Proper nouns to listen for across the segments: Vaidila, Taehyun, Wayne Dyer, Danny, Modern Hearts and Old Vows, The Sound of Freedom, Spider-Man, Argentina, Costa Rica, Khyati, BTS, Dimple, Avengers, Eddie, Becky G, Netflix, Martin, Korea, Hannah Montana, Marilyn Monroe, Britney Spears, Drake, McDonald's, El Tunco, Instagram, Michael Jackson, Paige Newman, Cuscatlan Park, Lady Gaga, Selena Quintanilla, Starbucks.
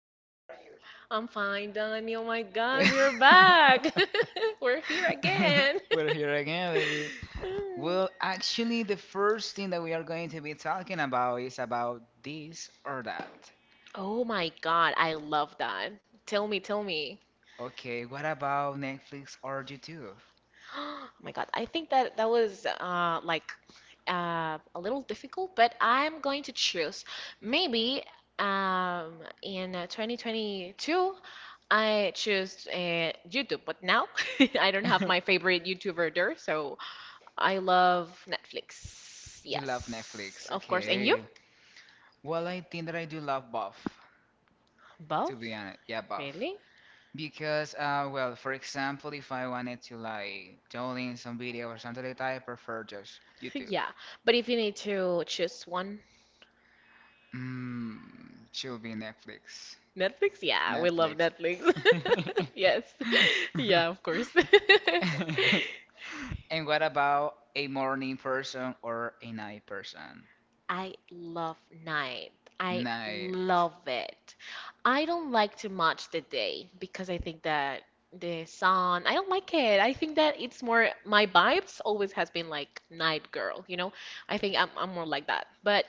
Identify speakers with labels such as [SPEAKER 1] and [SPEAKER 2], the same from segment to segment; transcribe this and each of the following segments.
[SPEAKER 1] you?
[SPEAKER 2] I'm fine, Danny. Oh my God, we're back. We're here again.
[SPEAKER 1] We're here again, baby. Well, actually, the first thing that we are going to be talking about is about this or that.
[SPEAKER 2] Oh my God, I love that. Tell me, tell me.
[SPEAKER 1] Okay, what about Netflix or YouTube?
[SPEAKER 2] Oh my God, I think that that was like a little difficult, but I'm going to choose. Maybe um, in 2022, I choose YouTube, but now I don't have my favorite YouTuber there, so I love Netflix.
[SPEAKER 1] You love
[SPEAKER 2] Yes,
[SPEAKER 1] Netflix,
[SPEAKER 2] of course. And you?
[SPEAKER 1] okay. Well, I think that I do love both, to be
[SPEAKER 2] Both?
[SPEAKER 1] honest. Yeah, both.
[SPEAKER 2] Really?
[SPEAKER 1] Because, well, for example, if I wanted to like download some video or something like that, I prefer just YouTube.
[SPEAKER 2] Yeah. But if you need to choose one,
[SPEAKER 1] Should be Netflix.
[SPEAKER 2] Netflix? Yeah, we love Netflix. Yes. Yeah, of course.
[SPEAKER 1] And what about a morning person or a night person?
[SPEAKER 2] I love night. I
[SPEAKER 1] Night.
[SPEAKER 2] love it. I don't like too much the day because I think that the sun, I don't like it. I think that it's more my vibes always has been like night girl, you know? I think I'm more like that. But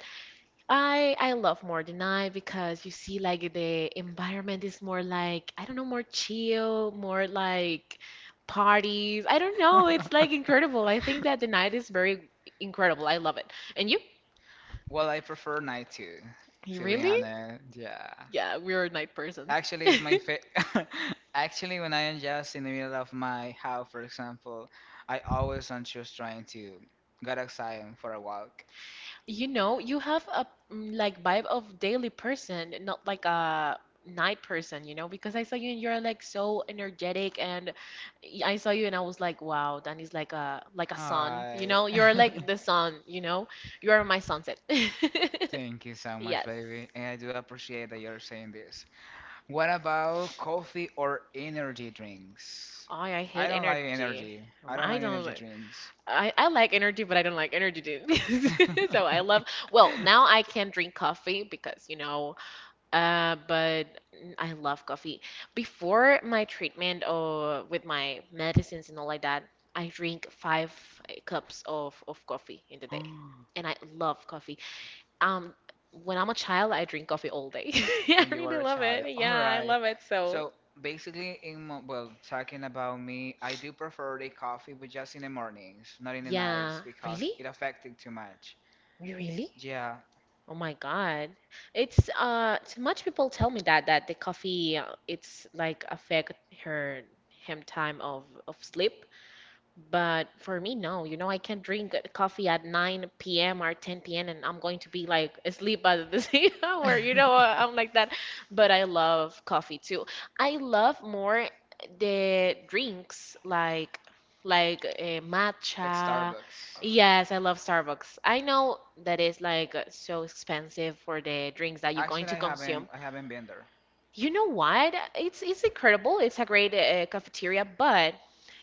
[SPEAKER 2] I love more the night because you see like the environment is more like, I don't know, more chill, more like parties. I don't know. It's like incredible. I think that the night is very incredible. I love it. And you?
[SPEAKER 1] Well, I prefer night too,
[SPEAKER 2] You
[SPEAKER 1] to be
[SPEAKER 2] really?
[SPEAKER 1] honest. Yeah.
[SPEAKER 2] Yeah, we are night persons.
[SPEAKER 1] Actually, it's my fa Actually, when I am just in the middle of my house, for example, I always am just trying to get outside for a walk.
[SPEAKER 2] You know, you have a like, vibe of daily person, not like a night person, you know, because I saw you and you're like so energetic, and I saw you and I was like, wow, Danny's like a sun, you
[SPEAKER 1] Hi.
[SPEAKER 2] know? You're like the sun, you know? You are my sunset.
[SPEAKER 1] Thank you so much,
[SPEAKER 2] Yes.
[SPEAKER 1] baby. And I do appreciate that you're saying this. What about coffee or energy drinks?
[SPEAKER 2] Oh, I hate energy.
[SPEAKER 1] I don't
[SPEAKER 2] I
[SPEAKER 1] like
[SPEAKER 2] don't.
[SPEAKER 1] energy
[SPEAKER 2] know.
[SPEAKER 1] drinks.
[SPEAKER 2] I like energy, but I don't like energy drinks. So I love, well, now I can drink coffee because, but I love coffee. Before my treatment or with my medicines and all like that, I drink 5 cups of coffee in the
[SPEAKER 1] when
[SPEAKER 2] day. And I love coffee. Um, when I'm a child, I drink coffee all day. I
[SPEAKER 1] you were
[SPEAKER 2] really
[SPEAKER 1] a
[SPEAKER 2] love
[SPEAKER 1] child.
[SPEAKER 2] it.
[SPEAKER 1] All
[SPEAKER 2] Yeah, I
[SPEAKER 1] right.
[SPEAKER 2] love it. So.
[SPEAKER 1] So basically, well, talking about me, I do prefer the coffee, but just in the mornings, not in the
[SPEAKER 2] Yeah,
[SPEAKER 1] nights, because it
[SPEAKER 2] really?
[SPEAKER 1] affected too much.
[SPEAKER 2] You really?
[SPEAKER 1] Yeah,
[SPEAKER 2] Oh my God. It's so much people tell me that that the coffee, it's like affect her him time of sleep. But for me, no. You know, I can't drink coffee at 9 p.m. or 10 p.m. and I'm going to be like asleep by the same hour. You know, I'm like that. But I love coffee too. I love more the drinks like matcha.
[SPEAKER 1] Starbucks.
[SPEAKER 2] Yes, I love Starbucks. I know that is like so expensive for the drinks that you're going to
[SPEAKER 1] Haven't
[SPEAKER 2] consume.
[SPEAKER 1] I haven't been there.
[SPEAKER 2] You know what? It's incredible. It's a great cafeteria, but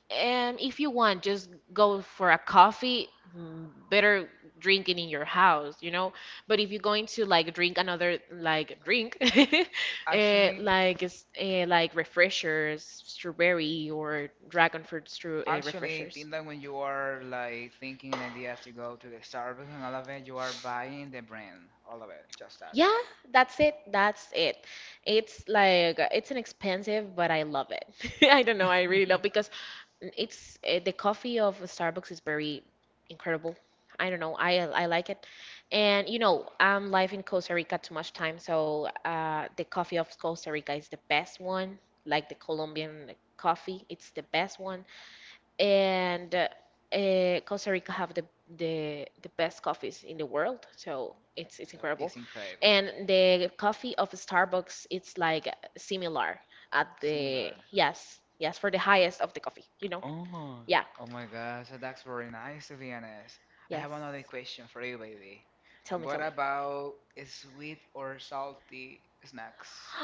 [SPEAKER 2] and if you want, just go for a coffee, better drinking in your house, you know? But if you're going to like drink another like drink, like like refreshers, strawberry or dragon fruit
[SPEAKER 1] Actually, I
[SPEAKER 2] refreshers.
[SPEAKER 1] think that when you are like thinking an idea to go to the Starbucks and all of it, you are buying the brand, all of it, just that.
[SPEAKER 2] Yeah, that's it. That's it. It's, like, it's inexpensive, but I love it. I don't know. I really love because It's the coffee of Starbucks is very incredible. I don't know. I like it, and you know I'm live in Costa Rica too much time, so the coffee of Costa Rica is the best one. Like the Colombian coffee, it's the best one, and Costa Rica have the best coffees in the world, so it's incredible,
[SPEAKER 1] It's incredible.
[SPEAKER 2] and the coffee of Starbucks it's like similar at the,
[SPEAKER 1] Similar.
[SPEAKER 2] yes, yes, for the highest of the coffee, you know.
[SPEAKER 1] Oh,
[SPEAKER 2] Yeah,
[SPEAKER 1] oh my gosh, so that's very nice to be honest. I
[SPEAKER 2] yes.
[SPEAKER 1] have another question for you, baby.
[SPEAKER 2] Tell me,
[SPEAKER 1] What
[SPEAKER 2] tell me.
[SPEAKER 1] about sweet or salty snacks?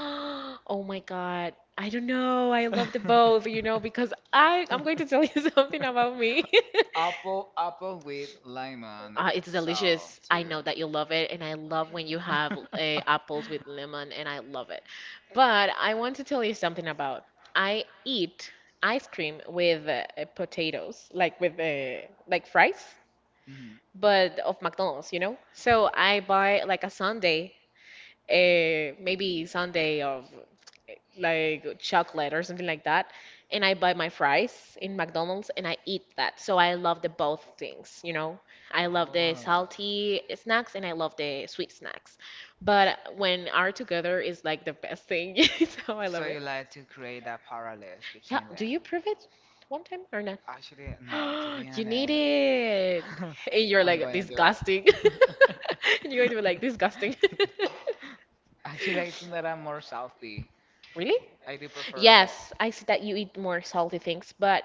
[SPEAKER 2] Oh my God. I don't know. I love the both, you know, because I'm going to tell you something about me.
[SPEAKER 1] Apple, apple with lemon
[SPEAKER 2] It's delicious.
[SPEAKER 1] too.
[SPEAKER 2] I know that you love it, and I love when you have apples with lemon, and I love it. But I want to tell you something about I eat ice cream with potatoes, like with like fries,
[SPEAKER 1] Mhm.
[SPEAKER 2] but of McDonald's, you know? So I buy like a sundae, maybe sundae of like chocolate or something like that, and I buy my fries in McDonald's and I eat that. So I love the both things, you know? I love the salty snacks and I love the sweet snacks. But when are together is like the best thing, so I love
[SPEAKER 1] So
[SPEAKER 2] it.
[SPEAKER 1] you like to create that parallels
[SPEAKER 2] Yeah,
[SPEAKER 1] between
[SPEAKER 2] do
[SPEAKER 1] them?
[SPEAKER 2] you prove it one time or no?
[SPEAKER 1] Actually, no, to be
[SPEAKER 2] You need
[SPEAKER 1] honest,
[SPEAKER 2] it. And you're
[SPEAKER 1] I'm
[SPEAKER 2] like,
[SPEAKER 1] gonna do it.
[SPEAKER 2] disgusting. And you're going to be like, disgusting.
[SPEAKER 1] Actually, I think that I'm more salty.
[SPEAKER 2] Really?
[SPEAKER 1] I do prefer.
[SPEAKER 2] Yes, I see that you eat more salty things, but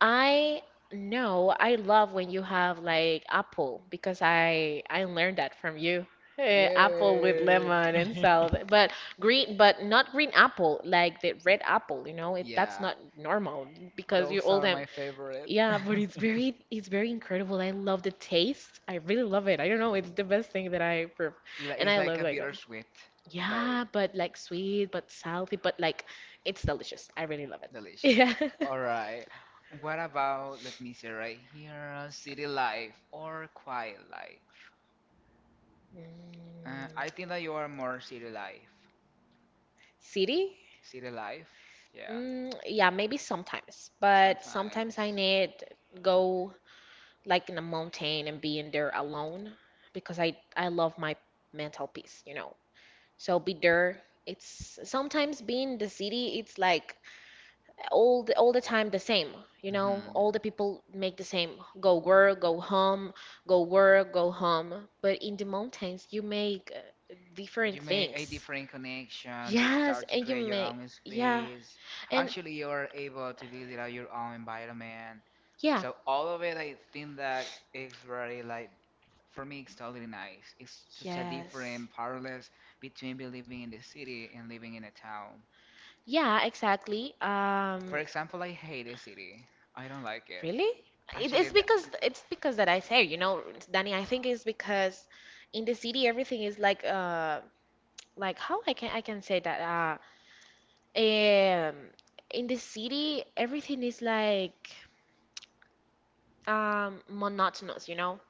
[SPEAKER 2] I know I love when you have like apple because I learned that from you. Apple with
[SPEAKER 1] Yeah,
[SPEAKER 2] lemon and salt, but green, but not green apple, like the red apple, you know, it that's
[SPEAKER 1] Yeah,
[SPEAKER 2] not normal because you
[SPEAKER 1] those
[SPEAKER 2] all
[SPEAKER 1] are
[SPEAKER 2] them,
[SPEAKER 1] my favorite.
[SPEAKER 2] yeah, but it's very incredible. I love the taste. I really love it. I don't know, it's the best thing that I prove. And
[SPEAKER 1] It's
[SPEAKER 2] I
[SPEAKER 1] like
[SPEAKER 2] love
[SPEAKER 1] a
[SPEAKER 2] like,
[SPEAKER 1] bittersweet,
[SPEAKER 2] yeah,
[SPEAKER 1] like
[SPEAKER 2] but like sweet, but salty, but like it's delicious. I really love
[SPEAKER 1] delicious.
[SPEAKER 2] it.
[SPEAKER 1] All right. What about let me see right here, city life or quiet life?
[SPEAKER 2] Yeah. Mm,
[SPEAKER 1] I think that you are more city life.
[SPEAKER 2] city?
[SPEAKER 1] City life? Yeah.
[SPEAKER 2] Mm, yeah, maybe sometimes, but sometimes I
[SPEAKER 1] Sometimes
[SPEAKER 2] need go like in a mountain and be in there alone because I love my mental peace, you know. So be there. It's sometimes being in the city, it's like all the time the same. You know, all the people make the same. Go work, go home, go work, go home. But in the mountains, you make different things.
[SPEAKER 1] different connection, you
[SPEAKER 2] Yes,
[SPEAKER 1] start to
[SPEAKER 2] and you
[SPEAKER 1] create your
[SPEAKER 2] make,
[SPEAKER 1] own
[SPEAKER 2] yeah,
[SPEAKER 1] space.
[SPEAKER 2] and
[SPEAKER 1] Actually, you're able to build it out your own environment.
[SPEAKER 2] yeah,
[SPEAKER 1] So all of it, I think that it's very like for me, it's totally nice. It's such a
[SPEAKER 2] yes,
[SPEAKER 1] different parallels between be living in the city and living in a town.
[SPEAKER 2] yeah, exactly.
[SPEAKER 1] For example, I hate the city. I don't like it.
[SPEAKER 2] Really?
[SPEAKER 1] Actually,
[SPEAKER 2] It's
[SPEAKER 1] it's
[SPEAKER 2] because it's because that I say, you know, Danny, I think it's because in the city everything is like like, how I can say that, um in the city everything is like monotonous, you know?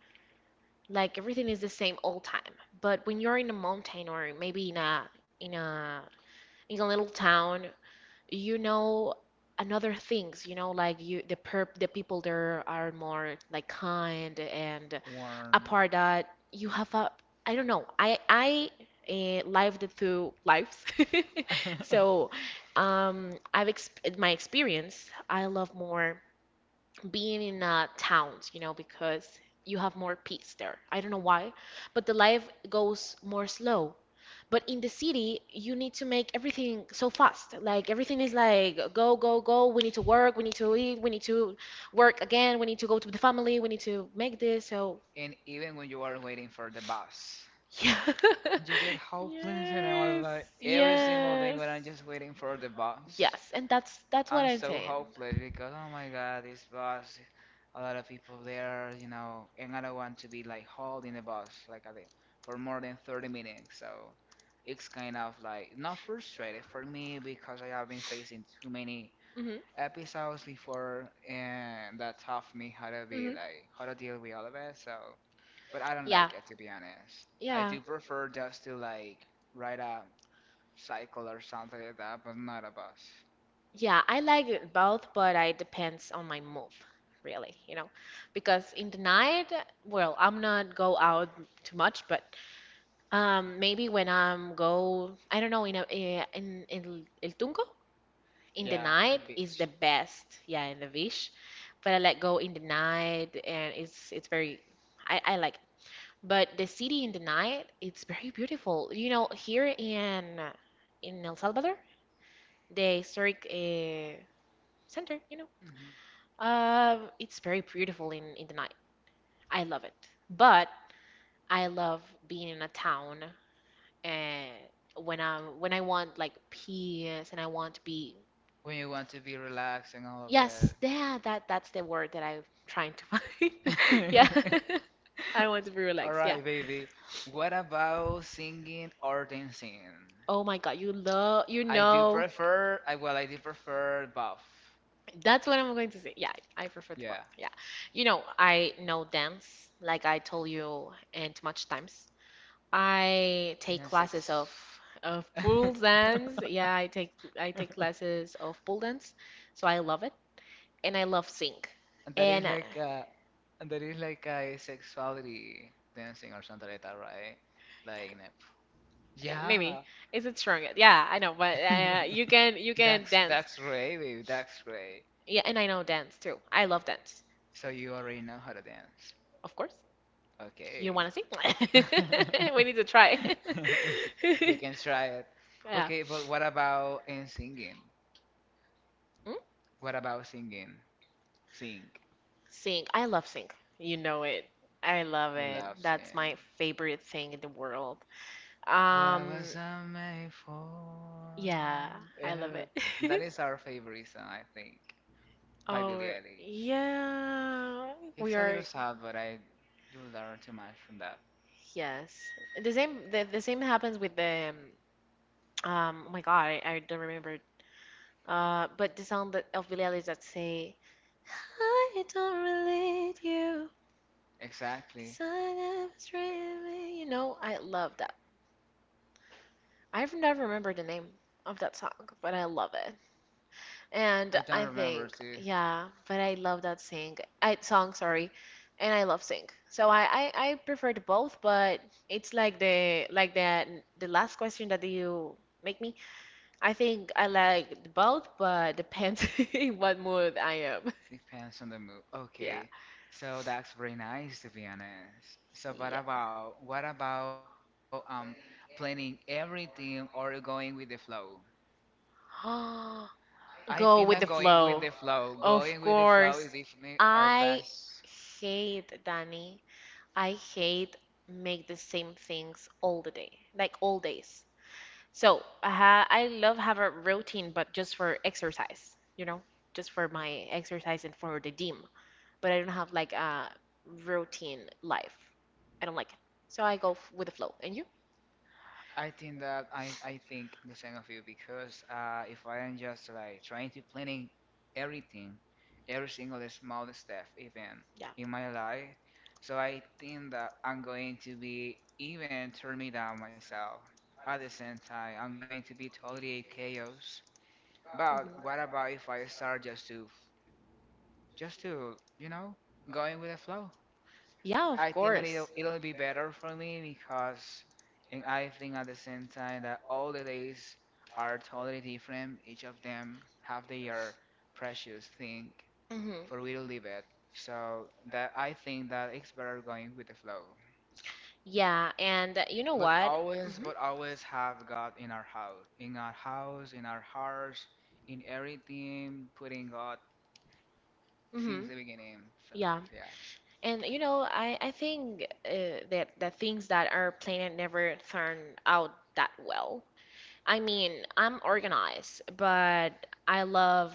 [SPEAKER 2] Like everything is the same all time. But when you're in a mountain or maybe in a in a in a little town, you know, another things, you know, like you, the people there are more like kind, and
[SPEAKER 1] warm.
[SPEAKER 2] apart that you have a, I don't know, I lived through lives, so I've exp my experience, I love more being in towns, you know, because you have more peace there, I don't know why, but the life goes more slow, but in the city, you need to make everything so fast. Like everything is like go, go, go. We need to work. We need to eat. We need to work again. We need to go to the family. We need to make this. So
[SPEAKER 1] and even when you are waiting for the bus,
[SPEAKER 2] yeah,
[SPEAKER 1] you get hopeless. And I was
[SPEAKER 2] yes,
[SPEAKER 1] like, every single day
[SPEAKER 2] yes,
[SPEAKER 1] when I'm just waiting for the bus.
[SPEAKER 2] yes. And that's what
[SPEAKER 1] I'm
[SPEAKER 2] I'm
[SPEAKER 1] so
[SPEAKER 2] saying.
[SPEAKER 1] hopeless because oh my god, this bus, a lot of people there, you know, and I don't want to be like holding the bus like I did for more than 30 minutes. So it's kind of like not frustrated for me because I have been facing too many
[SPEAKER 2] Hmm,
[SPEAKER 1] episodes before, and that taught me how to be
[SPEAKER 2] hmm.
[SPEAKER 1] how to deal with all of it. So, but I don't
[SPEAKER 2] Yeah,
[SPEAKER 1] like it, to be honest. I
[SPEAKER 2] yeah.
[SPEAKER 1] do prefer just to like ride a cycle or something like that, but not a bus.
[SPEAKER 2] Yeah, I like it both, but it depends on my mood, really, you know. Because in the night, well, I'm not go out too much, but maybe when I'm go, I don't know, in El Tunco, in the
[SPEAKER 1] Yeah.
[SPEAKER 2] night is the best. Yeah, in the beach. But I like go in the night and it's very, I like it. But the city in the night, it's very beautiful. You know, here in El Salvador, the historic center. It's very beautiful in the night. I love it. But I love being in a town and when I want like peace, and I want to be,
[SPEAKER 1] When you want to be relaxed and all of it.
[SPEAKER 2] yes, yeah, that's the word that I'm trying to find. Yeah. I want to be
[SPEAKER 1] all
[SPEAKER 2] relaxed, yeah.
[SPEAKER 1] right, baby. What about singing or dancing?
[SPEAKER 2] Oh my God, you love.
[SPEAKER 1] Prefer, I well, I do prefer both.
[SPEAKER 2] That's what I'm going to say. Yeah, I prefer the pop.
[SPEAKER 1] Yeah,
[SPEAKER 2] Yeah. You know, I know dance, like I told you, and too much times. I take classes of pool dance. Yeah, I take classes of pool dance. So I love it. And I love sing.
[SPEAKER 1] and that is
[SPEAKER 2] And
[SPEAKER 1] like uh, and that is like a sexuality dancing or something like that, right? Like, in
[SPEAKER 2] maybe
[SPEAKER 1] yeah.
[SPEAKER 2] is it strong? Yeah, I know, but you can you can
[SPEAKER 1] That's
[SPEAKER 2] dance.
[SPEAKER 1] that's great, baby. That's great.
[SPEAKER 2] Yeah, and I know dance too. I love dance,
[SPEAKER 1] So you already know how to dance.
[SPEAKER 2] of course. You
[SPEAKER 1] Okay.
[SPEAKER 2] want to sing? We need to try.
[SPEAKER 1] We, we can try it.
[SPEAKER 2] Yeah.
[SPEAKER 1] Okay, but what about in singing?
[SPEAKER 2] Mm?
[SPEAKER 1] What about singing? Sing.
[SPEAKER 2] Sing. I love sing. You know it. I love it. That's my favorite thing in the world.
[SPEAKER 1] I was
[SPEAKER 2] Um,
[SPEAKER 1] I made for?
[SPEAKER 2] yeah, I love
[SPEAKER 1] Uh,
[SPEAKER 2] it.
[SPEAKER 1] that is our favorite song, I think, by Billie
[SPEAKER 2] Oh,
[SPEAKER 1] Eilish.
[SPEAKER 2] yeah.
[SPEAKER 1] It's
[SPEAKER 2] We
[SPEAKER 1] a little
[SPEAKER 2] are.
[SPEAKER 1] sad, but I do learn too much from that.
[SPEAKER 2] Yes. The same. The same happens with the. Oh my God, I don't remember. But the song that of Billie Eilish that say, "I don't relate you, 'cause
[SPEAKER 1] Exactly.
[SPEAKER 2] I never really," you know, I love that. I've never remembered the name of that song, but I love it. And
[SPEAKER 1] I don't
[SPEAKER 2] I
[SPEAKER 1] remember
[SPEAKER 2] think,
[SPEAKER 1] too.
[SPEAKER 2] yeah, but I love that sing, I song, sorry, and I love sing. So I prefer to both, but it's like the, like the last question that you make me. I think I like both, but depends in what mood I am.
[SPEAKER 1] Depends on the mood.
[SPEAKER 2] Yeah.
[SPEAKER 1] Okay, so that's very nice to be honest. So,
[SPEAKER 2] Yeah.
[SPEAKER 1] what about planning everything or going with the flow? I think
[SPEAKER 2] Go with the flow.
[SPEAKER 1] flow going
[SPEAKER 2] Of
[SPEAKER 1] with me
[SPEAKER 2] course. I hate Danny. I hate make the same things all the day, like all days. So I love have a routine, but just for exercise, just for my exercise and for the gym. But I don't have like a routine life. I don't like it. So I go f with the flow. And you?
[SPEAKER 1] I think that I think the same of you because if I am just like trying to planning everything, every single small step even
[SPEAKER 2] Yeah.
[SPEAKER 1] in my life, so I think that I'm going to be even turn me down myself. At the same time, I'm going to be totally a chaos. But
[SPEAKER 2] Hmm.
[SPEAKER 1] what about if I start just to you know going with the flow?
[SPEAKER 2] Yeah, of
[SPEAKER 1] I think that it'll
[SPEAKER 2] course.
[SPEAKER 1] it'll be better for me because, and I think at the same time that all the days are totally different. Each of them have their precious thing
[SPEAKER 2] Hmm.
[SPEAKER 1] for we to live it. So that I think that it's better going with the flow.
[SPEAKER 2] Yeah, and you know what?
[SPEAKER 1] Yes,
[SPEAKER 2] Hmm.
[SPEAKER 1] But always have God in our house, in our house, in our hearts, in everything. Putting God
[SPEAKER 2] Hmm.
[SPEAKER 1] since the beginning. So
[SPEAKER 2] Yeah.
[SPEAKER 1] yeah,
[SPEAKER 2] And you know, I think that the things that are planned never turn out that well. I mean, I'm organized, but I love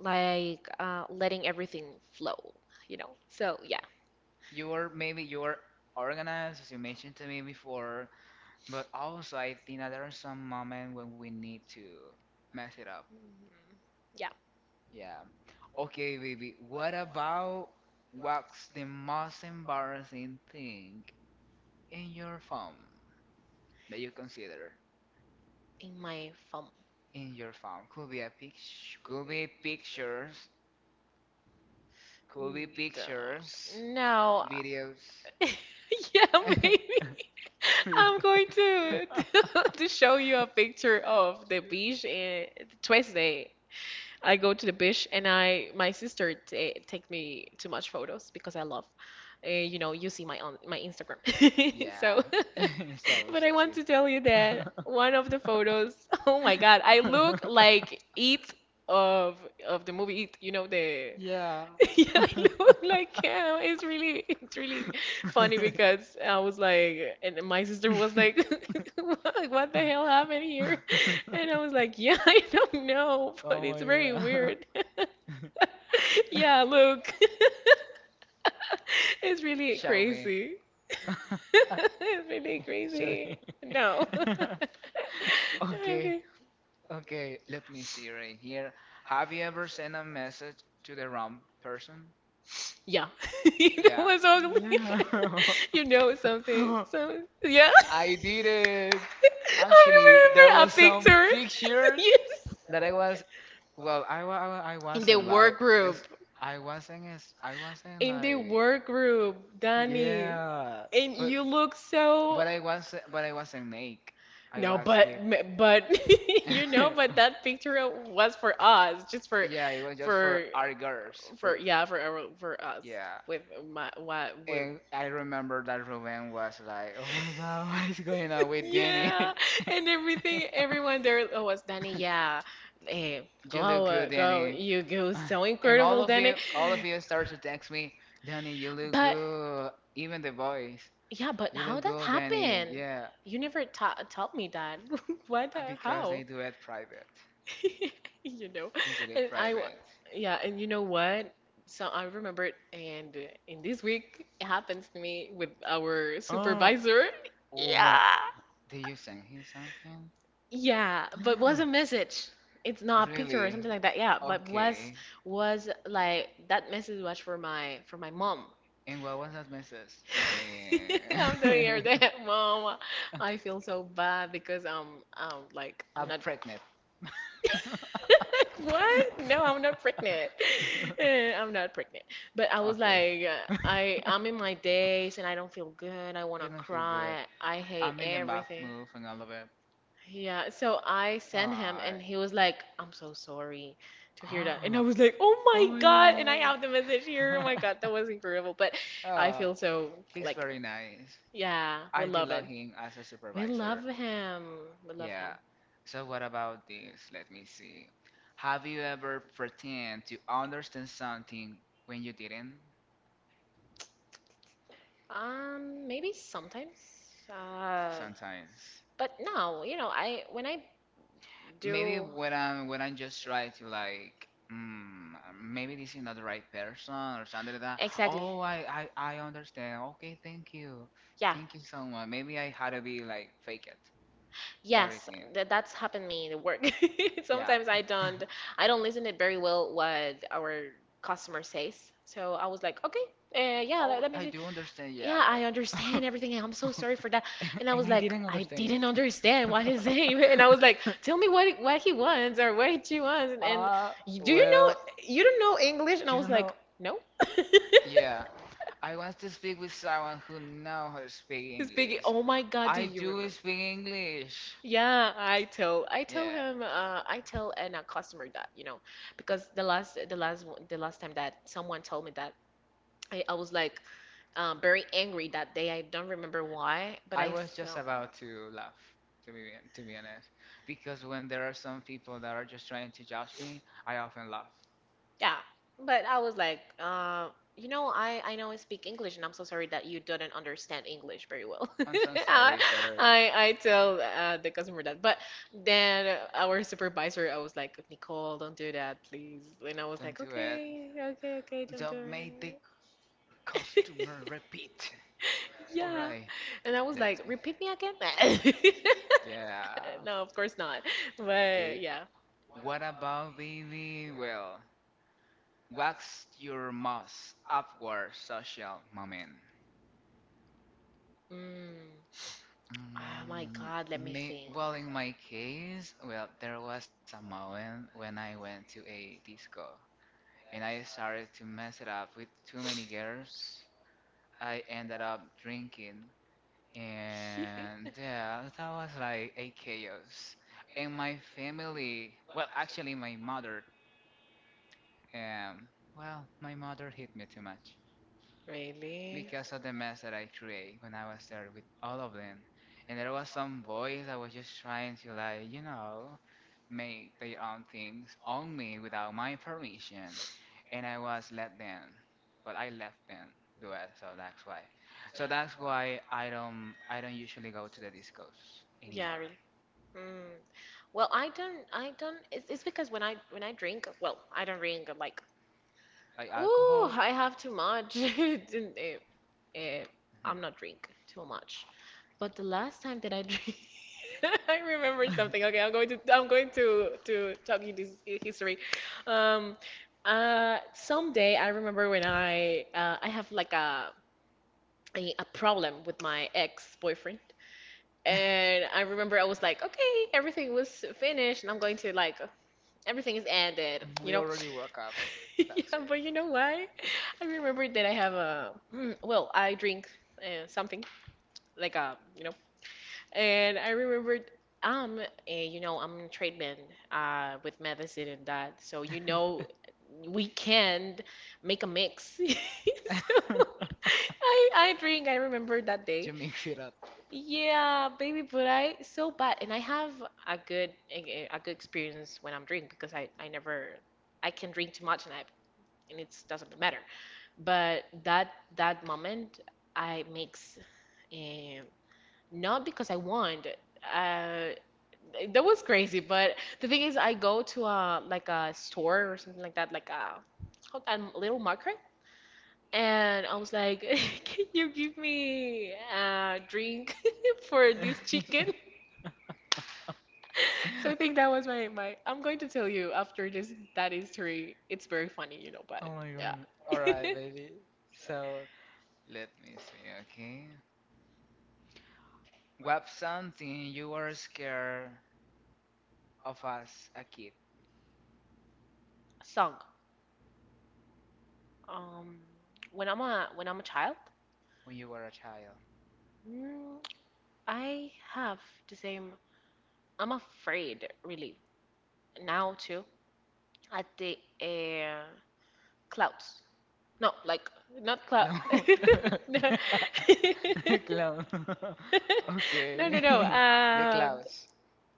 [SPEAKER 2] like letting everything flow. So yeah,
[SPEAKER 1] you are maybe you are organized as you mentioned to me before But also, I think that there are some moments when we need to mess it up.
[SPEAKER 2] Mhm. Yeah,
[SPEAKER 1] Yeah. Okay, baby. What's the most embarrassing thing in your phone that you consider
[SPEAKER 2] in my phone.
[SPEAKER 1] in your phone? Could be a picture, could be pictures, could be
[SPEAKER 2] Mm, duh.
[SPEAKER 1] pictures,
[SPEAKER 2] No,
[SPEAKER 1] videos.
[SPEAKER 2] yeah, maybe. I'm going to to show you a picture of the beach in Tuesday. I go to the beach and I my sister ta take me too much photos because I love you see my on my Instagram. So,
[SPEAKER 1] Yeah. So
[SPEAKER 2] but I want to tell you that one of the photos, oh my God, I look like It of of the movie It, the
[SPEAKER 1] Yeah.
[SPEAKER 2] yeah, I look like Cam. It's really funny because I was like, and my sister was like, "What the hell happened here?" And I was like, "Yeah, I don't know, but
[SPEAKER 1] Oh
[SPEAKER 2] it's
[SPEAKER 1] my
[SPEAKER 2] very
[SPEAKER 1] god.
[SPEAKER 2] weird." Yeah, look. It's really
[SPEAKER 1] Show me.
[SPEAKER 2] crazy. It's really
[SPEAKER 1] Show
[SPEAKER 2] crazy.
[SPEAKER 1] me.
[SPEAKER 2] No.
[SPEAKER 1] Okay,
[SPEAKER 2] Okay.
[SPEAKER 1] okay, let me see right here. Have you ever sent a message to the wrong person?
[SPEAKER 2] Yeah. That
[SPEAKER 1] Yeah,
[SPEAKER 2] was ugly.
[SPEAKER 1] Yeah.
[SPEAKER 2] You know something. So, yeah.
[SPEAKER 1] I did it. Actually, there
[SPEAKER 2] I remember
[SPEAKER 1] was
[SPEAKER 2] a
[SPEAKER 1] some
[SPEAKER 2] picture.
[SPEAKER 1] pictures
[SPEAKER 2] Yes.
[SPEAKER 1] that I was Well, I
[SPEAKER 2] In the
[SPEAKER 1] wasn't like
[SPEAKER 2] work
[SPEAKER 1] it's,
[SPEAKER 2] group.
[SPEAKER 1] I wasn't
[SPEAKER 2] In the
[SPEAKER 1] like
[SPEAKER 2] work group, Danny.
[SPEAKER 1] yeah,
[SPEAKER 2] And you look so.
[SPEAKER 1] but I was but I wasn't naked. I
[SPEAKER 2] No,
[SPEAKER 1] was
[SPEAKER 2] but but but that picture was for us, just
[SPEAKER 1] yeah, it was for
[SPEAKER 2] for
[SPEAKER 1] our girls
[SPEAKER 2] for
[SPEAKER 1] for
[SPEAKER 2] yeah, for for us
[SPEAKER 1] yeah.
[SPEAKER 2] with my what with
[SPEAKER 1] And I remember that Ruben was like, "Oh my God, what is going on with Danny?
[SPEAKER 2] yeah, and everything, everyone there oh, was Danny. Yeah, eh, go,
[SPEAKER 1] You look good, Danny."
[SPEAKER 2] you go, so incredible, Danny.
[SPEAKER 1] All of you start to text me, "Danny, you look
[SPEAKER 2] But
[SPEAKER 1] good." Even the boys,
[SPEAKER 2] yeah, but
[SPEAKER 1] "You
[SPEAKER 2] how
[SPEAKER 1] look
[SPEAKER 2] that
[SPEAKER 1] good, Danny."
[SPEAKER 2] happened?
[SPEAKER 1] Yeah.
[SPEAKER 2] You never ta told me that. What?
[SPEAKER 1] Because
[SPEAKER 2] How?
[SPEAKER 1] they do it private.
[SPEAKER 2] You know,
[SPEAKER 1] They did it
[SPEAKER 2] and
[SPEAKER 1] private.
[SPEAKER 2] yeah, and you know what? So I remember it, and in this week, it happens to me with our
[SPEAKER 1] Uh,
[SPEAKER 2] supervisor.
[SPEAKER 1] Oh my,
[SPEAKER 2] Yeah.
[SPEAKER 1] did you send him something?
[SPEAKER 2] Yeah, but was a message. It's not a picture or
[SPEAKER 1] Really?
[SPEAKER 2] something like that. Yeah, but was
[SPEAKER 1] Okay.
[SPEAKER 2] was like that message was for my mom.
[SPEAKER 1] And what was that message? Tell
[SPEAKER 2] I'm doing
[SPEAKER 1] me.
[SPEAKER 2] your that, Mom. I feel so bad because I'm, like, I'm
[SPEAKER 1] I'm
[SPEAKER 2] not.
[SPEAKER 1] pregnant.
[SPEAKER 2] What? No, I'm not pregnant. I'm not pregnant. But I was
[SPEAKER 1] Okay.
[SPEAKER 2] like, I'm in my days and I don't feel good. I want
[SPEAKER 1] You
[SPEAKER 2] to
[SPEAKER 1] don't feel good.
[SPEAKER 2] cry. I hate
[SPEAKER 1] I'm in the bath
[SPEAKER 2] everything.
[SPEAKER 1] move and all of it.
[SPEAKER 2] Yeah, so I sent him and
[SPEAKER 1] Alright.
[SPEAKER 2] he was like, I'm so sorry to hear that. And I
[SPEAKER 1] Ah,
[SPEAKER 2] was like, oh
[SPEAKER 1] Oh
[SPEAKER 2] my God. And I
[SPEAKER 1] my
[SPEAKER 2] have the message here. Oh my
[SPEAKER 1] god.
[SPEAKER 2] God, that was incredible. But I
[SPEAKER 1] oh,
[SPEAKER 2] feel so
[SPEAKER 1] he's
[SPEAKER 2] like,
[SPEAKER 1] very nice.
[SPEAKER 2] yeah, we
[SPEAKER 1] I do
[SPEAKER 2] love
[SPEAKER 1] love
[SPEAKER 2] it.
[SPEAKER 1] him as a
[SPEAKER 2] We
[SPEAKER 1] supervisor.
[SPEAKER 2] love him. We love him.
[SPEAKER 1] Yeah. So what about this? Let me see. Have you ever pretend to understand something when you didn't?
[SPEAKER 2] Maybe sometimes. Uh,
[SPEAKER 1] Sometimes.
[SPEAKER 2] but no, you know, I when I
[SPEAKER 1] Maybe
[SPEAKER 2] do
[SPEAKER 1] when I'm just trying to like, maybe this is not the right person or something like that.
[SPEAKER 2] exactly.
[SPEAKER 1] Oh, I understand. Okay,
[SPEAKER 2] Yeah,
[SPEAKER 1] thank you so much. Maybe I had to be like fake it,
[SPEAKER 2] Yes,
[SPEAKER 1] everything.
[SPEAKER 2] th that's happened me in work.
[SPEAKER 1] Yeah.
[SPEAKER 2] Sometimes I don't listen it very well what our customer says. So I was like, okay, yeah, let,
[SPEAKER 1] Oh,
[SPEAKER 2] let me
[SPEAKER 1] I
[SPEAKER 2] see.
[SPEAKER 1] do understand.
[SPEAKER 2] Yeah,
[SPEAKER 1] Yeah,
[SPEAKER 2] I understand everything, and I'm so sorry for that. And I was
[SPEAKER 1] yeah.
[SPEAKER 2] like,
[SPEAKER 1] didn't
[SPEAKER 2] I
[SPEAKER 1] understand.
[SPEAKER 2] didn't understand what he's saying. And I was like, tell me what he wants or what she wants. And
[SPEAKER 1] Ah,
[SPEAKER 2] Do you know
[SPEAKER 1] well,
[SPEAKER 2] you don't know English?" And I
[SPEAKER 1] you
[SPEAKER 2] was
[SPEAKER 1] don't
[SPEAKER 2] like,
[SPEAKER 1] know.
[SPEAKER 2] no.
[SPEAKER 1] Yeah. I want to speak with someone who knows how to speak
[SPEAKER 2] He's big.
[SPEAKER 1] English.
[SPEAKER 2] Oh my God, do
[SPEAKER 1] I
[SPEAKER 2] you remember?
[SPEAKER 1] do speak English.
[SPEAKER 2] Yeah, I tell
[SPEAKER 1] Yeah,
[SPEAKER 2] him, I tell a customer that, you know, because the last time that someone told me that, I was like very angry that day. I don't remember why, but
[SPEAKER 1] I
[SPEAKER 2] I
[SPEAKER 1] was just
[SPEAKER 2] felt.
[SPEAKER 1] about to laugh, to be to be honest, because when there are some people that are just trying to judge me, I often laugh.
[SPEAKER 2] Yeah, but I was like, you know, I know I speak English, and I'm so sorry that you didn't understand English very well.
[SPEAKER 1] I'm so
[SPEAKER 2] I
[SPEAKER 1] sorry, sir.
[SPEAKER 2] I tell the customer that, but then our supervisor, I was like, Nicole, don't do that, please. And I was
[SPEAKER 1] Don't
[SPEAKER 2] like,
[SPEAKER 1] do it.
[SPEAKER 2] okay, okay, okay, don't do
[SPEAKER 1] Don't make the customer repeat.
[SPEAKER 2] it.
[SPEAKER 1] All right.
[SPEAKER 2] Yeah, and
[SPEAKER 1] Let
[SPEAKER 2] I was like, repeat me again.
[SPEAKER 1] Yeah.
[SPEAKER 2] No, of course not.
[SPEAKER 1] Okay.
[SPEAKER 2] But yeah.
[SPEAKER 1] What about baby? Well, what's your most upward social moment?
[SPEAKER 2] Mm. Oh my God, let me think.
[SPEAKER 1] Well, in my case, well, there was a moment when I went to a disco and I started to mess it up with too many girls. I ended up drinking, and yeah, that was like a chaos. And my family, well, actually, my mother, um, well, my mother hit me too much.
[SPEAKER 2] Really?
[SPEAKER 1] Because of the mess that I create when I was there with all of them. And there was some boys that was just trying to like, you know, make their own things on me without my permission. And I was let them. But I left them do it, so that's why.
[SPEAKER 2] Yeah,
[SPEAKER 1] So that's why I don't usually go to the discos
[SPEAKER 2] yeah,
[SPEAKER 1] anymore.
[SPEAKER 2] really. Mm. Well, I don't. It's because when I drink, well, I don't drink. I'm like,
[SPEAKER 1] Like
[SPEAKER 2] ooh,
[SPEAKER 1] alcohol?
[SPEAKER 2] I have too much. Eh, I'm not drink too much. But the last time that I drink, I remember
[SPEAKER 1] Mhm.
[SPEAKER 2] something. Okay, I'm going to talk you this history. Um, Someday I remember when I have like a problem with my ex-boyfriend, and I remember I was like, okay, everything was finished, and I'm going to, like, everything is ended, you
[SPEAKER 1] We
[SPEAKER 2] know.
[SPEAKER 1] already work out. That's
[SPEAKER 2] Yeah, but you know why? I remember that I have a well, I drink something like a. And I remembered, um, am I'm in treatment with medicine and that. So, we can make a mix. So I drink, I remember that day.
[SPEAKER 1] you mix it up.
[SPEAKER 2] Yeah, baby, but I so bad, and I have a good, a good experience when I'm drink, because I never I can drink too much, and it doesn't matter. But that moment I mix, um, not because I want. Uh, that was crazy. But the thing is, I go to a like a store or something like that, like a little market, and I was like, "Can you give me a drink for this chicken?" So I think that was my. I'm going to tell you after this that history. It's very funny. But
[SPEAKER 1] Oh my
[SPEAKER 2] yeah,
[SPEAKER 1] god. Alright, baby. So, let me see, okay? What's something you were scared of as a kid
[SPEAKER 2] song. Um, when I'm a child,
[SPEAKER 1] when you were a child?
[SPEAKER 2] mm, I have the same, I'm afraid, really, now too, at the clouds. No, like not cloud.
[SPEAKER 1] Clown.
[SPEAKER 2] no.
[SPEAKER 1] Clown.
[SPEAKER 2] no, no,
[SPEAKER 1] Okay.
[SPEAKER 2] no.
[SPEAKER 1] The clowns.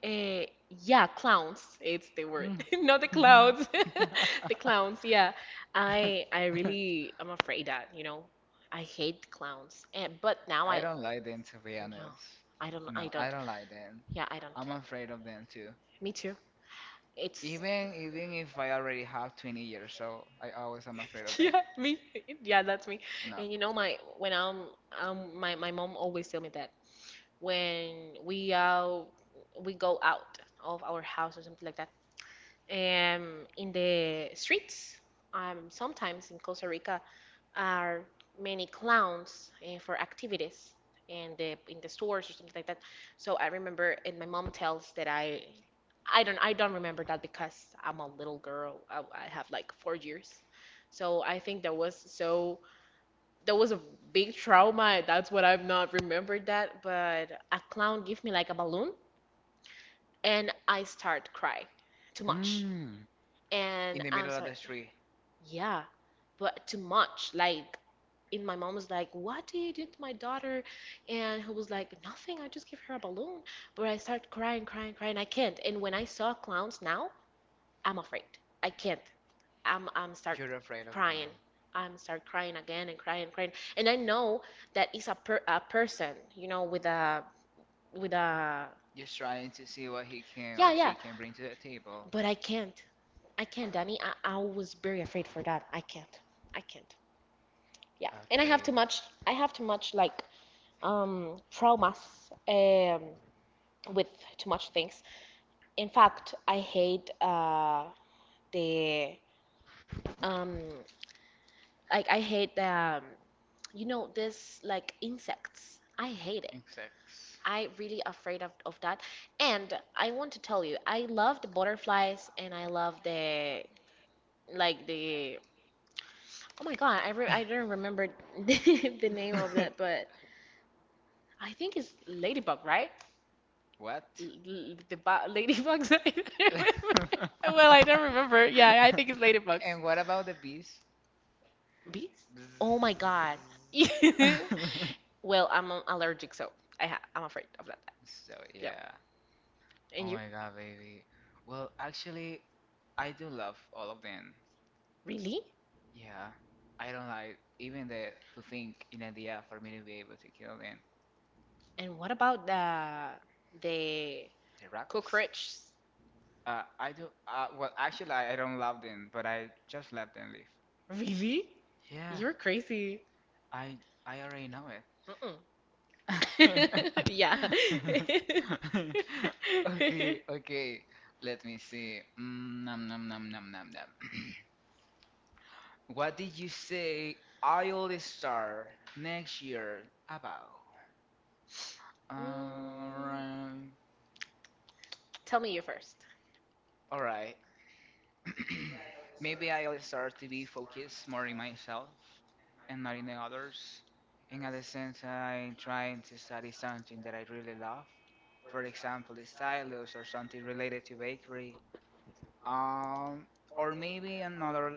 [SPEAKER 2] eh, yeah, clowns. It's the word, not the clouds. The clowns. Yeah, I really, I'm afraid that, I hate clowns. And but now
[SPEAKER 1] I don't like them to be
[SPEAKER 2] no,
[SPEAKER 1] honest.
[SPEAKER 2] I don't, I
[SPEAKER 1] No, I
[SPEAKER 2] don't.
[SPEAKER 1] don't like them.
[SPEAKER 2] Yeah, I don't.
[SPEAKER 1] I'm afraid of them too.
[SPEAKER 2] Me too.
[SPEAKER 1] And
[SPEAKER 2] It's
[SPEAKER 1] even if I already have 20 years, so I always am afraid of
[SPEAKER 2] yeah, me. Yeah, that's me.
[SPEAKER 1] no.
[SPEAKER 2] And you know, my when I'm my my mom always tell me that when we go out of our house or something like that. In the streets, sometimes in Costa Rica, are many clowns, for activities in the stores or something like that. So I remember, and my mom tells that I don't remember that because I'm a little girl. I have like 4 years, so I think that was, so that was a big trauma. That's what I've not remembered that. But a clown gave me like a balloon, and I start cry too much,
[SPEAKER 1] Mm.
[SPEAKER 2] and
[SPEAKER 1] In the
[SPEAKER 2] I'm
[SPEAKER 1] middle of
[SPEAKER 2] sorry.
[SPEAKER 1] the street.
[SPEAKER 2] Yeah, but too much. Like, and my mom was like, "What did you do to my daughter?" And he was like, "Nothing. I just gave her a balloon." But I start crying, crying, crying. I can't. And when I saw clowns now, I'm afraid. I can't. I'm start
[SPEAKER 1] You're afraid of them.
[SPEAKER 2] crying. I'm start crying again, and crying and crying. And I know that it's a person, with a
[SPEAKER 1] Just trying to see what he can
[SPEAKER 2] yeah,
[SPEAKER 1] or
[SPEAKER 2] yeah.
[SPEAKER 1] she can bring to the table.
[SPEAKER 2] But I can't. I can't, Danny. I was very afraid for that. I can't. I can't. Yeah, and I have
[SPEAKER 1] Okay.
[SPEAKER 2] too much. I have too much, like, traumas, with too much things. In fact, the um I hate, this, like, insects. I hate it.
[SPEAKER 1] Insects.
[SPEAKER 2] I really afraid of that. And I want to tell you, I love the butterflies and I love the, like the oh my God, I re I don't remember the name of that, but I think it's ladybug, right?
[SPEAKER 1] what?
[SPEAKER 2] Ladybugs. I don't remember. Well, I don't remember. Yeah, I think it's ladybugs.
[SPEAKER 1] and what about the bees?
[SPEAKER 2] Bees? Oh my God.
[SPEAKER 1] so
[SPEAKER 2] Well, I'm allergic, so I'm afraid of that. Yeah.
[SPEAKER 1] yeah. Oh
[SPEAKER 2] And
[SPEAKER 1] my
[SPEAKER 2] you?
[SPEAKER 1] god, baby. Well, actually, I do love all of them.
[SPEAKER 2] Really?
[SPEAKER 1] Yeah. I don't like even the to think in idea for me to be able to kill them.
[SPEAKER 2] And what about the
[SPEAKER 1] The rat.
[SPEAKER 2] cockroach?
[SPEAKER 1] I do. Well, actually, I don't love them, but I just let them live.
[SPEAKER 2] Really?
[SPEAKER 1] Yeah,
[SPEAKER 2] You're crazy.
[SPEAKER 1] I I already know it.
[SPEAKER 2] Mm-mm. yeah.
[SPEAKER 1] Okay, okay. Let me see. Nom nom nom nom nom nom. What did you say I'll start next year about?
[SPEAKER 2] Mm,
[SPEAKER 1] Uh,
[SPEAKER 2] Tell me you 1st.
[SPEAKER 1] all right. Maybe I'll start to be focused more in myself and not in the others. In other sense, I'm trying to study something that I really love. For example, the stylus or something related to bakery. Um, or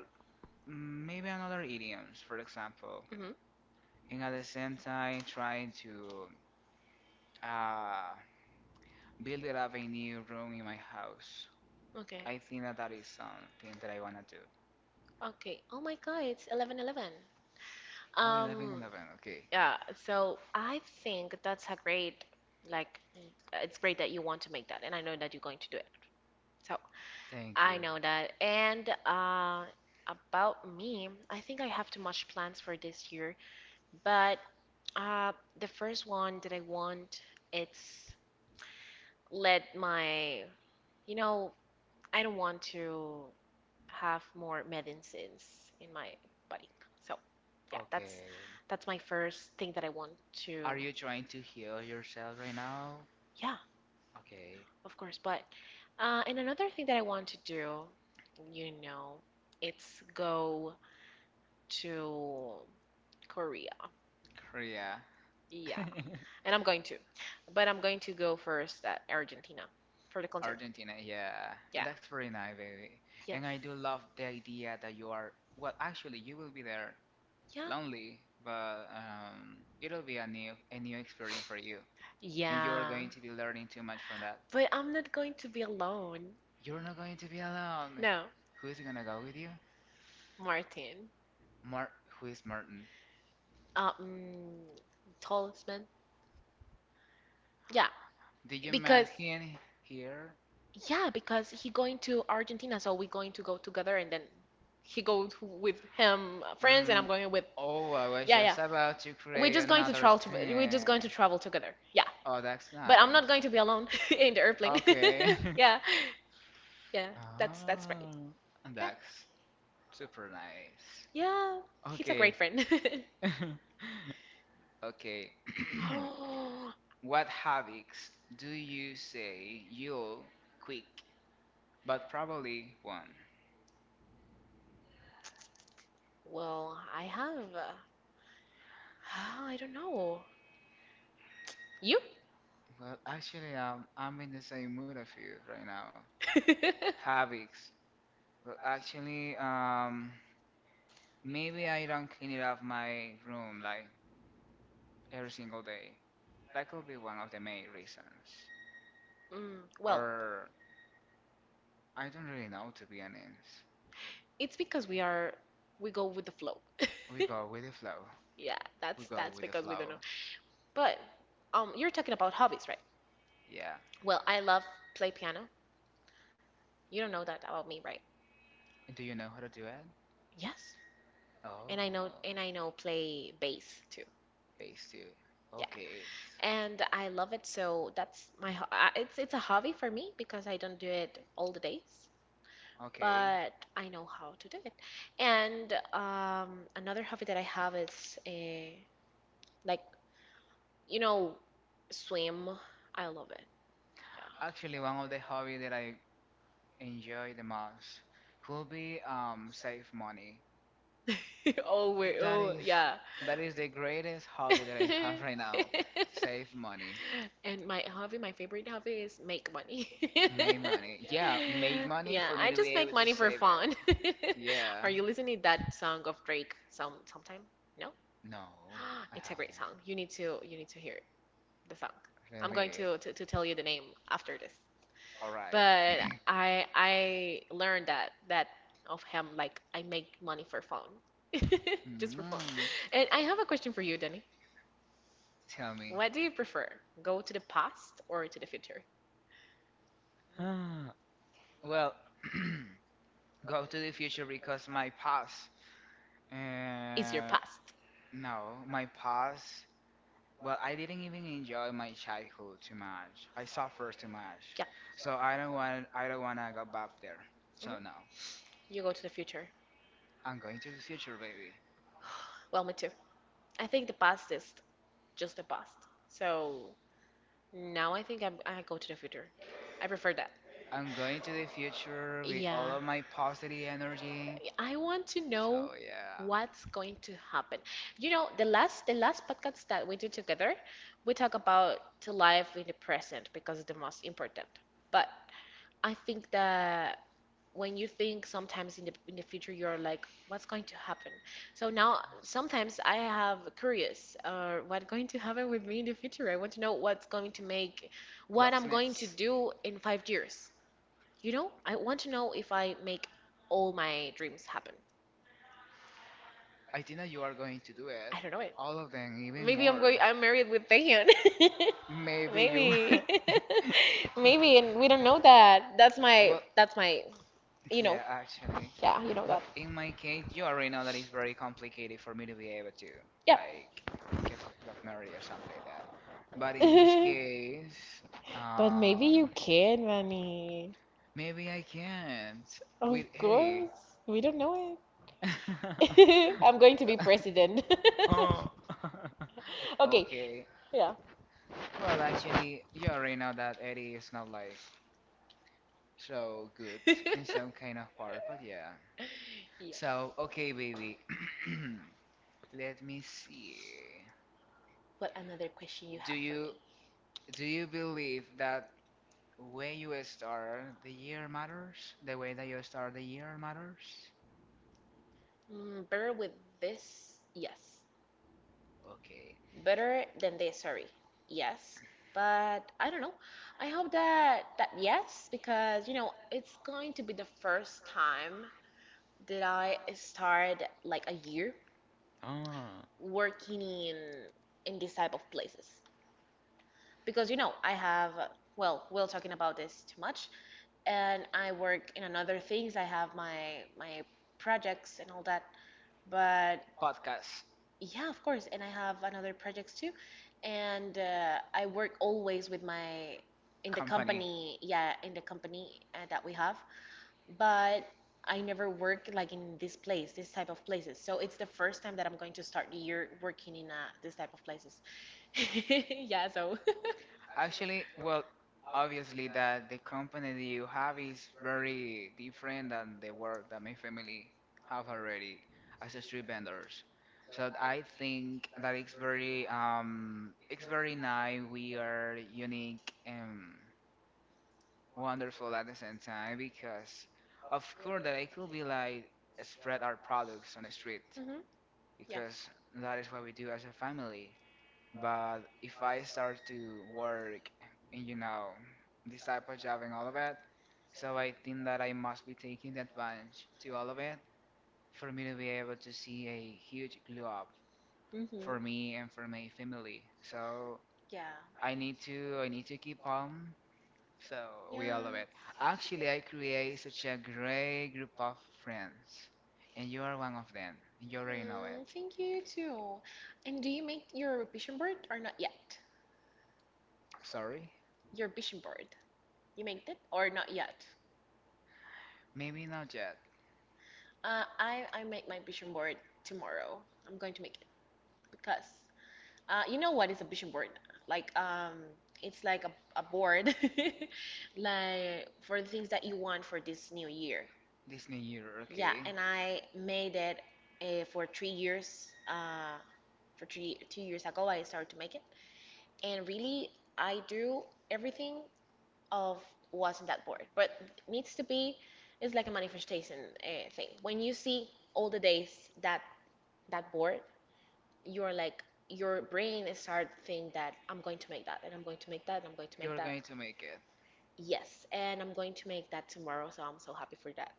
[SPEAKER 1] maybe another idioms. For example, and at the same time trying to uh, build it up a new room in my house.
[SPEAKER 2] Okay.
[SPEAKER 1] I think that is something that I wanna do.
[SPEAKER 2] Okay. Oh my God, it's 11:11.
[SPEAKER 1] Oh, 11
[SPEAKER 2] Um,
[SPEAKER 1] 11. Okay,
[SPEAKER 2] yeah, so I think that's like, it's great that you want to make that, and I know that you're going to do it. So
[SPEAKER 1] thank you.
[SPEAKER 2] I know that. And, about me, I think I have too much plans for this year, but uh, the first one that I want, it's let my, you know, I don't want to have more medicines in my body. So, yeah, that's
[SPEAKER 1] Okay,
[SPEAKER 2] that's my first thing that I want to.
[SPEAKER 1] are you trying to heal yourself right now?
[SPEAKER 2] Yeah,
[SPEAKER 1] Okay,
[SPEAKER 2] of course. But and another thing that I want to do, you know, it's go to Korea.
[SPEAKER 1] Korea.
[SPEAKER 2] Yeah, and I'm going to, but I'm going to go first at Argentina for the concert.
[SPEAKER 1] Argentina, yeah.
[SPEAKER 2] Yeah.
[SPEAKER 1] That's very nice, baby.
[SPEAKER 2] Yes.
[SPEAKER 1] And I do love the idea that you are, well, actually, you will be there
[SPEAKER 2] Yeah.
[SPEAKER 1] lonely, but it'll be a new experience for you, and you are
[SPEAKER 2] Yeah.
[SPEAKER 1] going to be learning too much from that.
[SPEAKER 2] But I'm not going to be alone.
[SPEAKER 1] You're not going to be alone.
[SPEAKER 2] No,
[SPEAKER 1] Who is gonna go with you?
[SPEAKER 2] Martin.
[SPEAKER 1] Mar Who is Martin?
[SPEAKER 2] Um, Tallest man. Yeah,
[SPEAKER 1] Did you meet
[SPEAKER 2] because
[SPEAKER 1] him here?
[SPEAKER 2] yeah, because he going to Argentina, so we going to go together, and then he go to, with him friends, and
[SPEAKER 1] Mm,
[SPEAKER 2] I'm going with,
[SPEAKER 1] oh, I was
[SPEAKER 2] yeah, yeah.
[SPEAKER 1] just about to
[SPEAKER 2] We're
[SPEAKER 1] create
[SPEAKER 2] just going to
[SPEAKER 1] another
[SPEAKER 2] travel. We're just
[SPEAKER 1] thing.
[SPEAKER 2] going to travel together. Yeah,
[SPEAKER 1] Oh, that's
[SPEAKER 2] but
[SPEAKER 1] nice.
[SPEAKER 2] I'm not going to be alone in the airplane.
[SPEAKER 1] Okay.
[SPEAKER 2] Yeah, yeah. That's great.
[SPEAKER 1] Oh,
[SPEAKER 2] Yeah.
[SPEAKER 1] that's super nice.
[SPEAKER 2] Yeah. He's a
[SPEAKER 1] Okay.
[SPEAKER 2] great friend.
[SPEAKER 1] Okay.
[SPEAKER 2] Oh,
[SPEAKER 1] What havocs do you say you'll quit, but probably won't?
[SPEAKER 2] well, I have. Well, I don't know. You?
[SPEAKER 1] Well, actually, I'm in the same mood of you right now. Havocs. Well, actually, maybe I don't clean it up my room like every single day. That could be one of the main reasons.
[SPEAKER 2] Well,
[SPEAKER 1] Or I don't really know, to be honest.
[SPEAKER 2] it's because we go with the flow.
[SPEAKER 1] We go with the flow.
[SPEAKER 2] Yeah,
[SPEAKER 1] We
[SPEAKER 2] that's
[SPEAKER 1] go
[SPEAKER 2] that's
[SPEAKER 1] with the
[SPEAKER 2] because we don't
[SPEAKER 1] flow.
[SPEAKER 2] know. But you're talking about hobbies, right?
[SPEAKER 1] Yeah.
[SPEAKER 2] Well, I love play piano. You don't know that about me, right?
[SPEAKER 1] And do you know how to do it?
[SPEAKER 2] Yes. And I
[SPEAKER 1] Oh,
[SPEAKER 2] know and I know play bass.
[SPEAKER 1] phase two.
[SPEAKER 2] Yeah.
[SPEAKER 1] Okay.
[SPEAKER 2] And I love it. So that's it's a hobby for me because I don't do it all the days,
[SPEAKER 1] Okay,
[SPEAKER 2] but I know how to do it. And another hobby that I have is a, like, you know swim. I love it.
[SPEAKER 1] actually, one of the hobby that I enjoy the most will be save money.
[SPEAKER 2] Yeah. Oh wait. Oh yeah.
[SPEAKER 1] That is the greatest hobby that I have right now. Save money,
[SPEAKER 2] And my hobby, my favorite hobby is make money.
[SPEAKER 1] make money. Yeah, make money
[SPEAKER 2] Yeah,
[SPEAKER 1] for
[SPEAKER 2] I
[SPEAKER 1] me to
[SPEAKER 2] just
[SPEAKER 1] be
[SPEAKER 2] make
[SPEAKER 1] able to.
[SPEAKER 2] money for fun. Are
[SPEAKER 1] Yeah.
[SPEAKER 2] you listening to that song of Drake sometime? No?
[SPEAKER 1] No, I
[SPEAKER 2] It's a
[SPEAKER 1] haven't
[SPEAKER 2] great song. You need to hear the song. I'm going
[SPEAKER 1] really.
[SPEAKER 2] to tell you the name after this.
[SPEAKER 1] All right.
[SPEAKER 2] But I learned that of him, like, I make money for fun. Just for fun.
[SPEAKER 1] Mm,
[SPEAKER 2] And I have a question for you, Danny.
[SPEAKER 1] tell me.
[SPEAKER 2] What do you prefer? Go to the past or to the future?
[SPEAKER 1] Ah, well, go to the future because my past.
[SPEAKER 2] It's your
[SPEAKER 1] Uh,
[SPEAKER 2] past.
[SPEAKER 1] no, my past Well, I didn't even enjoy my childhood too much. I suffered too much.
[SPEAKER 2] Yeah.
[SPEAKER 1] So I don't want I don't wanna go back there.
[SPEAKER 2] Mhm.
[SPEAKER 1] So no.
[SPEAKER 2] You go to the future.
[SPEAKER 1] I'm going to the future, baby.
[SPEAKER 2] Well, me too. I think the past is just the past. So now I think I go to the future. I prefer that.
[SPEAKER 1] I'm going to the future with
[SPEAKER 2] Yeah.
[SPEAKER 1] all of my positive energy.
[SPEAKER 2] I want to know
[SPEAKER 1] So yeah.
[SPEAKER 2] what's going to happen. You know, the last podcast that we did together, we talk about to live in the present because it's the most important. But I think that when you think sometimes in the future, you're like, what's going to happen? So now sometimes I have curious, what going to happen with me in the future. I want to know what's going to make, what I'm
[SPEAKER 1] What's
[SPEAKER 2] going to
[SPEAKER 1] next?
[SPEAKER 2] do in 5 years, you know? I want to know if I make all my dreams happen.
[SPEAKER 1] I think that you are going to do
[SPEAKER 2] I
[SPEAKER 1] it.
[SPEAKER 2] don't know it.
[SPEAKER 1] All of them, even
[SPEAKER 2] Maybe i'm
[SPEAKER 1] more.
[SPEAKER 2] going i'm married with Taehyun.
[SPEAKER 1] Maybe you
[SPEAKER 2] Maybe maybe, and we don't know that. that's my
[SPEAKER 1] well,
[SPEAKER 2] that's my you know
[SPEAKER 1] yeah, actually.
[SPEAKER 2] yeah, you know that.
[SPEAKER 1] Well, in my case, you already know that it's very complicated for me to be able to, like, get got married or something like that. But in this
[SPEAKER 2] Yeah.
[SPEAKER 1] case,
[SPEAKER 2] But maybe you
[SPEAKER 1] um,
[SPEAKER 2] can, Rani.
[SPEAKER 1] maybe I can't
[SPEAKER 2] Of
[SPEAKER 1] with Eddie.
[SPEAKER 2] course. We don't know it. I'm going to be president.
[SPEAKER 1] Oh,
[SPEAKER 2] Okay,
[SPEAKER 1] okay.
[SPEAKER 2] yeah.
[SPEAKER 1] Well, actually, you already know that Eddie is not like so good in some kind of part, but yeah.
[SPEAKER 2] Yeah.
[SPEAKER 1] So, okay, baby. Let me see.
[SPEAKER 2] What another question you have
[SPEAKER 1] Do
[SPEAKER 2] for me?
[SPEAKER 1] you Do you believe that when you start year matters? The way that you start the year matters?
[SPEAKER 2] Better with this? Yes.
[SPEAKER 1] Okay.
[SPEAKER 2] Better than this, sorry. Yes. But I don't know. I hope that yes, because you know, it's going to be the first time that I start, like, a year
[SPEAKER 1] Ah,
[SPEAKER 2] working in this type of places because you know I have well, we'll talking about this too much, and I work in another things. I have my projects and all that. But
[SPEAKER 1] podcast
[SPEAKER 2] yeah, of course. And I have another projects too. And I work always with my in the
[SPEAKER 1] company.
[SPEAKER 2] company, yeah, in the company that we have. But I never work like in this place, this type of places. So it's the first time that I'm going to start the year working in this type of places. Yeah, so.
[SPEAKER 1] Actually, well, obviously that the company that you have is very different than the work that my family have already as a street vendors. So I think that it's very nice. We are unique. Wonderful at the same time because of course that I could be like spread our products on the street
[SPEAKER 2] Hmm. Yeah.
[SPEAKER 1] because that is what we do as a family. But if I start to work in you know this type of job and all of it, so I think that I must be taking advantage to all of it for me to be able to see a huge glow up
[SPEAKER 2] Hmm.
[SPEAKER 1] for me and for my family. So
[SPEAKER 2] Yeah.
[SPEAKER 1] I need to keep on. So
[SPEAKER 2] Yeah.
[SPEAKER 1] we all love it. Actually, I create such a great group of friends, and you are one of them. You already know it.
[SPEAKER 2] Thank you too. And do you make your vision board or not yet?
[SPEAKER 1] Sorry?
[SPEAKER 2] Your vision board. You make it or not yet?
[SPEAKER 1] Maybe not yet.
[SPEAKER 2] I make my vision board tomorrow. I'm going to make because you know what is a vision board? Like, it's like a board, like, for the things that you want for this new year.
[SPEAKER 1] This new year,
[SPEAKER 2] Yeah,
[SPEAKER 1] okay?
[SPEAKER 2] and I made it for 3 years. For three two years ago, I started to make it, and really, I drew everything of what's in that board. But it needs to be, it's like a manifestation thing. When you see all the days that board, you're like, your brain is start thinking that I'm going to make that, and I'm going to make that, and I'm going to make
[SPEAKER 1] You're
[SPEAKER 2] that.
[SPEAKER 1] going to make it.
[SPEAKER 2] Yes, and I'm going to make that tomorrow, so I'm so happy for that.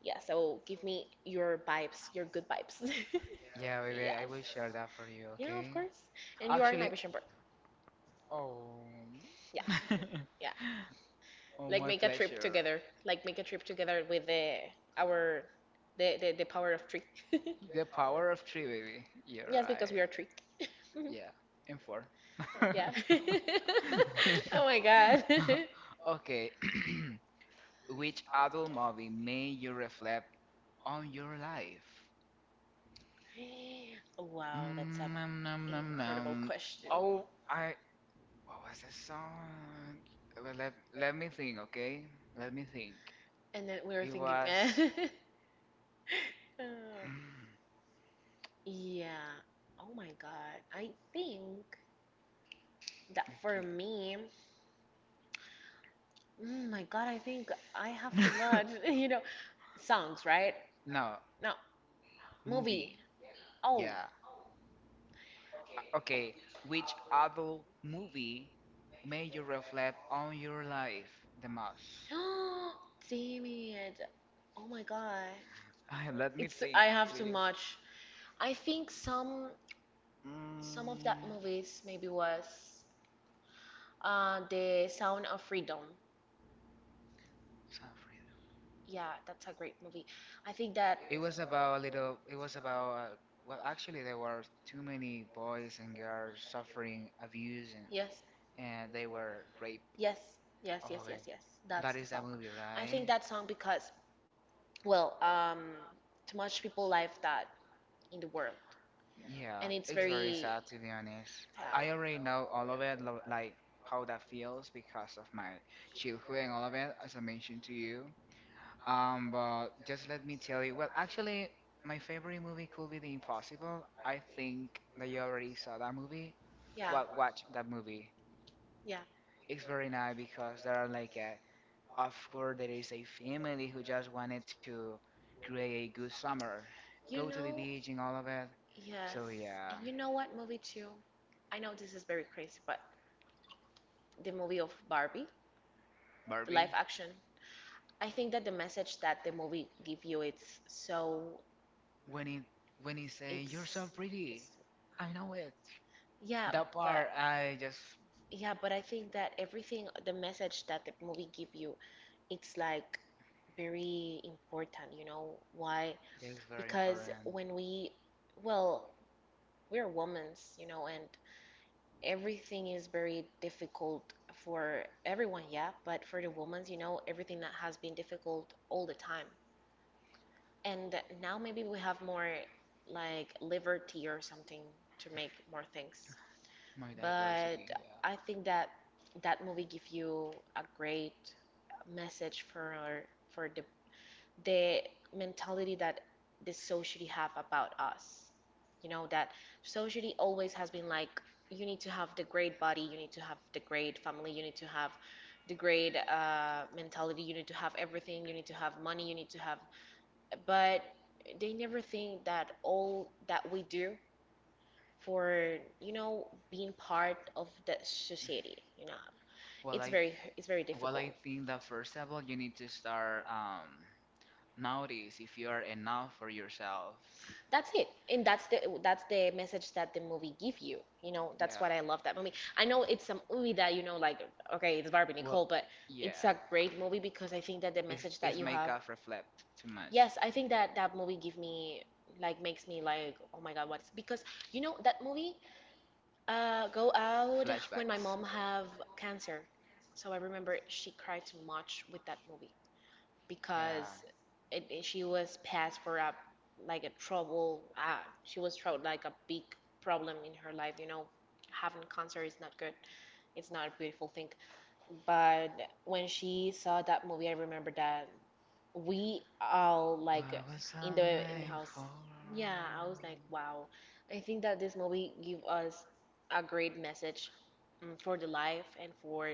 [SPEAKER 2] Yeah, so give me your vibes, your good vibes.
[SPEAKER 1] Yeah, baby, I
[SPEAKER 2] Yes.
[SPEAKER 1] will share that for you,
[SPEAKER 2] Yeah, of
[SPEAKER 1] okay?
[SPEAKER 2] course. And you are in my
[SPEAKER 1] Actually,
[SPEAKER 2] vision board.
[SPEAKER 1] oh,
[SPEAKER 2] Yeah, yeah.
[SPEAKER 1] oh,
[SPEAKER 2] Like,
[SPEAKER 1] my
[SPEAKER 2] make a trip
[SPEAKER 1] pleasure.
[SPEAKER 2] together. Like, make a trip together with the our the power of tree.
[SPEAKER 1] The power of three, baby. You're
[SPEAKER 2] Yes, because we
[SPEAKER 1] right.
[SPEAKER 2] are tree.
[SPEAKER 1] Yeah, and four.
[SPEAKER 2] Yeah. Oh my God.
[SPEAKER 1] Okay, which adult movie made you reflect on your life?
[SPEAKER 2] Wow, that's a
[SPEAKER 1] Mm, nom, nom, nom,
[SPEAKER 2] incredible
[SPEAKER 1] nom.
[SPEAKER 2] question.
[SPEAKER 1] Oh, I. What was the song? Well, let me think, okay? Let me think.
[SPEAKER 2] And then we were
[SPEAKER 1] It
[SPEAKER 2] thinking, eh.
[SPEAKER 1] was.
[SPEAKER 2] Uh,
[SPEAKER 1] Mm,
[SPEAKER 2] yeah. Oh my God. I think that for me, my God, I think I have too
[SPEAKER 1] okay.
[SPEAKER 2] much. You know, songs, right?
[SPEAKER 1] No,
[SPEAKER 2] No,
[SPEAKER 1] movie.
[SPEAKER 2] movie.
[SPEAKER 1] Yeah.
[SPEAKER 2] Oh.
[SPEAKER 1] Okay. Which adult movie made you reflect on your life the most?
[SPEAKER 2] Damn it. Oh my God.
[SPEAKER 1] Let me
[SPEAKER 2] It's I
[SPEAKER 1] think,
[SPEAKER 2] have too
[SPEAKER 1] please.
[SPEAKER 2] much. I think some of
[SPEAKER 1] Mm,
[SPEAKER 2] that movies maybe was The Sound of Freedom.
[SPEAKER 1] suffering.
[SPEAKER 2] Yeah, that's a great movie. I think that
[SPEAKER 1] It was about a little. It was about well, actually, there were too many boys and girls suffering abuse
[SPEAKER 2] yes,
[SPEAKER 1] and they were raped
[SPEAKER 2] yes, yes,
[SPEAKER 1] the
[SPEAKER 2] yes, yes,
[SPEAKER 1] way.
[SPEAKER 2] yes. That's
[SPEAKER 1] That
[SPEAKER 2] the
[SPEAKER 1] is
[SPEAKER 2] song.
[SPEAKER 1] that movie,
[SPEAKER 2] I think
[SPEAKER 1] right?
[SPEAKER 2] that song because, well, too much people live that in the world,
[SPEAKER 1] Yeah,
[SPEAKER 2] and it's
[SPEAKER 1] it's very
[SPEAKER 2] very,
[SPEAKER 1] sad to be honest. I already know all of it, like how that feels because of my childhood and all of it, as I mentioned to you. But just let me tell you. Well, actually, my favorite movie could be The Impossible. I think that you already saw that movie.
[SPEAKER 2] yeah, yeah,
[SPEAKER 1] Well, watch that movie.
[SPEAKER 2] yeah.
[SPEAKER 1] It's very nice because there are like a, of course, there is a family who just wanted to create a good summer,
[SPEAKER 2] You
[SPEAKER 1] go to the
[SPEAKER 2] know.
[SPEAKER 1] beach and all of it.
[SPEAKER 2] Yes.
[SPEAKER 1] So
[SPEAKER 2] And
[SPEAKER 1] yeah,
[SPEAKER 2] you know what movie too? I know this is very crazy, but the movie of Barbie, the live
[SPEAKER 1] Barbie.
[SPEAKER 2] action. I think that the message that the movie give you, it's so,
[SPEAKER 1] When he when he say you're so
[SPEAKER 2] it's it's
[SPEAKER 1] pretty, I know it.
[SPEAKER 2] yeah, but
[SPEAKER 1] Part I just
[SPEAKER 2] yeah, but I think that everything, the message that the movie give you, it's like very important, you know, why?
[SPEAKER 1] it's very important.
[SPEAKER 2] Because when we well, we're women's, you know, and everything is very difficult for everyone, yeah, but for the women's, you know, everything that has been difficult all the time. And now maybe we have more like liberty or something to make more things.
[SPEAKER 1] My diary,
[SPEAKER 2] But
[SPEAKER 1] yeah.
[SPEAKER 2] I think that that movie give you a great message for the mentality that the society have about us, you know, that society always has been like, you need to have the great body, you need to have the great family, you need to have the great mentality, you need to have everything, you need to have money, you need to have, but they never think that all that we do for, being part of the society, you know, it's
[SPEAKER 1] Well,
[SPEAKER 2] very it's very
[SPEAKER 1] Well,
[SPEAKER 2] difficult.
[SPEAKER 1] I think that first of all, you need to start notice if you are enough for yourself.
[SPEAKER 2] That's it. And that's the message that the movie give you, you know. That's what I love that movie. I know it's a movie that, you know, like, okay, it's Barbie, Nicole, but it's a
[SPEAKER 1] Yeah,
[SPEAKER 2] great movie because I think that the message that you have.
[SPEAKER 1] make us reflect too
[SPEAKER 2] Yes,
[SPEAKER 1] much.
[SPEAKER 2] I think that that movie give me like makes me like, oh my God, what's because you know that movie go out when my mom have cancer. So I remember she cried too much with that movie
[SPEAKER 1] Yeah,
[SPEAKER 2] because she was passed for a, like, a trouble. She was troubled, like, a big problem in her life. You know, having cancer is not good. It's not a beautiful thing. But when she saw that movie, I remember that we all like
[SPEAKER 1] was
[SPEAKER 2] in
[SPEAKER 1] something
[SPEAKER 2] the house.
[SPEAKER 1] for.
[SPEAKER 2] Yeah, I was like, wow. I think that this movie give us a great message, for the life, and for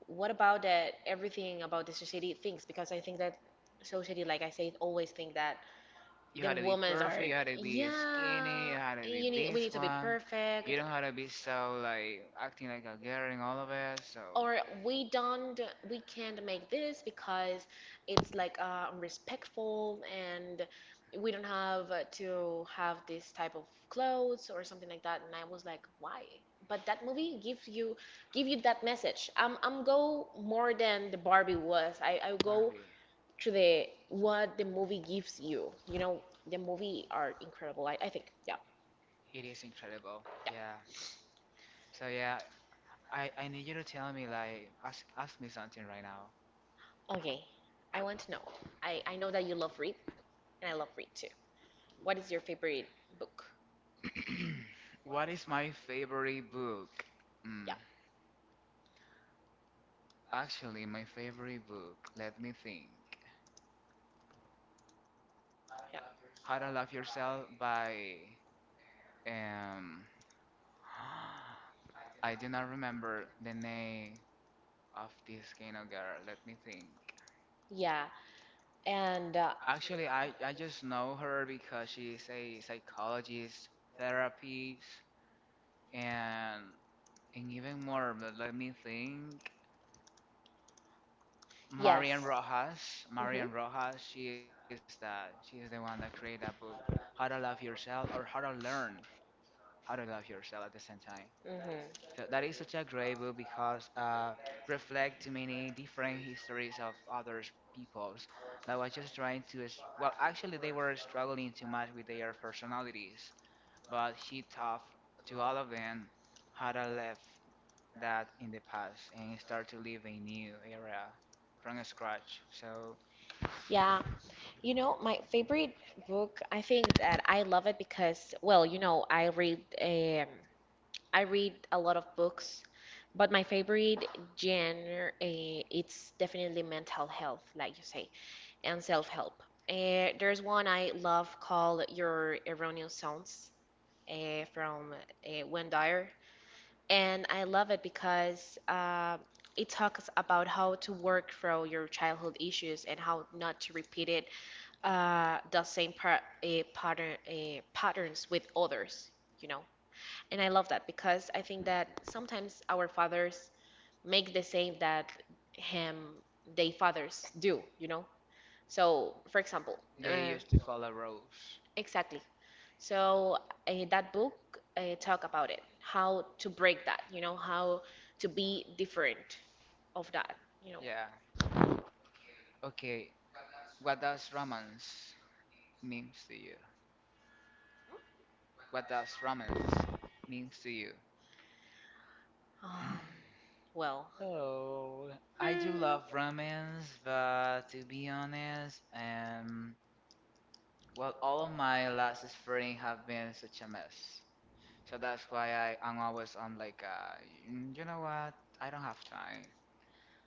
[SPEAKER 2] what about that everything about the society thinks because I think that society, like I said, always think that
[SPEAKER 1] You
[SPEAKER 2] the
[SPEAKER 1] had you
[SPEAKER 2] women's
[SPEAKER 1] had to
[SPEAKER 2] are,
[SPEAKER 1] be,
[SPEAKER 2] yeah,
[SPEAKER 1] you had
[SPEAKER 2] and
[SPEAKER 1] to be.
[SPEAKER 2] you need we need to be
[SPEAKER 1] You
[SPEAKER 2] perfect,
[SPEAKER 1] don't have to be so like acting like a girl and all of it. So
[SPEAKER 2] or we don't we can't make this because it's like, respectful, and we don't have to have this type of clothes or something like that. And I was like, why? But that movie gives you that message. I'm go more than the Barbie was. I go
[SPEAKER 1] it
[SPEAKER 2] to the, what the movie gives you. You know, the movie are incredible. I think, yeah,
[SPEAKER 1] is incredible. Yeah. So yeah, I need you to tell me like ask me something right now.
[SPEAKER 2] yeah. Okay, I want to know. I know that you love read, and I love read too. What is your favorite book?
[SPEAKER 1] What is my favorite book? Mm.
[SPEAKER 2] Yeah,
[SPEAKER 1] Actually, my favorite book, let me think. How to
[SPEAKER 2] yeah,
[SPEAKER 1] Love Yourself by um I do not remember the name of this kind of girl. Let me think.
[SPEAKER 2] yeah. And
[SPEAKER 1] Actually, I just know her because she's a psychologist, therapist, and and even more. But let me think. Marian
[SPEAKER 2] yes.
[SPEAKER 1] Rojas. Marian
[SPEAKER 2] Mhm.
[SPEAKER 1] Rojas. She is the one that created that book, How to Love Yourself or How to Learn How to Love Yourself at the same time. So that
[SPEAKER 2] Mhm.
[SPEAKER 1] is such a great book because reflect to many different histories of other peoples that was just trying to well actually they were struggling too much with their personalities, but she taught to all of them how to live that in the past and start to live a new era from scratch. So
[SPEAKER 2] Yeah. You know, my favorite book, I think that I love it because, well, you know, I read a lot of books, but my favorite genre, it's definitely mental health, like you say, and self-help. There's one I love called Your Erroneous Sounds from Wayne Dyer, and I love it because it talks about how to work through your childhood issues and how not to repeat it the same a patterns with others, you know. And I love that because I think that sometimes our fathers make the same that him they fathers do. So, for example,
[SPEAKER 1] they
[SPEAKER 2] uh,
[SPEAKER 1] follow rules.
[SPEAKER 2] exactly. So that book talk about it, how to break that, how to be different of that, you know.
[SPEAKER 1] Yeah. Okay. What does romance means to you? What does romance means to you? Hmm.
[SPEAKER 2] Um, well,
[SPEAKER 1] Oh, I do love romance, but to be honest, well, all of my last spring have been such a mess. So that's why I'm always on like, "Mm, you know what? I don't have time.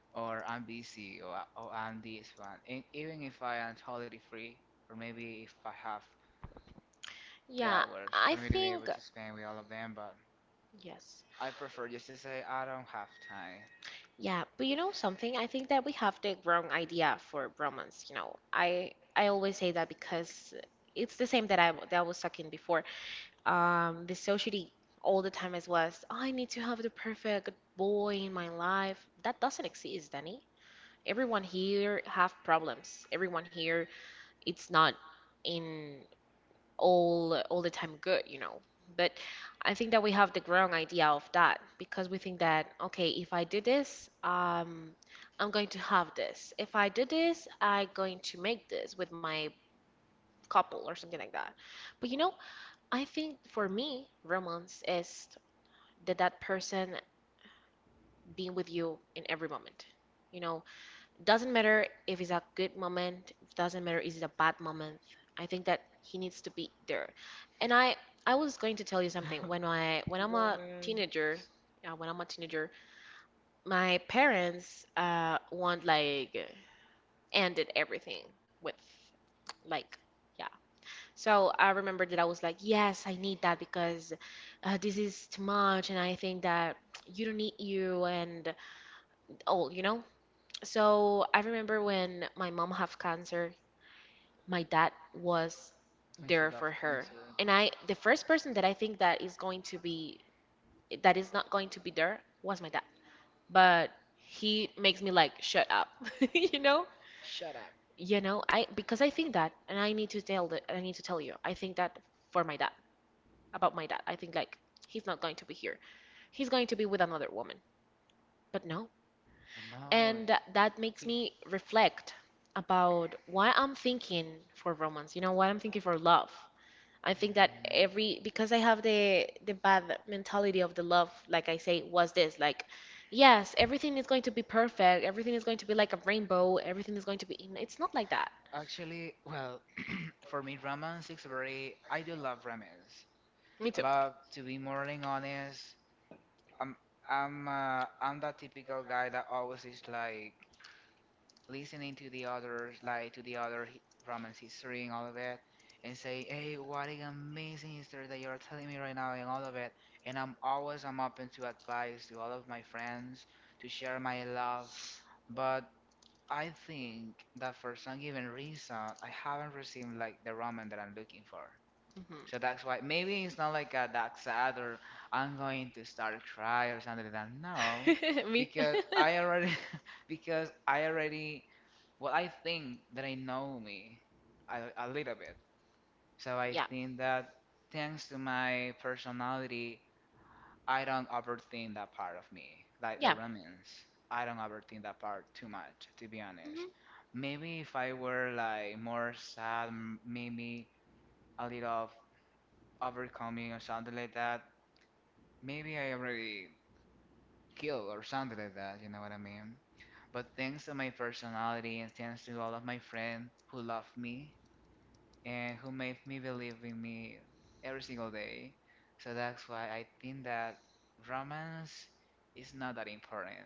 [SPEAKER 1] Or I'm busy or I'm this one. And even if I am totally free, or maybe if I have the
[SPEAKER 2] yeah,
[SPEAKER 1] hours for
[SPEAKER 2] I
[SPEAKER 1] me to be able
[SPEAKER 2] think
[SPEAKER 1] to spend with all of them, but
[SPEAKER 2] yes.
[SPEAKER 1] I prefer just to say I don't have time."
[SPEAKER 2] Yeah, but you know something? I think that we have the wrong idea for romance. I always say that because it's the same that I was talking before. The society all the time as was, I need to have the perfect boy in my life. That doesn't exist, Danny. Everyone here have problems. Everyone here, it's not in all the time good. But I think that we have the wrong idea of that because we think that okay, if I do this, I'm going to have this. If I do this, I'm going to make this with my couple or something like that. But I think for me, romance is that person being with you in every moment. You know, doesn't matter if it's a good moment, it doesn't matter if it's a bad moment. I think that he needs to be there. And I was going to tell you something. When I'm a teenager, my parents want like ended everything with like yeah. So I remember that I was like, yes, I need that because this is too much, and I think that you don't need you and all. So I remember when my mom had cancer, my dad was
[SPEAKER 1] When she got
[SPEAKER 2] there for her.
[SPEAKER 1] concert.
[SPEAKER 2] And I, the first person that I think that is not going to be there was my dad. But he makes me like shut up, you know?
[SPEAKER 1] Shut up.
[SPEAKER 2] You know, I Because I think that, and I need to tell you, I think that for my dad, about my dad, I think like he's not going to be here. He's going to be with another woman. But no.
[SPEAKER 1] But no.
[SPEAKER 2] And that makes me reflect about why I'm thinking for romance, why I'm thinking for love. I think that every because I have the bad mentality of the love, like I say, was this like, yes, everything is going to be perfect, everything is going to be like a rainbow, everything is going to be. It's not like that.
[SPEAKER 1] Actually, well, for me, romance is very. I do love romance,
[SPEAKER 2] Me too.
[SPEAKER 1] but to be more than honest, I'm I'm that typical guy that always is like listening to the others, like to the other romance history and all of it, and say, hey, what an amazing history that you're telling me right now and all of it. And I'm open to advice to all of my friends to share my love, but I think that for some given reason I haven't received like the ramen that I'm looking for. So that's why maybe it's not like a that sad or I'm going to start cry or something like that. No,
[SPEAKER 2] Mhm. Me.
[SPEAKER 1] because I already because I already well, I think that I know me a little bit. So I
[SPEAKER 2] Yeah.
[SPEAKER 1] think that thanks to my personality, I don't overthink that part of me, like the
[SPEAKER 2] Yeah.
[SPEAKER 1] romance. I don't overthink that part too much, to be honest.
[SPEAKER 2] Mhm.
[SPEAKER 1] Maybe if I were like more sad, maybe a little of overcoming or something like that, maybe I already killed or something like that, you know what I mean? But thanks to my personality and thanks to all of my friends who love me, and who made me believe in me every single day. So that's why I think that romance is not that important.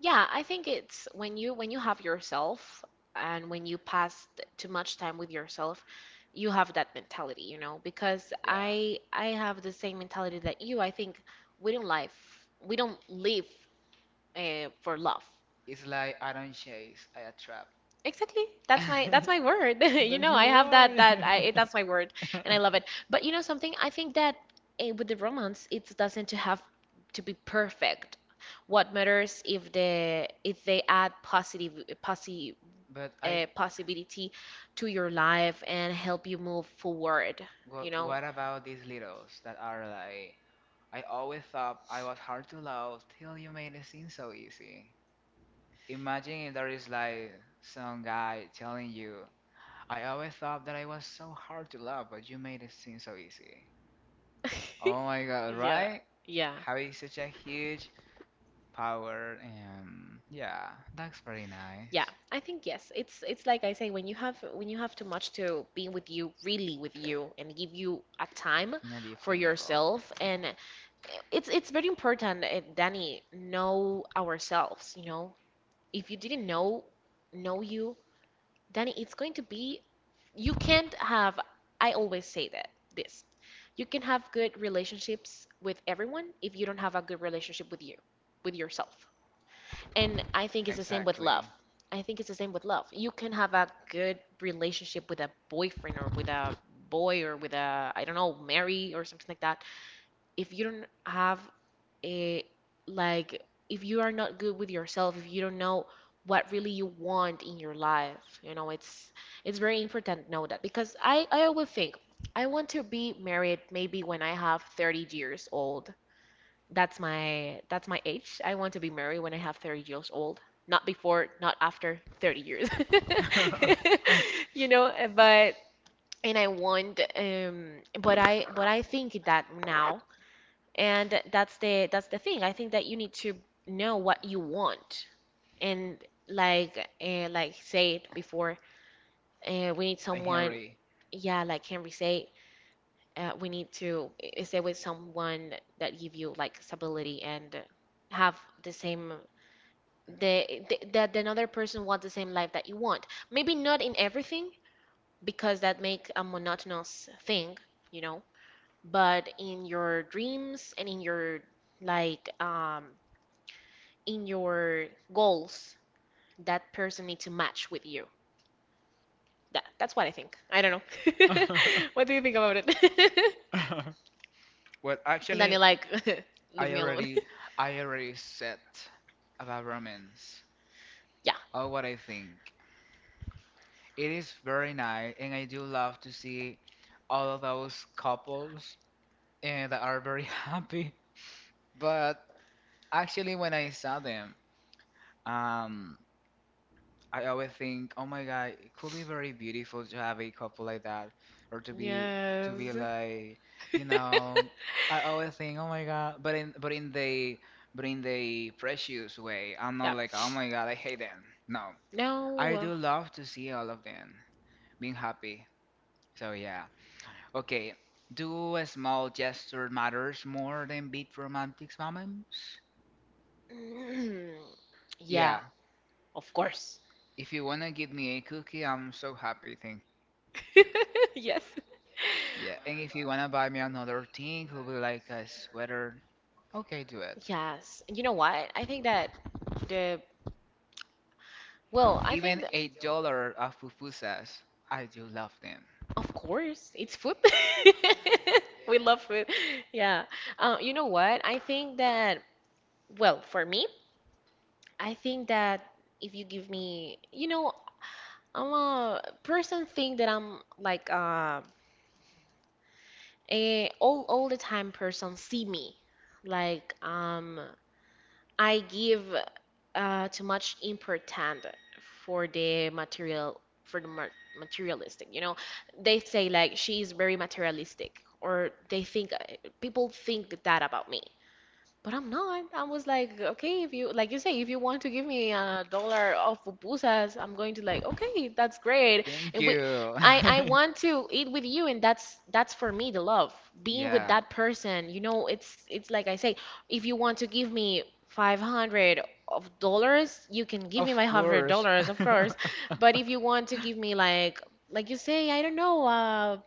[SPEAKER 2] Yeah, I think it's when you have yourself and when you pass too much time with yourself, you have that mentality, because
[SPEAKER 1] Yeah.
[SPEAKER 2] I have the same mentality that you. I think we don't live for love.
[SPEAKER 1] It's like I don't chase, I attract.
[SPEAKER 2] Exactly. That's my word. You know, I have that that's my word, and I love it. But you know something? I think that with the romance, it doesn't to have to be perfect. What matters if they add positive
[SPEAKER 1] But I
[SPEAKER 2] possibility to your life and help you move forward, you know?
[SPEAKER 1] what about these littles that are like I always thought I was hard to love till you made it seem so easy. Imagine if there is like some guy telling you I always thought that I was so hard to love, but you made it seem so easy. Oh my god,
[SPEAKER 2] Yeah.
[SPEAKER 1] right?
[SPEAKER 2] Yeah.
[SPEAKER 1] Having such a huge power and yeah, that's very nice.
[SPEAKER 2] Yeah, I think yes. It's like I say, when you have too much to be with you, really with you, and give you a time
[SPEAKER 1] In a deeply
[SPEAKER 2] for
[SPEAKER 1] level.
[SPEAKER 2] yourself, and it's very important, Danny, know ourselves. If you didn't know you, Danny, it's going to be you can't have I always say that this. You can have good relationships with everyone if you don't have a good relationship with you, with yourself. And I think it's the same with
[SPEAKER 1] Exactly.
[SPEAKER 2] love. I think it's the same with love. You can have a good relationship with a boyfriend or with a boy or with a, I don't know, Mary or something like that. If you don't a, like, if you are not good with yourself, if you don't know what really you want in your life, it's it's very important to know that because I always think I want to be married maybe when I have 30 years old. That's my age. I want to be married when I have 30 years old, not before, not after 30 years. But and I want but I think that now and that's the thing. I think that you need to know what you want. And like say it before, we need someone,
[SPEAKER 1] Henry.
[SPEAKER 2] yeah, like Henry say we need to stay with someone that give you like stability and have the same the that the another person want the same life that you want. Maybe not in everything because that make a monotonous thing, you know, but in your dreams and like um in your goals, that person need to match with you. That's what I think. I don't know. What do you think about it?
[SPEAKER 1] Well,
[SPEAKER 2] Danny,
[SPEAKER 1] actually,
[SPEAKER 2] like, leave
[SPEAKER 1] I
[SPEAKER 2] me alone.
[SPEAKER 1] already, I already said about romance.
[SPEAKER 2] Yeah.
[SPEAKER 1] Oh, what I think. It is very nice, and I do love to see all of those couples and that are very happy. But actually, when I saw them, um, I always think, oh my God, it could be very beautiful to have a couple like that, or to be
[SPEAKER 2] Yes.
[SPEAKER 1] like, you know, I always think, oh my God, but in the precious way. I'm not
[SPEAKER 2] Yeah.
[SPEAKER 1] like, oh my God, I hate them. No, I
[SPEAKER 2] No.
[SPEAKER 1] do love to see all of them being happy. So yeah, okay. Do a small gesture matters more than big romantic moments?
[SPEAKER 2] Mm, yeah,
[SPEAKER 1] Yeah,
[SPEAKER 2] of course.
[SPEAKER 1] if you wanna give me a cookie, I'm so happy, thank you.
[SPEAKER 2] Yes.
[SPEAKER 1] Yeah, and if you wanna buy me another thing, who will be like a sweater? Okay, do it.
[SPEAKER 2] Yes. And you know what? I think that the Well, I
[SPEAKER 1] Even
[SPEAKER 2] think that,
[SPEAKER 1] a dollar of pupusas, I do love them.
[SPEAKER 2] of course, it's food. We love food. Yeah. You know what? I think that, well, for me, I think that if you give me, you know, I'm a person think that I'm like a all the time person see me. Like I give too much important for the material for the materialistic they say like she is very materialistic or they think people think that about me but I'm not. I was like, okay, if you, like you say, if you want to give me a dollar of pupusas, I'm going to like, okay, that's great.
[SPEAKER 1] Thank
[SPEAKER 2] And we,
[SPEAKER 1] you.
[SPEAKER 2] I, I want to eat with you, and that's for me the love, being with
[SPEAKER 1] Yeah,
[SPEAKER 2] that person. You know, it's like I say, if you want to give me 500 of dollars, you can give me
[SPEAKER 1] of
[SPEAKER 2] my hundred
[SPEAKER 1] course.
[SPEAKER 2] dollars, of course. But if you want to give me like you say, I don't know,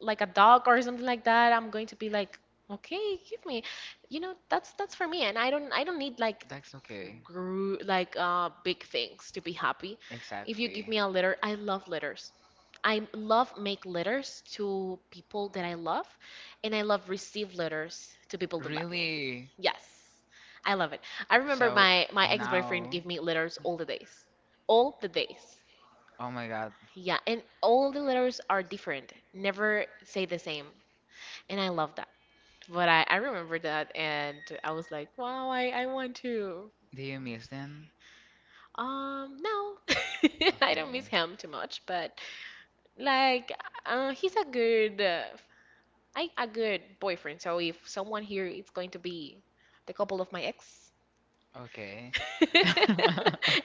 [SPEAKER 2] like a dog or something like that, I'm going to be like, okay, give me, that's for me, and I don't need like
[SPEAKER 1] That's okay.
[SPEAKER 2] grew like big things to be happy. If you give
[SPEAKER 1] Exactly.
[SPEAKER 2] me a letter, I love letters. I love make letters to people that I love, and I love receive letters to people that love me.
[SPEAKER 1] Really?
[SPEAKER 2] Yes, I love it. I remember
[SPEAKER 1] So
[SPEAKER 2] my ex-boyfriend
[SPEAKER 1] now,
[SPEAKER 2] gave me letters all the days, all the days.
[SPEAKER 1] oh my God,
[SPEAKER 2] Yeah, and all the letters are different. Never say the same. And I love that. But I remember that and I was like, wow, I want to.
[SPEAKER 1] do you miss them?
[SPEAKER 2] No, I don't miss
[SPEAKER 1] Okay.
[SPEAKER 2] him too much, but like, he's a good boyfriend. So if someone here, it's going to be the couple of my ex.
[SPEAKER 1] Okay.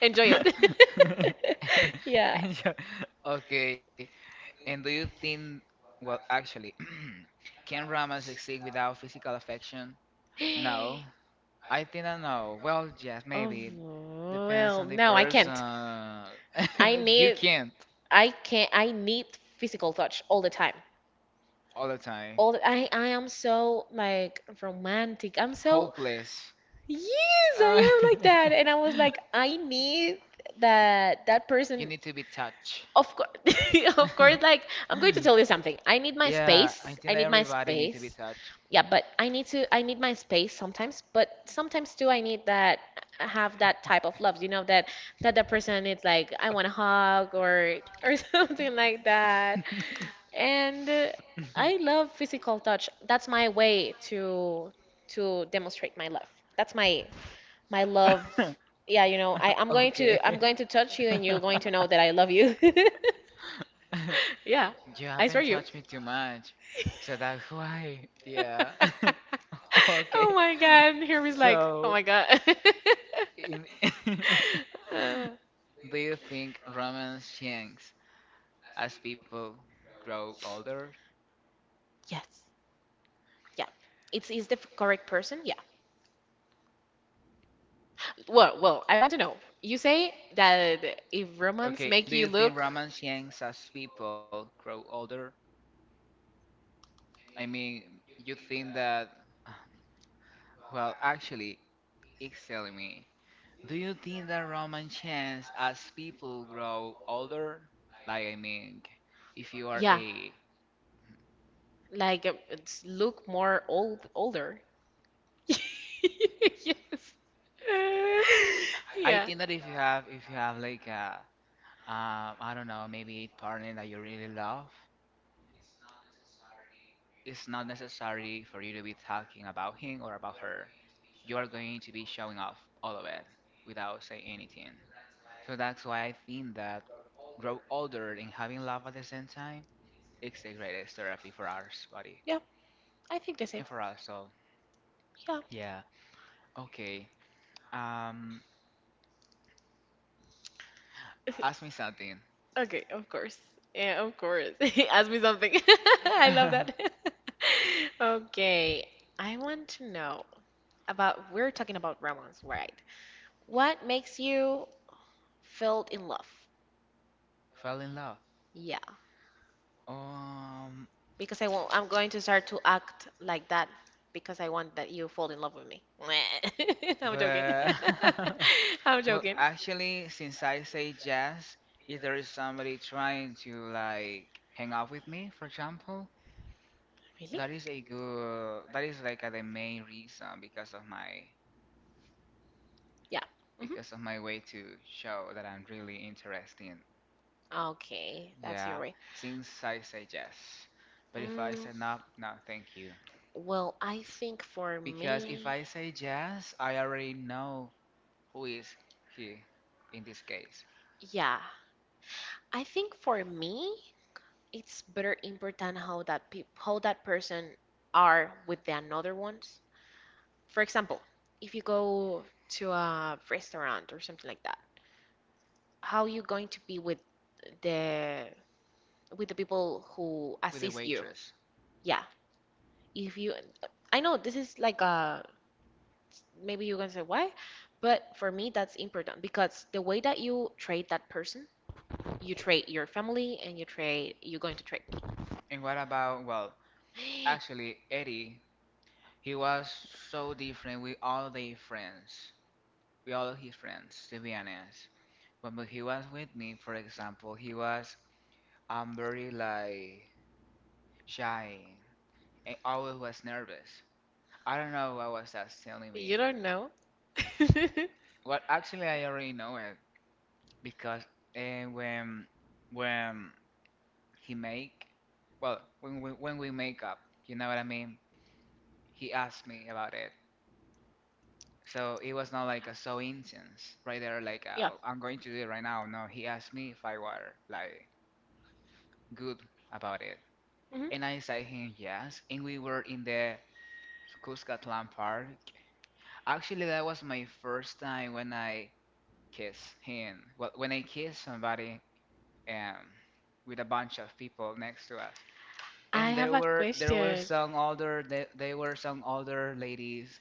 [SPEAKER 2] Enjoy it. Yeah.
[SPEAKER 1] And you okay. And do you think, well, actually, can romance exist without physical affection? No, I think I know. Well, yes,
[SPEAKER 2] Oh,
[SPEAKER 1] maybe. Depends
[SPEAKER 2] well,
[SPEAKER 1] on the
[SPEAKER 2] no, I
[SPEAKER 1] person.
[SPEAKER 2] can't. I
[SPEAKER 1] You
[SPEAKER 2] need
[SPEAKER 1] can't
[SPEAKER 2] I can not I need physical touch all the time.
[SPEAKER 1] all the time.
[SPEAKER 2] All the, I am so like romantic. I'm so
[SPEAKER 1] Hopeless.
[SPEAKER 2] Yes,
[SPEAKER 1] Uh,
[SPEAKER 2] I am like that. And I was like, I need that
[SPEAKER 1] You
[SPEAKER 2] person.
[SPEAKER 1] need to be touched.
[SPEAKER 2] Of course, of course. Like I'm going to tell you something. I need my
[SPEAKER 1] Yeah,
[SPEAKER 2] space.
[SPEAKER 1] I think
[SPEAKER 2] I
[SPEAKER 1] that
[SPEAKER 2] need my
[SPEAKER 1] everybody needs to be
[SPEAKER 2] space,
[SPEAKER 1] touched.
[SPEAKER 2] yeah, but I need my space sometimes but sometimes too I need that have that type of love that the person is like I want a hug or something like that and I love physical touch, that's my way to demonstrate my love, that's my love, yeah, I, i'm going to i'm
[SPEAKER 1] Okay.
[SPEAKER 2] going to touch you and you're going to know that I love you. Yeah,
[SPEAKER 1] You
[SPEAKER 2] I swear
[SPEAKER 1] haven't
[SPEAKER 2] you.
[SPEAKER 1] touched me too much, so that's why. Yeah.
[SPEAKER 2] Oh
[SPEAKER 1] Okay.
[SPEAKER 2] my god, Hermie's like, oh
[SPEAKER 1] So,
[SPEAKER 2] my god.
[SPEAKER 1] in
[SPEAKER 2] Uh,
[SPEAKER 1] do you think romance changes as people grow older?
[SPEAKER 2] yes, yeah. It's is the correct person? Yeah. Well, I want to know. You say that if romance
[SPEAKER 1] Okay,
[SPEAKER 2] make
[SPEAKER 1] do
[SPEAKER 2] you
[SPEAKER 1] you think
[SPEAKER 2] look,
[SPEAKER 1] romance changes as people grow older? I mean, you think that, well, actually, it's telling me. Do you think that romance changes as people grow older? Like, I mean, if you are
[SPEAKER 2] yeah,
[SPEAKER 1] a,
[SPEAKER 2] like it's look older. Yes.
[SPEAKER 1] I
[SPEAKER 2] Yeah.
[SPEAKER 1] think that if you have like a I don't know, maybe partner that you really love. It's not necessary for you to be talking about him or about her. You are going to be showing off all of it without saying anything. So that's why I think that grow older and having love at the same time is the greatest therapy for our body
[SPEAKER 2] Yeah, I think the same.
[SPEAKER 1] and for us. So
[SPEAKER 2] Yeah.
[SPEAKER 1] yeah, okay. Um, ask me something.
[SPEAKER 2] Okay, of course. Yeah, of course. Ask me something. I love that. Okay, I want to know about, we're talking about romance, right? What makes you feel in love?
[SPEAKER 1] Fell in love.
[SPEAKER 2] Yeah.
[SPEAKER 1] Um,
[SPEAKER 2] because I won't, I'm going to start to act like that because I want that you fall in love with me. I'm joking.
[SPEAKER 1] well.
[SPEAKER 2] I'm joking.
[SPEAKER 1] Since I say yes, if there is somebody trying to like hang out with me, for example,
[SPEAKER 2] Really?
[SPEAKER 1] that is like the main reason
[SPEAKER 2] Yeah. Hmm.
[SPEAKER 1] because of my way to show that I'm really interested.
[SPEAKER 2] Okay, that's your
[SPEAKER 1] Yeah,
[SPEAKER 2] way.
[SPEAKER 1] since I say yes. But if I
[SPEAKER 2] Mm,
[SPEAKER 1] say no, no, thank you.
[SPEAKER 2] well, I think for
[SPEAKER 1] Because if
[SPEAKER 2] me,
[SPEAKER 1] I say yes, I already know who is he in this case
[SPEAKER 2] yeah, I think for me. It's better important how that person are with the another ones. For example, if you go to a restaurant or something like that, how you going to be with the the people who
[SPEAKER 1] with the
[SPEAKER 2] assist you?
[SPEAKER 1] waitress.
[SPEAKER 2] Yeah, if you, I know this is like a maybe you're gonna say why, but for me that's important because the way that you treat that person, you treat your family and you're going to treat
[SPEAKER 1] And what about,
[SPEAKER 2] me.
[SPEAKER 1] Eddie. He was so different with all the friends, with all his friends, to be honest. But when he was with me, for example, he was very like shy and always was nervous. I don't know what was that telling me.
[SPEAKER 2] You don't know?
[SPEAKER 1] I already know it because uh, when when he make, well, when we make up, you know what I mean. He asked me about it. So it was not like a so intense right there, like
[SPEAKER 2] Yeah.
[SPEAKER 1] I'm going to do it right now. No, he asked me if I were like good about it,
[SPEAKER 2] Mhm.
[SPEAKER 1] and I said him yes. And we were in the Cuscatlan Park. Actually, that was my first time when I kissed him. Well, when I kissed somebody um, with a bunch of people next to us.
[SPEAKER 2] I
[SPEAKER 1] And
[SPEAKER 2] have
[SPEAKER 1] there
[SPEAKER 2] a
[SPEAKER 1] were there were
[SPEAKER 2] question.
[SPEAKER 1] some older, they were some older ladies.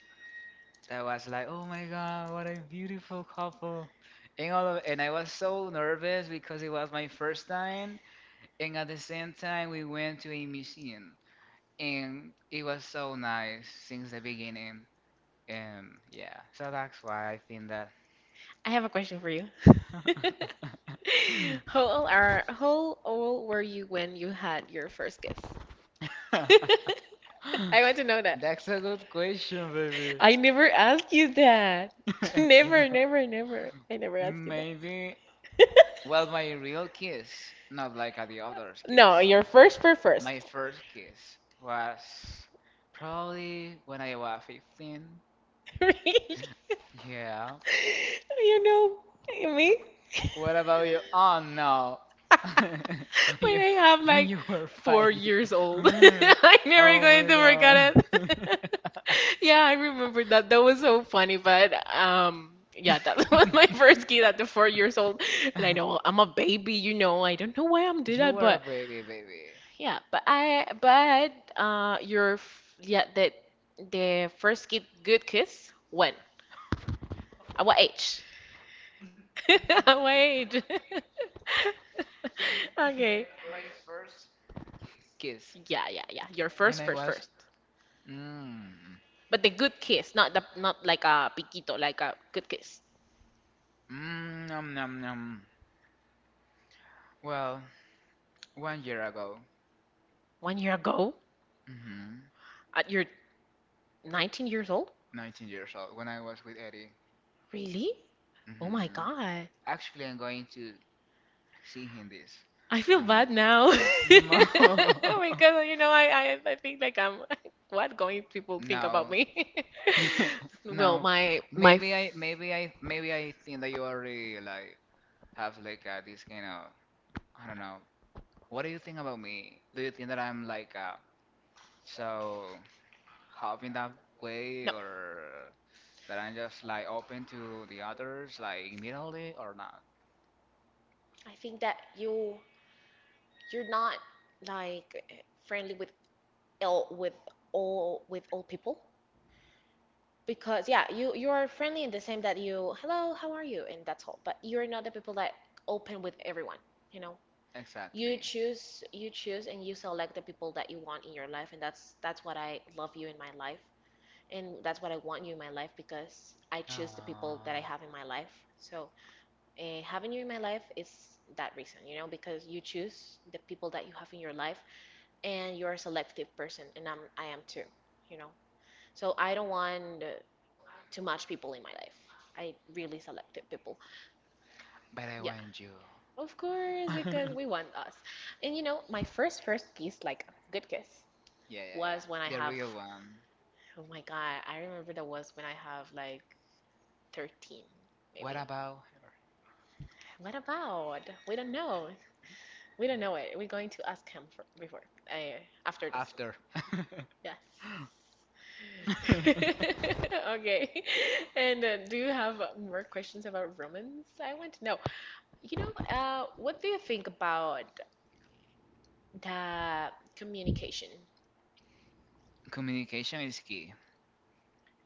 [SPEAKER 1] I was like, "Oh my God, what a beautiful couple!" And I was so nervous because it was my first time, and at the same time we went to a museum, and it was so nice since the beginning. And yeah, so that's why I think that.
[SPEAKER 2] I have a question for you. How old were you when you had your first kiss? I want to know that.
[SPEAKER 1] That's a good question, baby.
[SPEAKER 2] I never ask you that. Never, never, never. I never ask you that.
[SPEAKER 1] Maybe, well, my real kiss, not like at the others'
[SPEAKER 2] No,
[SPEAKER 1] kiss.
[SPEAKER 2] your
[SPEAKER 1] My
[SPEAKER 2] first.
[SPEAKER 1] first kiss was probably when I was 15.
[SPEAKER 2] Really?
[SPEAKER 1] Yeah.
[SPEAKER 2] You know me?
[SPEAKER 1] What about you? Oh no. when
[SPEAKER 2] When
[SPEAKER 1] you
[SPEAKER 2] I have
[SPEAKER 1] when
[SPEAKER 2] like
[SPEAKER 1] you were five,
[SPEAKER 2] 4 years old, I'm never going to forget it. Yeah, I remember that. That was so funny, but yeah, that was my first kid at the 4 years old, and I know I'm a baby, you know. I don't know why I'm doing
[SPEAKER 1] you
[SPEAKER 2] that,
[SPEAKER 1] were a
[SPEAKER 2] but
[SPEAKER 1] baby, baby.
[SPEAKER 2] yeah, but yeah, the first kid, good kiss when? At what age? At what age?
[SPEAKER 1] My
[SPEAKER 2] Okay.
[SPEAKER 1] first kiss.
[SPEAKER 2] Yeah, yeah, yeah. Your
[SPEAKER 1] When I
[SPEAKER 2] first.
[SPEAKER 1] mm
[SPEAKER 2] But the good kiss, not the not like a piquito, like a good kiss.
[SPEAKER 1] mm nom nom nom. Well, 1 year ago.
[SPEAKER 2] One year ago,
[SPEAKER 1] Hmm.
[SPEAKER 2] at your 19 years old?
[SPEAKER 1] 19 years old. When I was with Eddie.
[SPEAKER 2] Really? Oh my
[SPEAKER 1] Hmm.
[SPEAKER 2] God.
[SPEAKER 1] Actually, I'm going to see him this.
[SPEAKER 2] I feel
[SPEAKER 1] Um.
[SPEAKER 2] bad now.
[SPEAKER 1] mo-
[SPEAKER 2] Because, you know, I think like I'm, what going people think about
[SPEAKER 1] no.
[SPEAKER 2] me? Well,
[SPEAKER 1] No,
[SPEAKER 2] my, my,
[SPEAKER 1] maybe I, maybe I think that you already like have like this kind of, I don't know. What do you think about me? Do you think that I'm like so hot in that way,
[SPEAKER 2] no,
[SPEAKER 1] or that I'm just like open to the others, like immediately, or not?
[SPEAKER 2] I think that you're not like friendly with ill with all people. Because yeah, you're friendly in the same that you hello, how are you? And that's all. But you're not the people that open with everyone, you know. You
[SPEAKER 1] Exactly.
[SPEAKER 2] choose you choose and you select the people that you want in your life and that's what I love you in my life and that's what I want you in my life because I choose the
[SPEAKER 1] Oh.
[SPEAKER 2] people that I have in my life. So, having you in my life is that reason, you know, because you choose the people that you have in your life and you're a selective person and I am too, you know. So I don't want to match people in my life. I really selected people.
[SPEAKER 1] But I want you.
[SPEAKER 2] Yeah, of course, because we want us. And you know, my first kiss, like a good kiss,
[SPEAKER 1] Yeah, yeah, yeah.
[SPEAKER 2] was when I
[SPEAKER 1] The
[SPEAKER 2] have.
[SPEAKER 1] real one.
[SPEAKER 2] Oh my god, I remember that was when I have like 13,
[SPEAKER 1] What
[SPEAKER 2] maybe.
[SPEAKER 1] about her?
[SPEAKER 2] What about? We don't know. We don't know it. We're going to ask him for, before, uh, after this.
[SPEAKER 1] After.
[SPEAKER 2] Yes. Okay. And do you have more questions about romance? I want to know. You know, what do you think about the communication?
[SPEAKER 1] Communication is key.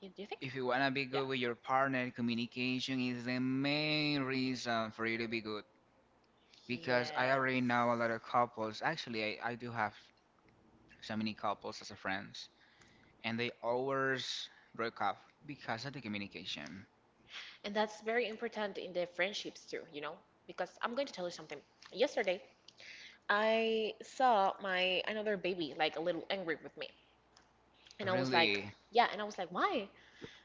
[SPEAKER 2] Do you think?
[SPEAKER 1] If you wanna be
[SPEAKER 2] Yeah.
[SPEAKER 1] good with your partner, communication is the main reason for you to be good. Because I
[SPEAKER 2] Yeah.
[SPEAKER 1] already know a lot of couples. Actually, I do have so many couples as a friends, and they always broke up because of the communication.
[SPEAKER 2] And that's very important in the friendships too, you know? Because I'm going to tell you something. Yesterday, I saw my another baby like a little angry with me. And I was like,
[SPEAKER 1] Really,
[SPEAKER 2] yeah, and I was like, why?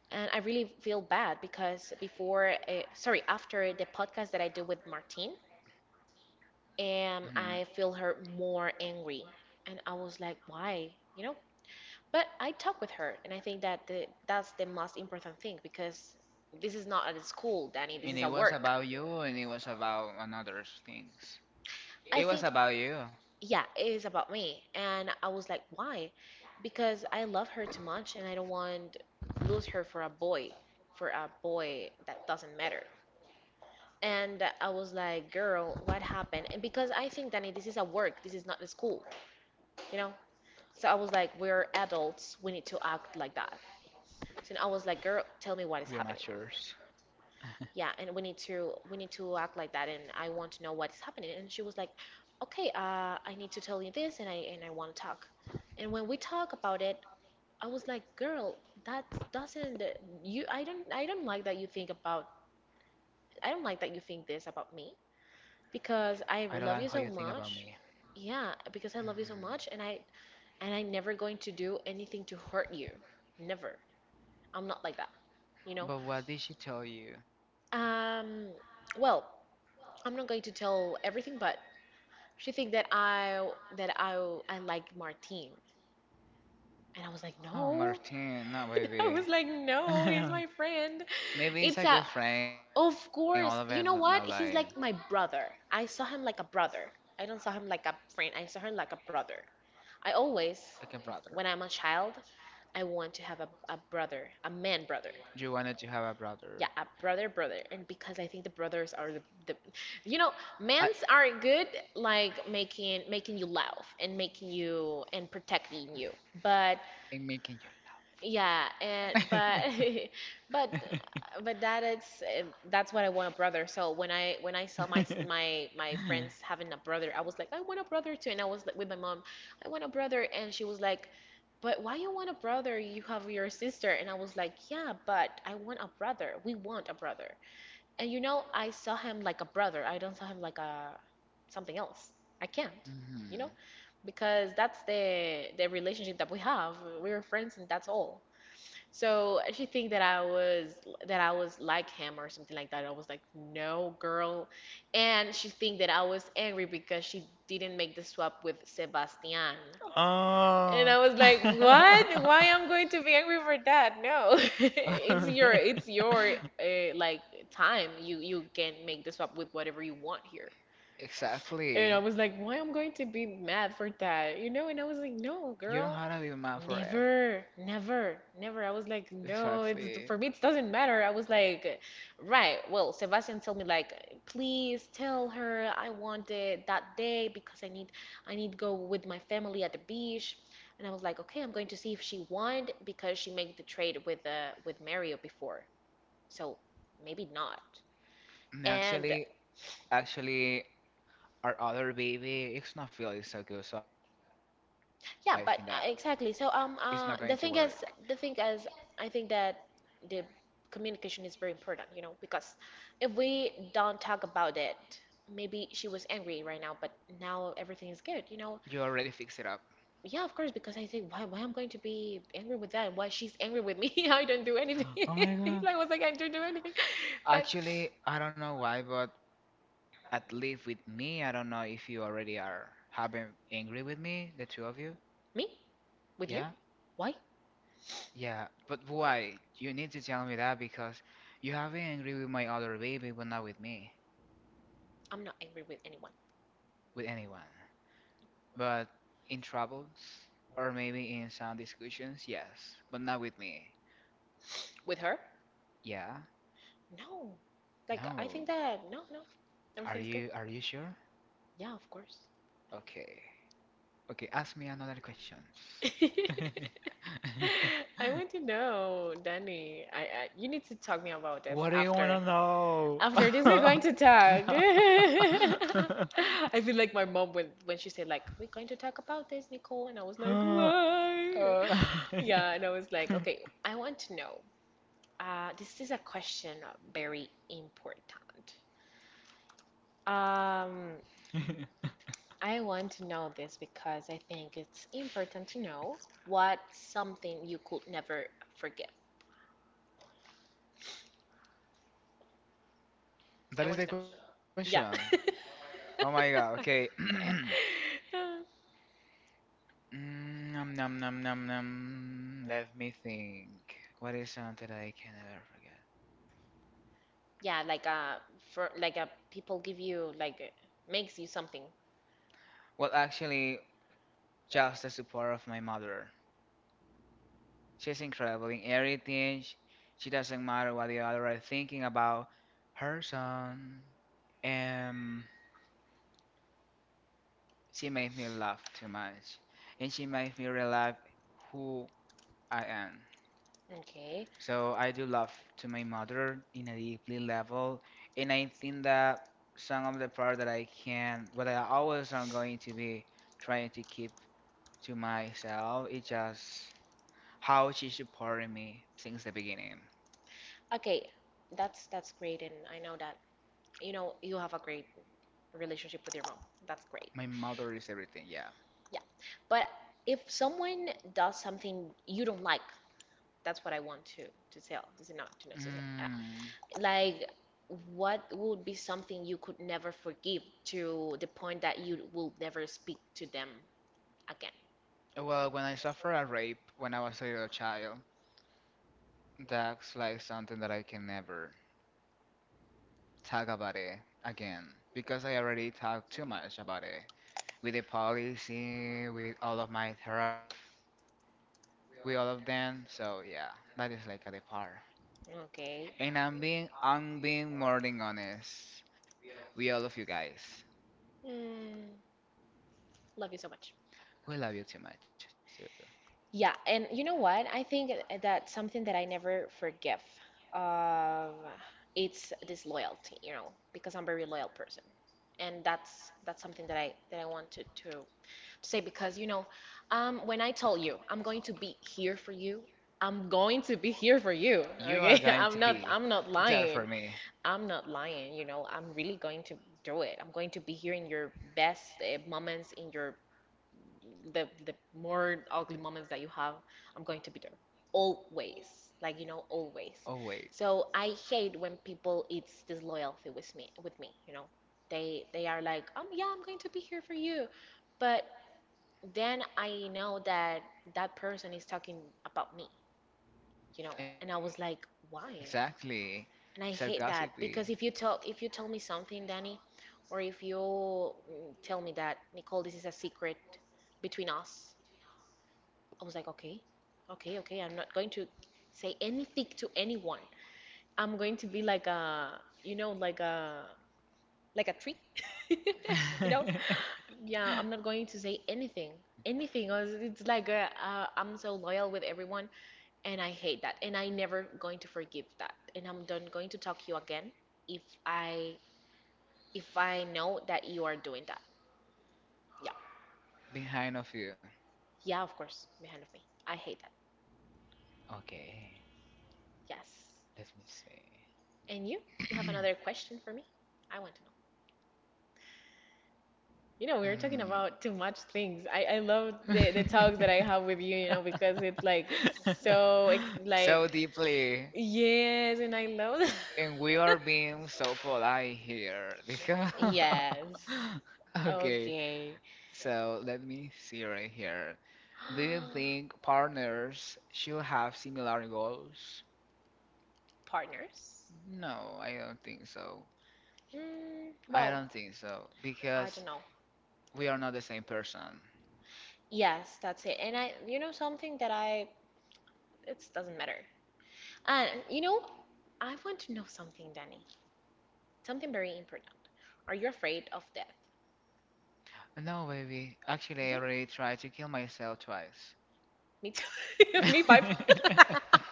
[SPEAKER 2] And I really feel bad because before, sorry, after the podcast that I do with Martin.
[SPEAKER 1] mhm.
[SPEAKER 2] And I feel her more angry. And I was like, why? You know? But I talk with her, and I think that that's the most important thing because this is not at school, Danny. This
[SPEAKER 1] And
[SPEAKER 2] is
[SPEAKER 1] it
[SPEAKER 2] at
[SPEAKER 1] was
[SPEAKER 2] work.
[SPEAKER 1] about you, and it was about another things.
[SPEAKER 2] I
[SPEAKER 1] It
[SPEAKER 2] think,
[SPEAKER 1] was about you.
[SPEAKER 2] yeah, it is about me. And I was like, why? Because I love her too much, and I don't want lose her for a boy that doesn't matter. And I was like, girl, what happened? And because I think, Danny, this is a work, this is not a school, you know? So I was like, we're adults, we need to act like that.
[SPEAKER 1] We
[SPEAKER 2] So
[SPEAKER 1] are
[SPEAKER 2] I was like, girl,
[SPEAKER 1] matures.
[SPEAKER 2] tell me what is happening. Yeah, and we need to act like that, and I want to know what is happening. And she was like, okay, I need to tell you this, and I want to talk. And when we talk about it, I was like, girl, that doesn't you I don't like that you think about I don't like that you think this about me.
[SPEAKER 1] I don't like
[SPEAKER 2] Because
[SPEAKER 1] how
[SPEAKER 2] I
[SPEAKER 1] you think
[SPEAKER 2] love you
[SPEAKER 1] about
[SPEAKER 2] so
[SPEAKER 1] me.
[SPEAKER 2] much. Yeah, because I
[SPEAKER 1] Mm.
[SPEAKER 2] love you so much and I am never going to do anything to hurt you. Never. I'm not like that, you
[SPEAKER 1] But
[SPEAKER 2] know.
[SPEAKER 1] what did she tell you?
[SPEAKER 2] Um, well, I'm not going to tell everything, but she think that that I I like Martin. And I was like,
[SPEAKER 1] Oh,
[SPEAKER 2] no.
[SPEAKER 1] Martin, no,
[SPEAKER 2] And I
[SPEAKER 1] baby.
[SPEAKER 2] was like, no, he's my friend.
[SPEAKER 1] Maybe it's
[SPEAKER 2] It's
[SPEAKER 1] a
[SPEAKER 2] a,
[SPEAKER 1] good friend, all of
[SPEAKER 2] of
[SPEAKER 1] it, but no,
[SPEAKER 2] course. You know
[SPEAKER 1] like
[SPEAKER 2] what? He's like my brother. I saw him like a brother. I don't saw him like a friend. I saw him like a brother. I always,
[SPEAKER 1] brother.
[SPEAKER 2] when I'm a child, I want to have a brother, a man brother.
[SPEAKER 1] You wanted to have a brother.
[SPEAKER 2] Yeah, a brother, brother. And because I think the brothers are the you know,
[SPEAKER 1] I
[SPEAKER 2] men's are good like making you laugh and making you and protecting you. But
[SPEAKER 1] am making you
[SPEAKER 2] yeah, and but but
[SPEAKER 1] laugh.
[SPEAKER 2] but that it's that's what I want a brother. So when I saw my my friends having a brother, I was like, I want a brother too. And I was like with my mom, I want a brother, and she was like, but why you want a brother? You have your sister. And I was like, yeah, but I want a brother. We want a brother. And you know, I saw him like a brother. I don't saw him like a something else. I can't, you know,
[SPEAKER 1] Mhm.
[SPEAKER 2] because that's the relationship that we have. We're friends and that's all. So she think that I was like him or something like that. I was like, no, girl, and she think that I was angry because she didn't make the swap with Sebastian. And
[SPEAKER 1] Oh.
[SPEAKER 2] I was like, what? Why I'm going to be angry for that? No, it's your like time. You can make the swap with whatever you want here. And I
[SPEAKER 1] Exactly.
[SPEAKER 2] was like, why I'm going to be mad for that? You know, and I was like, no,
[SPEAKER 1] You don't
[SPEAKER 2] girl,
[SPEAKER 1] have to be mad for it.
[SPEAKER 2] never, never, never. I was like, no, it's
[SPEAKER 1] Exactly.
[SPEAKER 2] for me it doesn't matter. I was like, right, well, Sebastian told me like, please tell her I want it that day because I need go with my family at the beach. And I was like, okay, I'm going to see if she want because she made the trade with Mario before. So maybe not.
[SPEAKER 1] And
[SPEAKER 2] And
[SPEAKER 1] actually, our other baby, it's not feeling so good, so I think that
[SPEAKER 2] yeah, but
[SPEAKER 1] it's not going to
[SPEAKER 2] exactly. So
[SPEAKER 1] work.
[SPEAKER 2] the thing is I think that the communication is very important, you know, because if we don't talk about it, maybe she was angry right now, but now everything is good, you know.
[SPEAKER 1] You already fixed it up.
[SPEAKER 2] Yeah, of course, because I think why I'm going to be angry with that why she's angry with me. I don't do anything.
[SPEAKER 1] Oh my.
[SPEAKER 2] Like was like I don't do anything. But
[SPEAKER 1] Actually, I don't know why, but at least with me, I don't know if you already are having angry with me, the two of you.
[SPEAKER 2] me? With you?
[SPEAKER 1] Yeah?
[SPEAKER 2] Why?
[SPEAKER 1] Yeah. But
[SPEAKER 2] No.
[SPEAKER 1] why? You need to tell me that because you have been angry with my other baby, but not with me,
[SPEAKER 2] I'm not angry with anyone.
[SPEAKER 1] with anyone. But in troubles or maybe in some discussions, yes, but not with me.
[SPEAKER 2] With her?
[SPEAKER 1] Yeah?
[SPEAKER 2] No. Like I think
[SPEAKER 1] No.
[SPEAKER 2] that no, no.
[SPEAKER 1] Are
[SPEAKER 2] Everything's good.
[SPEAKER 1] you are you sure?
[SPEAKER 2] Yeah, of course.
[SPEAKER 1] Okay. Okay, ask me another question.
[SPEAKER 2] I want to know, Danny. I you need to talk me about this
[SPEAKER 1] What do you want
[SPEAKER 2] after.
[SPEAKER 1] to know?
[SPEAKER 2] After this, we're going to talk. I feel like my mom when she said like we're going to talk about this, Nicole, and I was like, why?
[SPEAKER 1] Uh,
[SPEAKER 2] Yeah, and I was like, okay, I want to know. This is a question very important. Um, I want to know this because I think it's important to know what's something you could never forgive. I
[SPEAKER 1] that is
[SPEAKER 2] want to
[SPEAKER 1] the
[SPEAKER 2] know.
[SPEAKER 1] question.
[SPEAKER 2] Yeah.
[SPEAKER 1] Oh my God, okay. Mm, nom nom nom nom nom. Let me think. What is something that I can never forget?
[SPEAKER 2] Yeah, like for like people give you like makes you something.
[SPEAKER 1] Well, actually, just the support of my mother. She's incredible in everything. She doesn't matter what the other are thinking about her son. Um, She made me laugh too much, and she made me realize who I am.
[SPEAKER 2] Okay.
[SPEAKER 1] So I do love to my mother in a deeply level, and I think that some of the part that I can, what I always am going to be trying to keep to myself, is just how she supported me since the beginning.
[SPEAKER 2] Okay. That's great and I know that you know you have a great relationship with your mom. That's great.
[SPEAKER 1] My mother is everything, yeah.
[SPEAKER 2] Yeah. But if someone does something you don't like, that's what I want to tell. This is not to necessarily
[SPEAKER 1] Mm,
[SPEAKER 2] like what would be something you could never forgive to the point that you will never speak to them again.
[SPEAKER 1] well, when I suffered a rape when I was a little child, that's like something that I can never talk about it again because I already talked too much about it with the policy, with all of my therapists, with all of them. So yeah, that is like at the par.
[SPEAKER 2] Okay.
[SPEAKER 1] And I'm being more than honest with all of you guys.
[SPEAKER 2] Mm, love you so much.
[SPEAKER 1] We love you too much too.
[SPEAKER 2] Yeah, and you know what? I think that something that I never forgive, um, it's disloyalty, you know, because I'm a very loyal person, and that's something that I want to say because you know when I told you I'm going to be here for you, I'm going to be here for
[SPEAKER 1] You
[SPEAKER 2] you,
[SPEAKER 1] are going
[SPEAKER 2] okay?
[SPEAKER 1] to be
[SPEAKER 2] I'm not
[SPEAKER 1] there for
[SPEAKER 2] lying,
[SPEAKER 1] me.
[SPEAKER 2] I'm not lying, you know, I'm really going to do it. I'm going to be here in your best moments, in your the more ugly moments that you have, I'm going to be there always, like, you know,
[SPEAKER 1] Oh
[SPEAKER 2] always.
[SPEAKER 1] wait,
[SPEAKER 2] So I hate when people, it's disloyalty with me, you know, they are like, yeah, I'm going to be here for you, but then I know that that person is talking about me, you know. And I was
[SPEAKER 1] exactly.
[SPEAKER 2] like, why?
[SPEAKER 1] So gossipy
[SPEAKER 2] And I hate that because if you tell me something, Danny, or if you tell me that, Nicole, this is a secret between us, I was like, okay, okay, okay, I'm not going to say anything to anyone. I'm going to be like a, you know, like a tree. You know? Yeah, I'm not going to say anything. Anything. Or it's like I'm so loyal with everyone, and I hate that, and I never going to forgive that, and I'm not going to talk you again if I know that you are doing that. Yeah,
[SPEAKER 1] behind of you.
[SPEAKER 2] yeah, of course, behind of me. I hate that.
[SPEAKER 1] Okay,
[SPEAKER 2] Yes.
[SPEAKER 1] let me see.
[SPEAKER 2] And you? You have another question for me? I want to know. You know, we were talking about too much things. I love the talks that
[SPEAKER 1] Mm.
[SPEAKER 2] I have with you, you know, because it's like so ex, like,
[SPEAKER 1] so deeply,
[SPEAKER 2] yes, and I love
[SPEAKER 1] and we
[SPEAKER 2] that.
[SPEAKER 1] are being so polite here because.
[SPEAKER 2] Yes.
[SPEAKER 1] Okay,
[SPEAKER 2] Okay.
[SPEAKER 1] so let me see right here. Do you think partners should have similar goals?
[SPEAKER 2] Partners?
[SPEAKER 1] No, I don't think so. I
[SPEAKER 2] Well,
[SPEAKER 1] don't think so
[SPEAKER 2] I don't
[SPEAKER 1] because
[SPEAKER 2] know.
[SPEAKER 1] we are not the same person.
[SPEAKER 2] Yes, that's it. And you know, something that I, it doesn't matter. You know, I want to know something, Danny. Something very important. Are you afraid of death?
[SPEAKER 1] No, baby. Actually, I
[SPEAKER 2] Really?
[SPEAKER 1] already tried to kill myself twice.
[SPEAKER 2] Me too. Me by.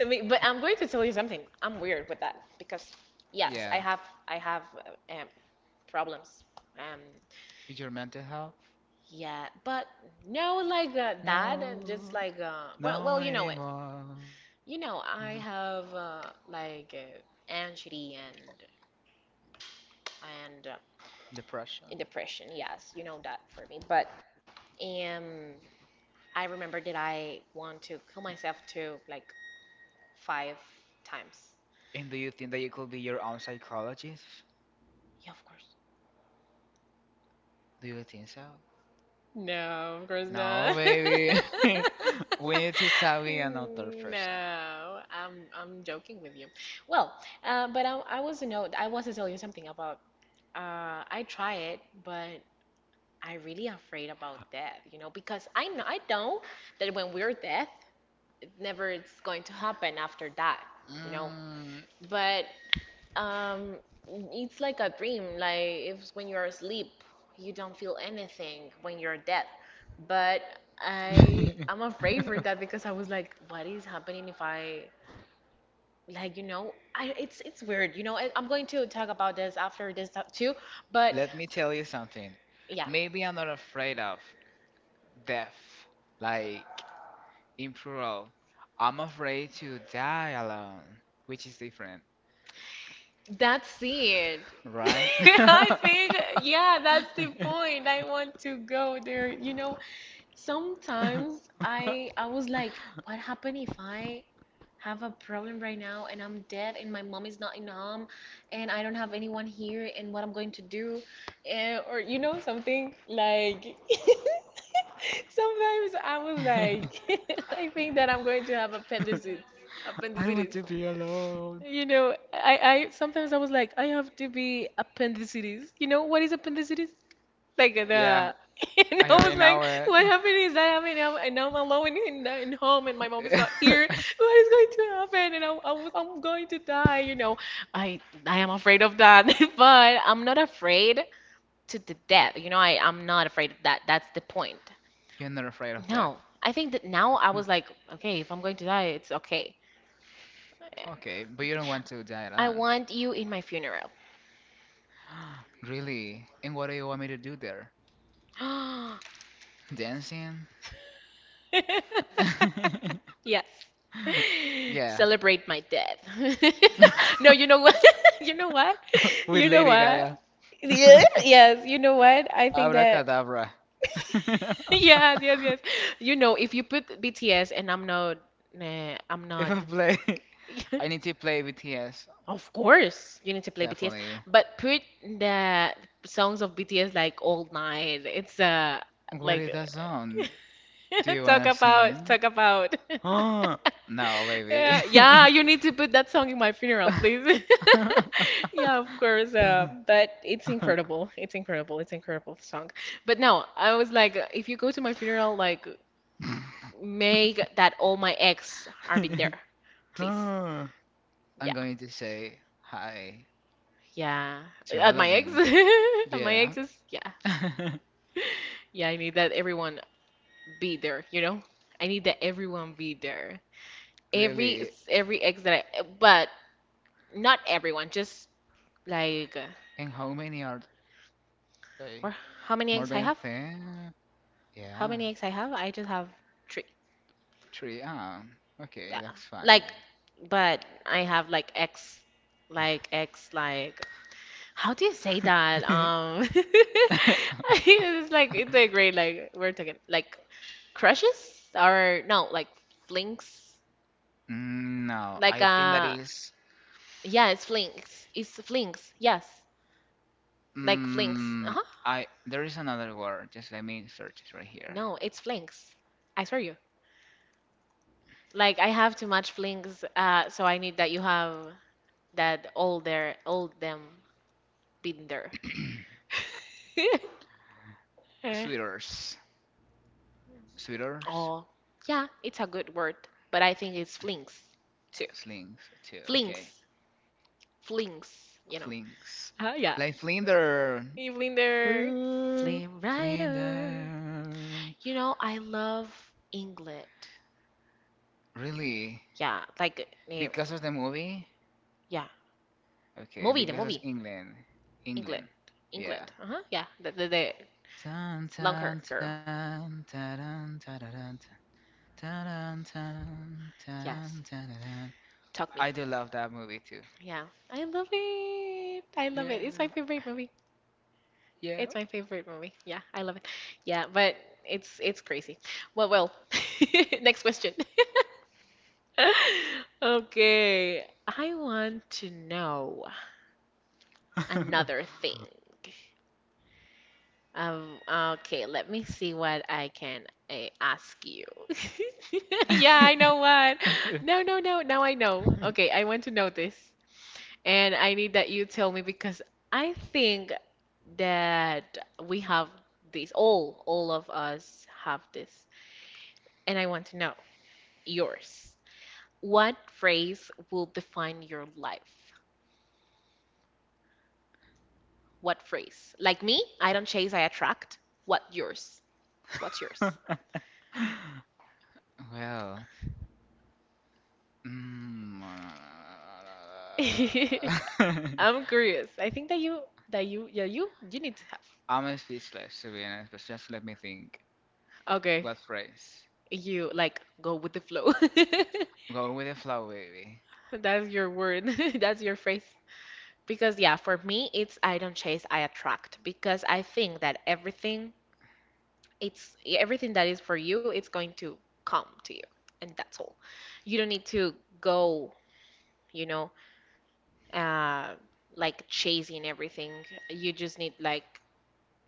[SPEAKER 2] I mean, but I'm going to tell you something. I'm weird with that because yes,
[SPEAKER 1] Yeah,
[SPEAKER 2] I have problems. Um,
[SPEAKER 1] with your mental health?
[SPEAKER 2] yeah, but no, like that. Just like well,
[SPEAKER 1] No
[SPEAKER 2] you know it.
[SPEAKER 1] anymore.
[SPEAKER 2] You know, I have like anxiety and and uh,
[SPEAKER 1] Depression.
[SPEAKER 2] and depression. Yes, you know that for me. But um, I remember that I want to kill myself too, like, five times.
[SPEAKER 1] And do you think that you could be your own psychologist?
[SPEAKER 2] Yeah, of course.
[SPEAKER 1] Do you think so?
[SPEAKER 2] No, of course
[SPEAKER 1] No,
[SPEAKER 2] not.
[SPEAKER 1] baby. We need to start another person.
[SPEAKER 2] No, I'm joking with you. Well, but I was to know, I was to tell you something about I try it, but I really afraid about death, you know, because I know that when we're death, it never, it's going to happen after that, you know.
[SPEAKER 1] Mm.
[SPEAKER 2] But Um, it's like a dream. Like if when you're asleep, you don't feel anything when you're dead. But I'm afraid for that because I was like, what is happening if I, like, you know, I, it's weird. You know, I'm going to talk about this after this talk too. But
[SPEAKER 1] Let me tell you something.
[SPEAKER 2] yeah,
[SPEAKER 1] Maybe I'm not afraid of death, like in plural. I'm afraid to die alone, which is different,
[SPEAKER 2] that's it.
[SPEAKER 1] right?
[SPEAKER 2] I think, yeah, that's the point. I want to go there. You know, sometimes I was like, what happened if I have a problem right now and I'm dead and my mom is not in home and I don't have anyone here and what I'm going to do, and, or you know, something like sometimes I was like I think that I'm going to have
[SPEAKER 1] I don't want to be
[SPEAKER 2] appendicitis,
[SPEAKER 1] alone.
[SPEAKER 2] you know, I sometimes I was like, I have to be appendicitis, you know what is appendicitis, like
[SPEAKER 1] Yeah,
[SPEAKER 2] the and
[SPEAKER 1] I
[SPEAKER 2] I
[SPEAKER 1] already
[SPEAKER 2] was
[SPEAKER 1] know
[SPEAKER 2] like,
[SPEAKER 1] it.
[SPEAKER 2] what happened is that happening? I'm alone in the, in home, and my mom is not here. What is going to happen? And I'm going to die. You know, I I am afraid of that, but I'm not afraid to the death. You know, I'm not afraid of that. That's the point.
[SPEAKER 1] You're not afraid of death.
[SPEAKER 2] No, I think that now I was like, okay, if I'm going to die, it's okay.
[SPEAKER 1] Okay, but you don't want to die alone.
[SPEAKER 2] I want you in my funeral.
[SPEAKER 1] Really? And what do you want me to do there? Dancing?
[SPEAKER 2] Yes.
[SPEAKER 1] Yeah,
[SPEAKER 2] Celebrate my death. No, you know what? You know what?
[SPEAKER 1] with
[SPEAKER 2] You know
[SPEAKER 1] Lady
[SPEAKER 2] what?
[SPEAKER 1] Gaga.
[SPEAKER 2] Yeah, yes, you know what? I think that
[SPEAKER 1] Abracadabra.
[SPEAKER 2] yes, yes, yes. You know, if you put BTS, and I'm
[SPEAKER 1] If
[SPEAKER 2] not
[SPEAKER 1] I play, I need to play BTS,
[SPEAKER 2] of course, you need to play BTS,
[SPEAKER 1] definitely.
[SPEAKER 2] but put the songs of BTS like all night. It's
[SPEAKER 1] What
[SPEAKER 2] like
[SPEAKER 1] is that song? Do you
[SPEAKER 2] talk
[SPEAKER 1] wanna
[SPEAKER 2] about
[SPEAKER 1] sing?
[SPEAKER 2] talk about
[SPEAKER 1] No, baby.
[SPEAKER 2] yeah, yeah, you need to put that song in my funeral, please. Yeah, of course. But it's incredible. It's incredible song. But no, I was like, if you go to my funeral, like, make that all my ex are been there, please.
[SPEAKER 1] Huh?
[SPEAKER 2] Yeah,
[SPEAKER 1] I'm going to say hi
[SPEAKER 2] yeah.
[SPEAKER 1] to
[SPEAKER 2] At
[SPEAKER 1] all
[SPEAKER 2] my
[SPEAKER 1] of
[SPEAKER 2] ex,
[SPEAKER 1] them.
[SPEAKER 2] at my
[SPEAKER 1] Yeah.
[SPEAKER 2] ex's, yeah, yeah. I need that everyone be there. You know, I need that everyone be there. Every
[SPEAKER 1] Really.
[SPEAKER 2] every ex that I, but not everyone. Just like.
[SPEAKER 1] And how many are they? More
[SPEAKER 2] Or
[SPEAKER 1] than?
[SPEAKER 2] how many eggs I have?
[SPEAKER 1] Uh, yeah.
[SPEAKER 2] How many eggs I have? I just have three.
[SPEAKER 1] Three. Okay,
[SPEAKER 2] Yeah.
[SPEAKER 1] that's fine.
[SPEAKER 2] Like, but I have like X, like X, like. How do you say that? It's like it's a great, like, we're talking, like, crushes or no, like, flings,
[SPEAKER 1] Mm, no,
[SPEAKER 2] like
[SPEAKER 1] I that is.
[SPEAKER 2] yeah, it's flings, it's flings, yes, like flings,
[SPEAKER 1] Mm,
[SPEAKER 2] uh-huh,
[SPEAKER 1] I there is another word. Just let me search it right here.
[SPEAKER 2] no, it's flings, I swear you, like, I have too much flings, so I need that you have that all their, all them been there. Eh,
[SPEAKER 1] Sweaters, sweaters,
[SPEAKER 2] oh, yeah, it's a good word, but I think it's flings too.
[SPEAKER 1] slings too. Okay,
[SPEAKER 2] Flings, flings, you know.
[SPEAKER 1] flings.
[SPEAKER 2] Ah, yeah.
[SPEAKER 1] Like Flinder.
[SPEAKER 2] Evelyn there. Flame Rider.
[SPEAKER 1] Flinder.
[SPEAKER 2] You know, I love England.
[SPEAKER 1] Really?
[SPEAKER 2] Yeah, like, eh,
[SPEAKER 1] Because of the movie?
[SPEAKER 2] yeah.
[SPEAKER 1] Okay,
[SPEAKER 2] Movie, the
[SPEAKER 1] because of
[SPEAKER 2] movie.
[SPEAKER 1] England.
[SPEAKER 2] England.
[SPEAKER 1] England. Yeah.
[SPEAKER 2] England. Uh-huh. Yeah, the
[SPEAKER 1] Tan
[SPEAKER 2] long hair
[SPEAKER 1] tan
[SPEAKER 2] girl.
[SPEAKER 1] tan taran tararan tan
[SPEAKER 2] Yes.
[SPEAKER 1] taran tararan.
[SPEAKER 2] Talk me.
[SPEAKER 1] I do love that movie too.
[SPEAKER 2] Yeah. I love it. I love it.
[SPEAKER 1] Yeah,
[SPEAKER 2] It's my favorite movie.
[SPEAKER 1] yeah.
[SPEAKER 2] Yeah, I love it. Yeah, but it's crazy. Well, Next question. Okay, I want to know another thing. Okay, let me see what I can uh, ask you. Yeah, I know what. No, no, no. Now I know. Okay, I want to know this. And I need that you tell me because I think that we have this, all of us have this, and I want to know yours. What phrase will define your life? What phrase? Like me, I don't chase, I attract. What yours? What's yours?
[SPEAKER 1] Well, mm,
[SPEAKER 2] I'm curious. I think that you yeah, you need to have
[SPEAKER 1] I'm speechless, to be honest, but just let me think.
[SPEAKER 2] okay,
[SPEAKER 1] A phrase.
[SPEAKER 2] you, like, go with the flow.
[SPEAKER 1] Go with the flow, baby.
[SPEAKER 2] That's your word. That's your phrase. Because yeah, for me, it's I don't chase, I attract, because I think that everything, it's yeah, everything that is for you, it's going to come to you, and that's all. You don't need to go, you know, uh like, chasing everything. You just need, like,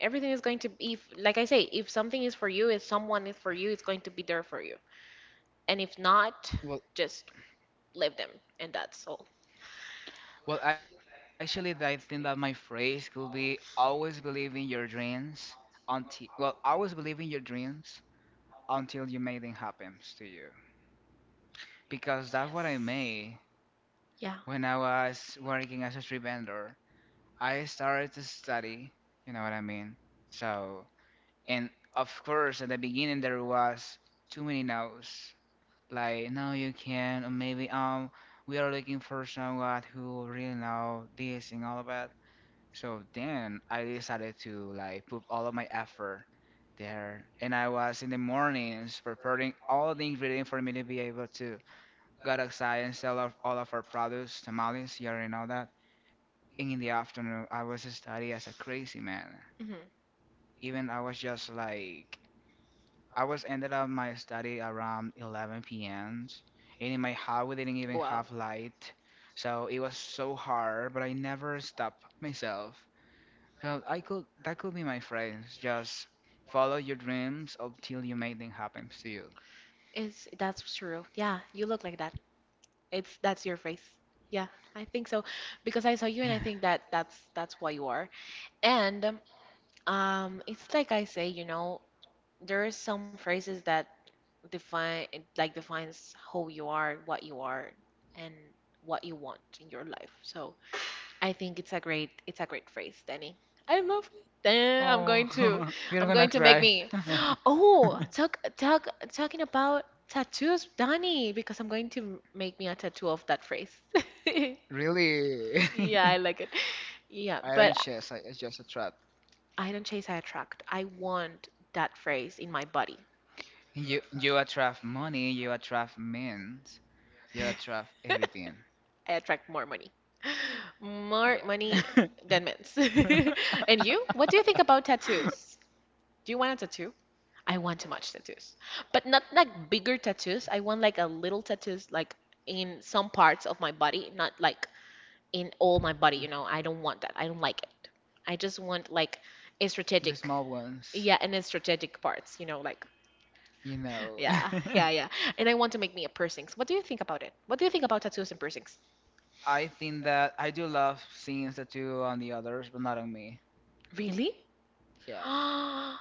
[SPEAKER 2] everything is going to be, if, like I say, if something is for you, if someone is for you, it's going to be there for you, and if not, just leave them, and that's all.
[SPEAKER 1] Well, actually, I think that my phrase could be always believe in your dreams always believe in your dreams until you make them happen to you. Because that's what I
[SPEAKER 2] Yes.
[SPEAKER 1] made
[SPEAKER 2] Yeah.
[SPEAKER 1] when I was working as a street vendor. I started to study, you know what I mean? So, and of course, at the beginning, there was too many no's. Like, no, you can't, or maybe, we are looking for someone who really know this and all of that. So then I decided to like put all of my effort there, and I was in the mornings preparing all the ingredients for me to be able to go outside and sell off all of our products, tamales, you already know that. And in the afternoon, I was studying as a crazy man.
[SPEAKER 2] Hmm.
[SPEAKER 1] Even I was just like, I was ended up my study around 11 p.m. And in my house, we didn't even
[SPEAKER 2] Wow.
[SPEAKER 1] have light, so it was so hard. But I never stopped myself, So I could that could be my phrase. Just follow your dreams until you make them happen to you.
[SPEAKER 2] It's, that's true. Yeah, you look like that. It's That's your face. Yeah, I think so,
[SPEAKER 1] Yeah.
[SPEAKER 2] because I saw you and I think that that's what you are. And it's like I say, you know, there are some phrases that define, like, defines who you are, what you are, and what you want in your life. So I think it's a great, it's a great phrase, Danny. I love it. Eh,
[SPEAKER 1] Oh, we're
[SPEAKER 2] I'm
[SPEAKER 1] gonna
[SPEAKER 2] going to make
[SPEAKER 1] cry.
[SPEAKER 2] me, oh, talk, talking about tattoos, Danny, because I'm going to make me a tattoo of that phrase.
[SPEAKER 1] Really?
[SPEAKER 2] Yeah, I like it. Yeah,
[SPEAKER 1] Iron
[SPEAKER 2] but
[SPEAKER 1] chest. It's just a trap.
[SPEAKER 2] I don't chase, I attract. I want that phrase in my body.
[SPEAKER 1] You attract money, you attract men, you attract everything.
[SPEAKER 2] I attract more money. More
[SPEAKER 1] Yeah.
[SPEAKER 2] money than men's. And you? What do you think about tattoos? Do you want a tattoo? I want too much tattoos, but not like bigger tattoos. I want like a little tattoos, like in some parts of my body, not like in all my body. You know, I don't want that. I don't like it. I just want like a
[SPEAKER 1] The
[SPEAKER 2] strategic,
[SPEAKER 1] small ones,
[SPEAKER 2] yeah, and a strategic parts. You know, like
[SPEAKER 1] you know.
[SPEAKER 2] yeah, yeah, yeah. And I want to make me a piercings. What do you think about it? What do you think about tattoos and piercings?
[SPEAKER 1] I think that I do love seeing the two on the others, but not on me.
[SPEAKER 2] Really?
[SPEAKER 1] Yeah.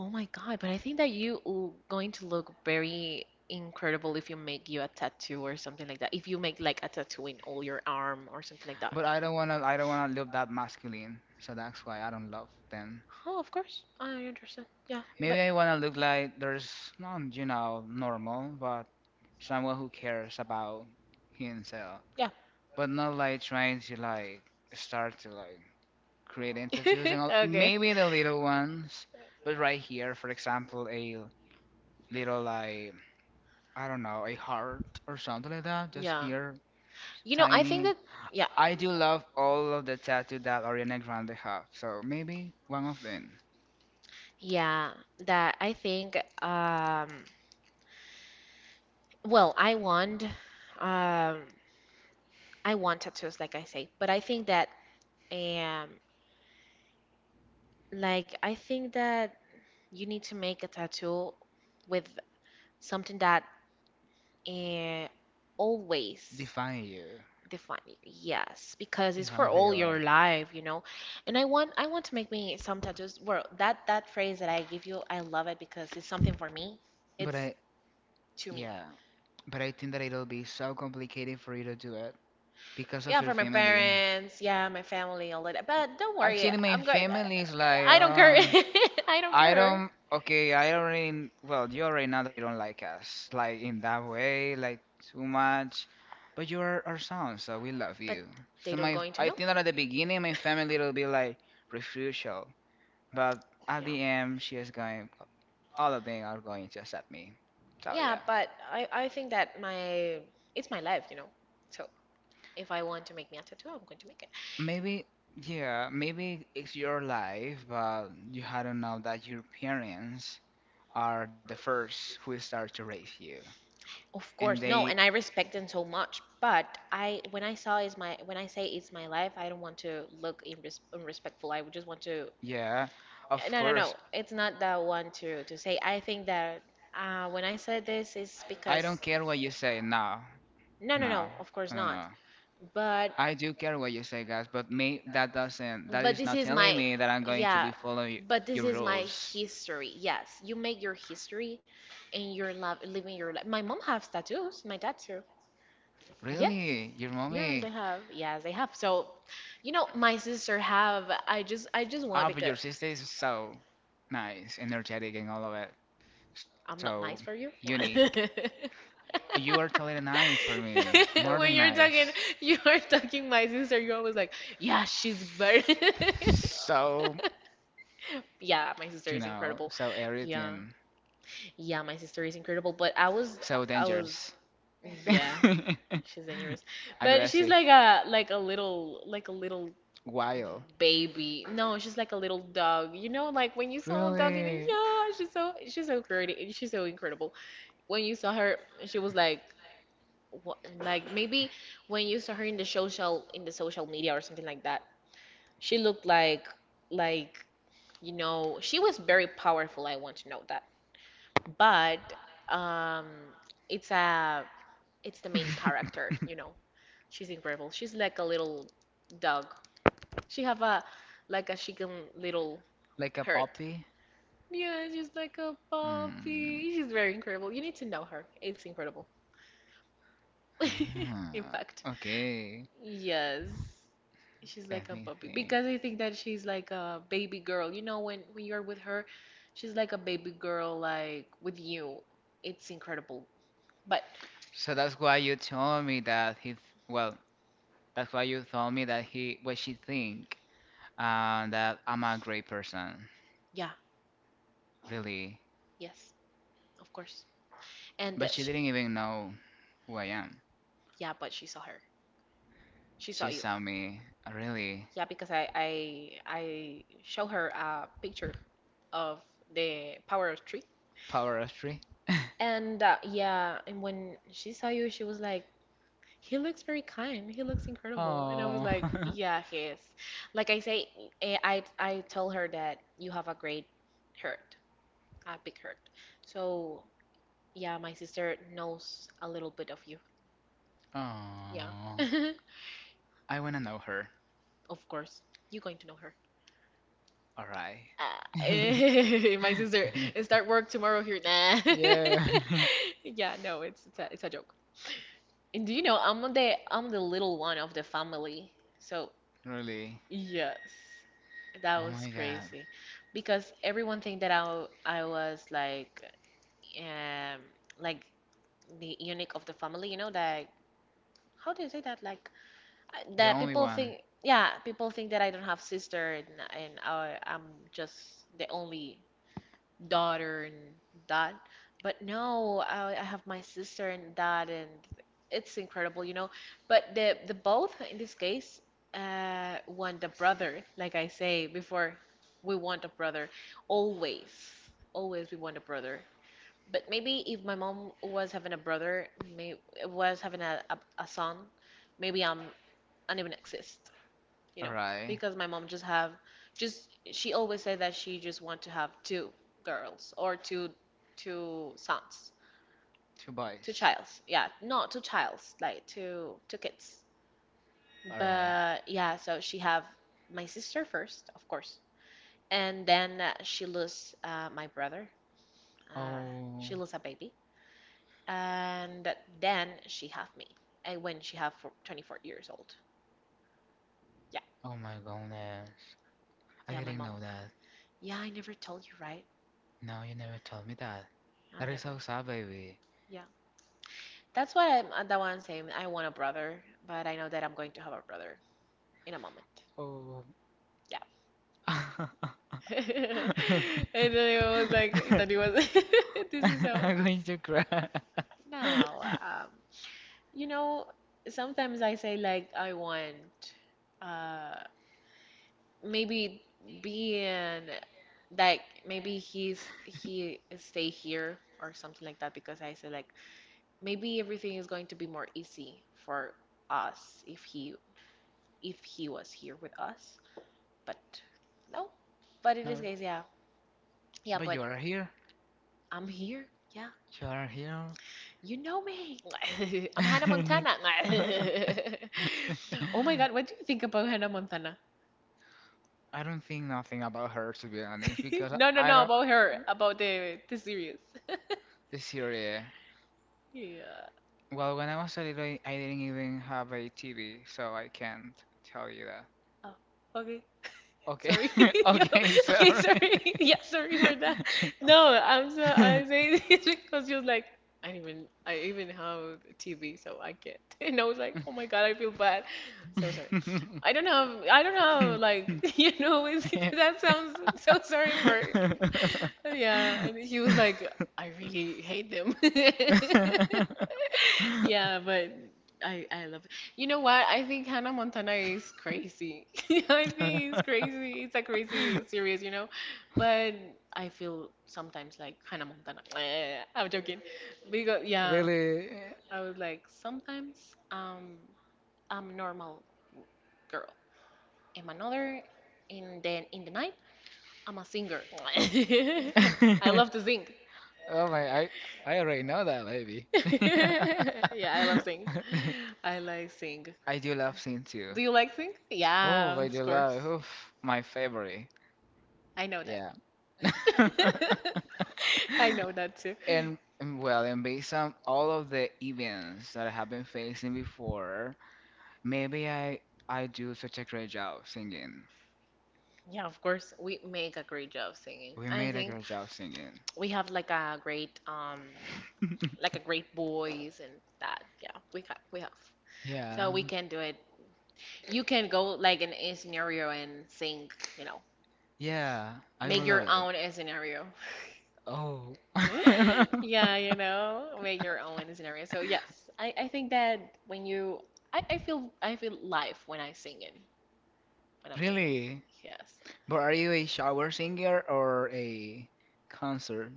[SPEAKER 2] Oh my God, but I think that you will going to look very incredible if you make you a tattoo or something like that. If you make like a tattoo in all your arm or something like that.
[SPEAKER 1] But I don't wanna look that masculine. So that's why I don't love them.
[SPEAKER 2] Oh, of course. I understand. Yeah,
[SPEAKER 1] Maybe
[SPEAKER 2] but
[SPEAKER 1] I wanna look like there's not normal, but someone who cares about himself.
[SPEAKER 2] yeah.
[SPEAKER 1] But not like trying to like start to like create entities and all,
[SPEAKER 2] Okay.
[SPEAKER 1] maybe the little ones. But right here, for example, a little like, I don't know, a heart or something like that, just
[SPEAKER 2] Yeah.
[SPEAKER 1] here,
[SPEAKER 2] You know, I think
[SPEAKER 1] tiny.
[SPEAKER 2] that, yeah,
[SPEAKER 1] I do love all of the tattoo that Ariana Grande have, so maybe one of them.
[SPEAKER 2] yeah, that I think, um, well, um, I want tattoos, like I say, but I think that, um, like, I think that you need to make a tattoo with something that, uh, always
[SPEAKER 1] Define you,
[SPEAKER 2] define. Yes, because it's for
[SPEAKER 1] define who
[SPEAKER 2] all
[SPEAKER 1] you are.
[SPEAKER 2] your life, you know. And I want to make me some tattoos. Well, that phrase that I give you, I love it because it's something for me.
[SPEAKER 1] But
[SPEAKER 2] It's
[SPEAKER 1] I,
[SPEAKER 2] to me.
[SPEAKER 1] yeah, but I think that it'll be so complicated for you to do it because of
[SPEAKER 2] Yeah,
[SPEAKER 1] your
[SPEAKER 2] for my
[SPEAKER 1] family.
[SPEAKER 2] parents, yeah, my family, all of that. But don't worry,
[SPEAKER 1] Actually, my
[SPEAKER 2] I'm going.
[SPEAKER 1] family is like,
[SPEAKER 2] I don't care. I don't
[SPEAKER 1] I
[SPEAKER 2] care.
[SPEAKER 1] don't, okay, I already, well, you already know that you don't like us, like in that way, like too much. But you are our son, so we love
[SPEAKER 2] But
[SPEAKER 1] you.
[SPEAKER 2] they
[SPEAKER 1] So
[SPEAKER 2] don't going to
[SPEAKER 1] I
[SPEAKER 2] know.
[SPEAKER 1] think that at the beginning, my family will be like refusal, but at
[SPEAKER 2] Yeah.
[SPEAKER 1] the end, all of them are going to accept me. So
[SPEAKER 2] Yeah,
[SPEAKER 1] yeah.
[SPEAKER 2] but I think that my it's my life, you know. So if I want to make me a tattoo, I'm going to make.
[SPEAKER 1] Maybe, yeah, maybe it's your life, but you hadn't know that your parents are the first who start to raise you.
[SPEAKER 2] Of
[SPEAKER 1] And
[SPEAKER 2] course, no,
[SPEAKER 1] they,
[SPEAKER 2] and I respect them so much. But I, when I saw is my, when I say it's my life, I don't want to look unrespectful. I would just want to,
[SPEAKER 1] yeah, of
[SPEAKER 2] no, no,
[SPEAKER 1] course,
[SPEAKER 2] no. It's not that one to say. I think that when I said this is
[SPEAKER 1] I don't
[SPEAKER 2] because,
[SPEAKER 1] care what you say.
[SPEAKER 2] no, no,
[SPEAKER 1] No,
[SPEAKER 2] no. Of
[SPEAKER 1] no,
[SPEAKER 2] course
[SPEAKER 1] no,
[SPEAKER 2] not.
[SPEAKER 1] no.
[SPEAKER 2] But
[SPEAKER 1] I do care what you say, guys, but me, that
[SPEAKER 2] but
[SPEAKER 1] is
[SPEAKER 2] this
[SPEAKER 1] not
[SPEAKER 2] is
[SPEAKER 1] telling
[SPEAKER 2] my,
[SPEAKER 1] me that I'm going to be
[SPEAKER 2] yeah.
[SPEAKER 1] following
[SPEAKER 2] But this
[SPEAKER 1] your
[SPEAKER 2] is my
[SPEAKER 1] rules.
[SPEAKER 2] history. Yes, you make your history, and you're living your life. My mom has tattoos. My dad too. Yes.
[SPEAKER 1] Really? Your mommy?
[SPEAKER 2] Yes, I have. Yes, I have. So, you know, my sister have. I just
[SPEAKER 1] Ah,
[SPEAKER 2] want
[SPEAKER 1] but your
[SPEAKER 2] because
[SPEAKER 1] sister is so nice, energetic, and all of it.
[SPEAKER 2] I'm
[SPEAKER 1] So
[SPEAKER 2] not nice for you.
[SPEAKER 1] unique. You are totally nice for me, more than
[SPEAKER 2] When you're
[SPEAKER 1] nice.
[SPEAKER 2] talking, you are talking my sister. You're always like, yeah, she's better.
[SPEAKER 1] So,
[SPEAKER 2] Yeah, my sister
[SPEAKER 1] you
[SPEAKER 2] is
[SPEAKER 1] know,
[SPEAKER 2] incredible.
[SPEAKER 1] so
[SPEAKER 2] Yeah,
[SPEAKER 1] everything,
[SPEAKER 2] yeah, my sister is incredible. But
[SPEAKER 1] so
[SPEAKER 2] I
[SPEAKER 1] dangerous,
[SPEAKER 2] was, yeah. She's dangerous, but
[SPEAKER 1] aggressive,
[SPEAKER 2] she's like a like a little
[SPEAKER 1] wild,
[SPEAKER 2] baby. No, she's like a little dog. You know, like when you saw a dog, you know,
[SPEAKER 1] really,
[SPEAKER 2] yeah, she's so pretty. She's so incredible. When you saw her, she was like like maybe when you saw her in the social media or something like that. She looked like like you know, she was very powerful. I want to know that. But um it's a it's the main character, you know. She's incredible. She's like a little dog. She have a like a chicken little
[SPEAKER 1] like a
[SPEAKER 2] heart.
[SPEAKER 1] puppy.
[SPEAKER 2] Yeah, she's like a
[SPEAKER 1] Mm.
[SPEAKER 2] puppy. She's very incredible. You need to know her. It's incredible. In
[SPEAKER 1] Ah,
[SPEAKER 2] fact,
[SPEAKER 1] okay,
[SPEAKER 2] yes, she's like
[SPEAKER 1] let
[SPEAKER 2] a
[SPEAKER 1] me
[SPEAKER 2] puppy
[SPEAKER 1] think.
[SPEAKER 2] because I think that she's like a baby girl. You know, when you're with her, she's like a baby girl, like with you. It's incredible. But
[SPEAKER 1] So that's why you told me that he, well, that's why you told me that he, what she think, that I'm a great person,
[SPEAKER 2] yeah,
[SPEAKER 1] really.
[SPEAKER 2] yes, of course. And
[SPEAKER 1] But
[SPEAKER 2] that
[SPEAKER 1] she
[SPEAKER 2] she,
[SPEAKER 1] didn't even know who I am.
[SPEAKER 2] yeah, but she saw her. She saw
[SPEAKER 1] She
[SPEAKER 2] you.
[SPEAKER 1] saw me really
[SPEAKER 2] Yeah, because I show her a picture of the power of tree.
[SPEAKER 1] power of three.
[SPEAKER 2] And yeah, and when she saw you, she was like, "He looks very kind. He looks incredible." And I was
[SPEAKER 1] Oh,
[SPEAKER 2] like, "Yeah, he is." Like I say, I told her that you have a great hurt, a big hurt. So yeah, my sister knows a little bit of you. Yeah,
[SPEAKER 1] oh, I wanna know her.
[SPEAKER 2] of course, you're going to know.
[SPEAKER 1] All right.
[SPEAKER 2] Uh, my sister start work tomorrow here. Nah.
[SPEAKER 1] Yeah,
[SPEAKER 2] Yeah, no, it's a joke. And do you know I'm the little one of the family. So
[SPEAKER 1] really.
[SPEAKER 2] yes, that was
[SPEAKER 1] My god,
[SPEAKER 2] crazy, because everyone think that I was um like the eunuch of the family. You know, like how do you say that?
[SPEAKER 1] the
[SPEAKER 2] That
[SPEAKER 1] only
[SPEAKER 2] people
[SPEAKER 1] one.
[SPEAKER 2] think yeah people think that I don't have sister and I'm just the only daughter and dad. But no, I have my sister and dad, and it's incredible, you know. But the both in this case want a brother, like I say before, we want a brother always, always we want a brother. But maybe if my mom was having a brother, may was having a son, maybe I don't even exist you
[SPEAKER 1] All
[SPEAKER 2] know,
[SPEAKER 1] right,
[SPEAKER 2] because my mom just have just she always said that she just want to have two girls or two sons,
[SPEAKER 1] two
[SPEAKER 2] two
[SPEAKER 1] boys.
[SPEAKER 2] childs. Yeah, not two childs, like two kids.
[SPEAKER 1] All right.
[SPEAKER 2] But yeah, so she have my sister first, of course, and then she lose my brother. Uh, she
[SPEAKER 1] Oh,
[SPEAKER 2] lose a baby, and then she have me. And when she have for 24 years old. Yeah,
[SPEAKER 1] oh my goodness, I
[SPEAKER 2] yeah, my
[SPEAKER 1] didn't
[SPEAKER 2] mom.
[SPEAKER 1] know that.
[SPEAKER 2] Yeah, I never told you, right?
[SPEAKER 1] No, you never told me that. That
[SPEAKER 2] I'm
[SPEAKER 1] is
[SPEAKER 2] never.
[SPEAKER 1] so sad, baby.
[SPEAKER 2] Yeah. That's why I'm the one saying I want a brother, but I know that I'm going to have a brother in a moment.
[SPEAKER 1] Oh,
[SPEAKER 2] Yeah.
[SPEAKER 1] I'm
[SPEAKER 2] And then I was like, and thought he was, this is so.
[SPEAKER 1] going to cry.
[SPEAKER 2] No, you know, sometimes I say like I want, uh, maybe being like maybe he stay here or something like that because I say like maybe everything is going to be more easy for us if he was here with us. But no. But in this
[SPEAKER 1] No,
[SPEAKER 2] case, yeah. Yeah,
[SPEAKER 1] but
[SPEAKER 2] but
[SPEAKER 1] you are here.
[SPEAKER 2] I'm here. Yeah.
[SPEAKER 1] You are here.
[SPEAKER 2] You know me. I'm Hannah Montana. Oh my God, what do you think about Hannah Montana?
[SPEAKER 1] I don't think nothing about her, to be honest, because
[SPEAKER 2] No, no, no, about her, about the series.
[SPEAKER 1] the series.
[SPEAKER 2] Yeah.
[SPEAKER 1] Well, when I was a little, I didn't even have a TV, so I can't tell you that.
[SPEAKER 2] Oh, okay.
[SPEAKER 1] Okay,
[SPEAKER 2] Sorry. Yo,
[SPEAKER 1] okay,
[SPEAKER 2] okay,
[SPEAKER 1] sorry.
[SPEAKER 2] sorry. Yeah, sorry for that. No, I'm so I say this because you're like I didn't even I even have TV, so I can't. And I was like, oh my God, I feel bad. So sorry. I don't know. I don't know. Like you know, it's, that sounds so sorry for. Yeah, and he was like, I really hate them. Yeah, but I love. You know what? I think Hannah Montana is crazy. I think it's crazy. It's a crazy series, you know? But I feel sometimes like Hannah Montana. I'm joking.
[SPEAKER 1] Really?
[SPEAKER 2] Because, yeah, I was like, sometimes I'm a normal girl. I'm another, and then in the night, I'm a singer. I love to sing.
[SPEAKER 1] Oh my, I already know that, baby.
[SPEAKER 2] Yeah, I love sing. I like sing.
[SPEAKER 1] I do love Sin too.
[SPEAKER 2] Do you like sing?
[SPEAKER 1] Oh,
[SPEAKER 2] Yeah, of
[SPEAKER 1] Vaidila,
[SPEAKER 2] course.
[SPEAKER 1] oof, my favorite.
[SPEAKER 2] I know that.
[SPEAKER 1] Yeah.
[SPEAKER 2] I know that too.
[SPEAKER 1] And, well, and based on all of the events that I have been facing before, maybe I do such a great job singing.
[SPEAKER 2] Yeah, of course, we make a great job singing.
[SPEAKER 1] We
[SPEAKER 2] I
[SPEAKER 1] made a
[SPEAKER 2] think
[SPEAKER 1] great job singing.
[SPEAKER 2] we have like a great voice and that. Yeah, we have. So
[SPEAKER 1] Yeah,
[SPEAKER 2] we can do it. You can go like in a scenario and sing, you know,
[SPEAKER 1] yeah, I
[SPEAKER 2] make
[SPEAKER 1] will
[SPEAKER 2] your
[SPEAKER 1] love it.
[SPEAKER 2] own scenario.
[SPEAKER 1] Oh,
[SPEAKER 2] Yeah, you know, make your own scenario. So yes, I think that when you I feel live when I sing it. When I'm singing.
[SPEAKER 1] really?
[SPEAKER 2] Yes.
[SPEAKER 1] But are you a shower singer or a concert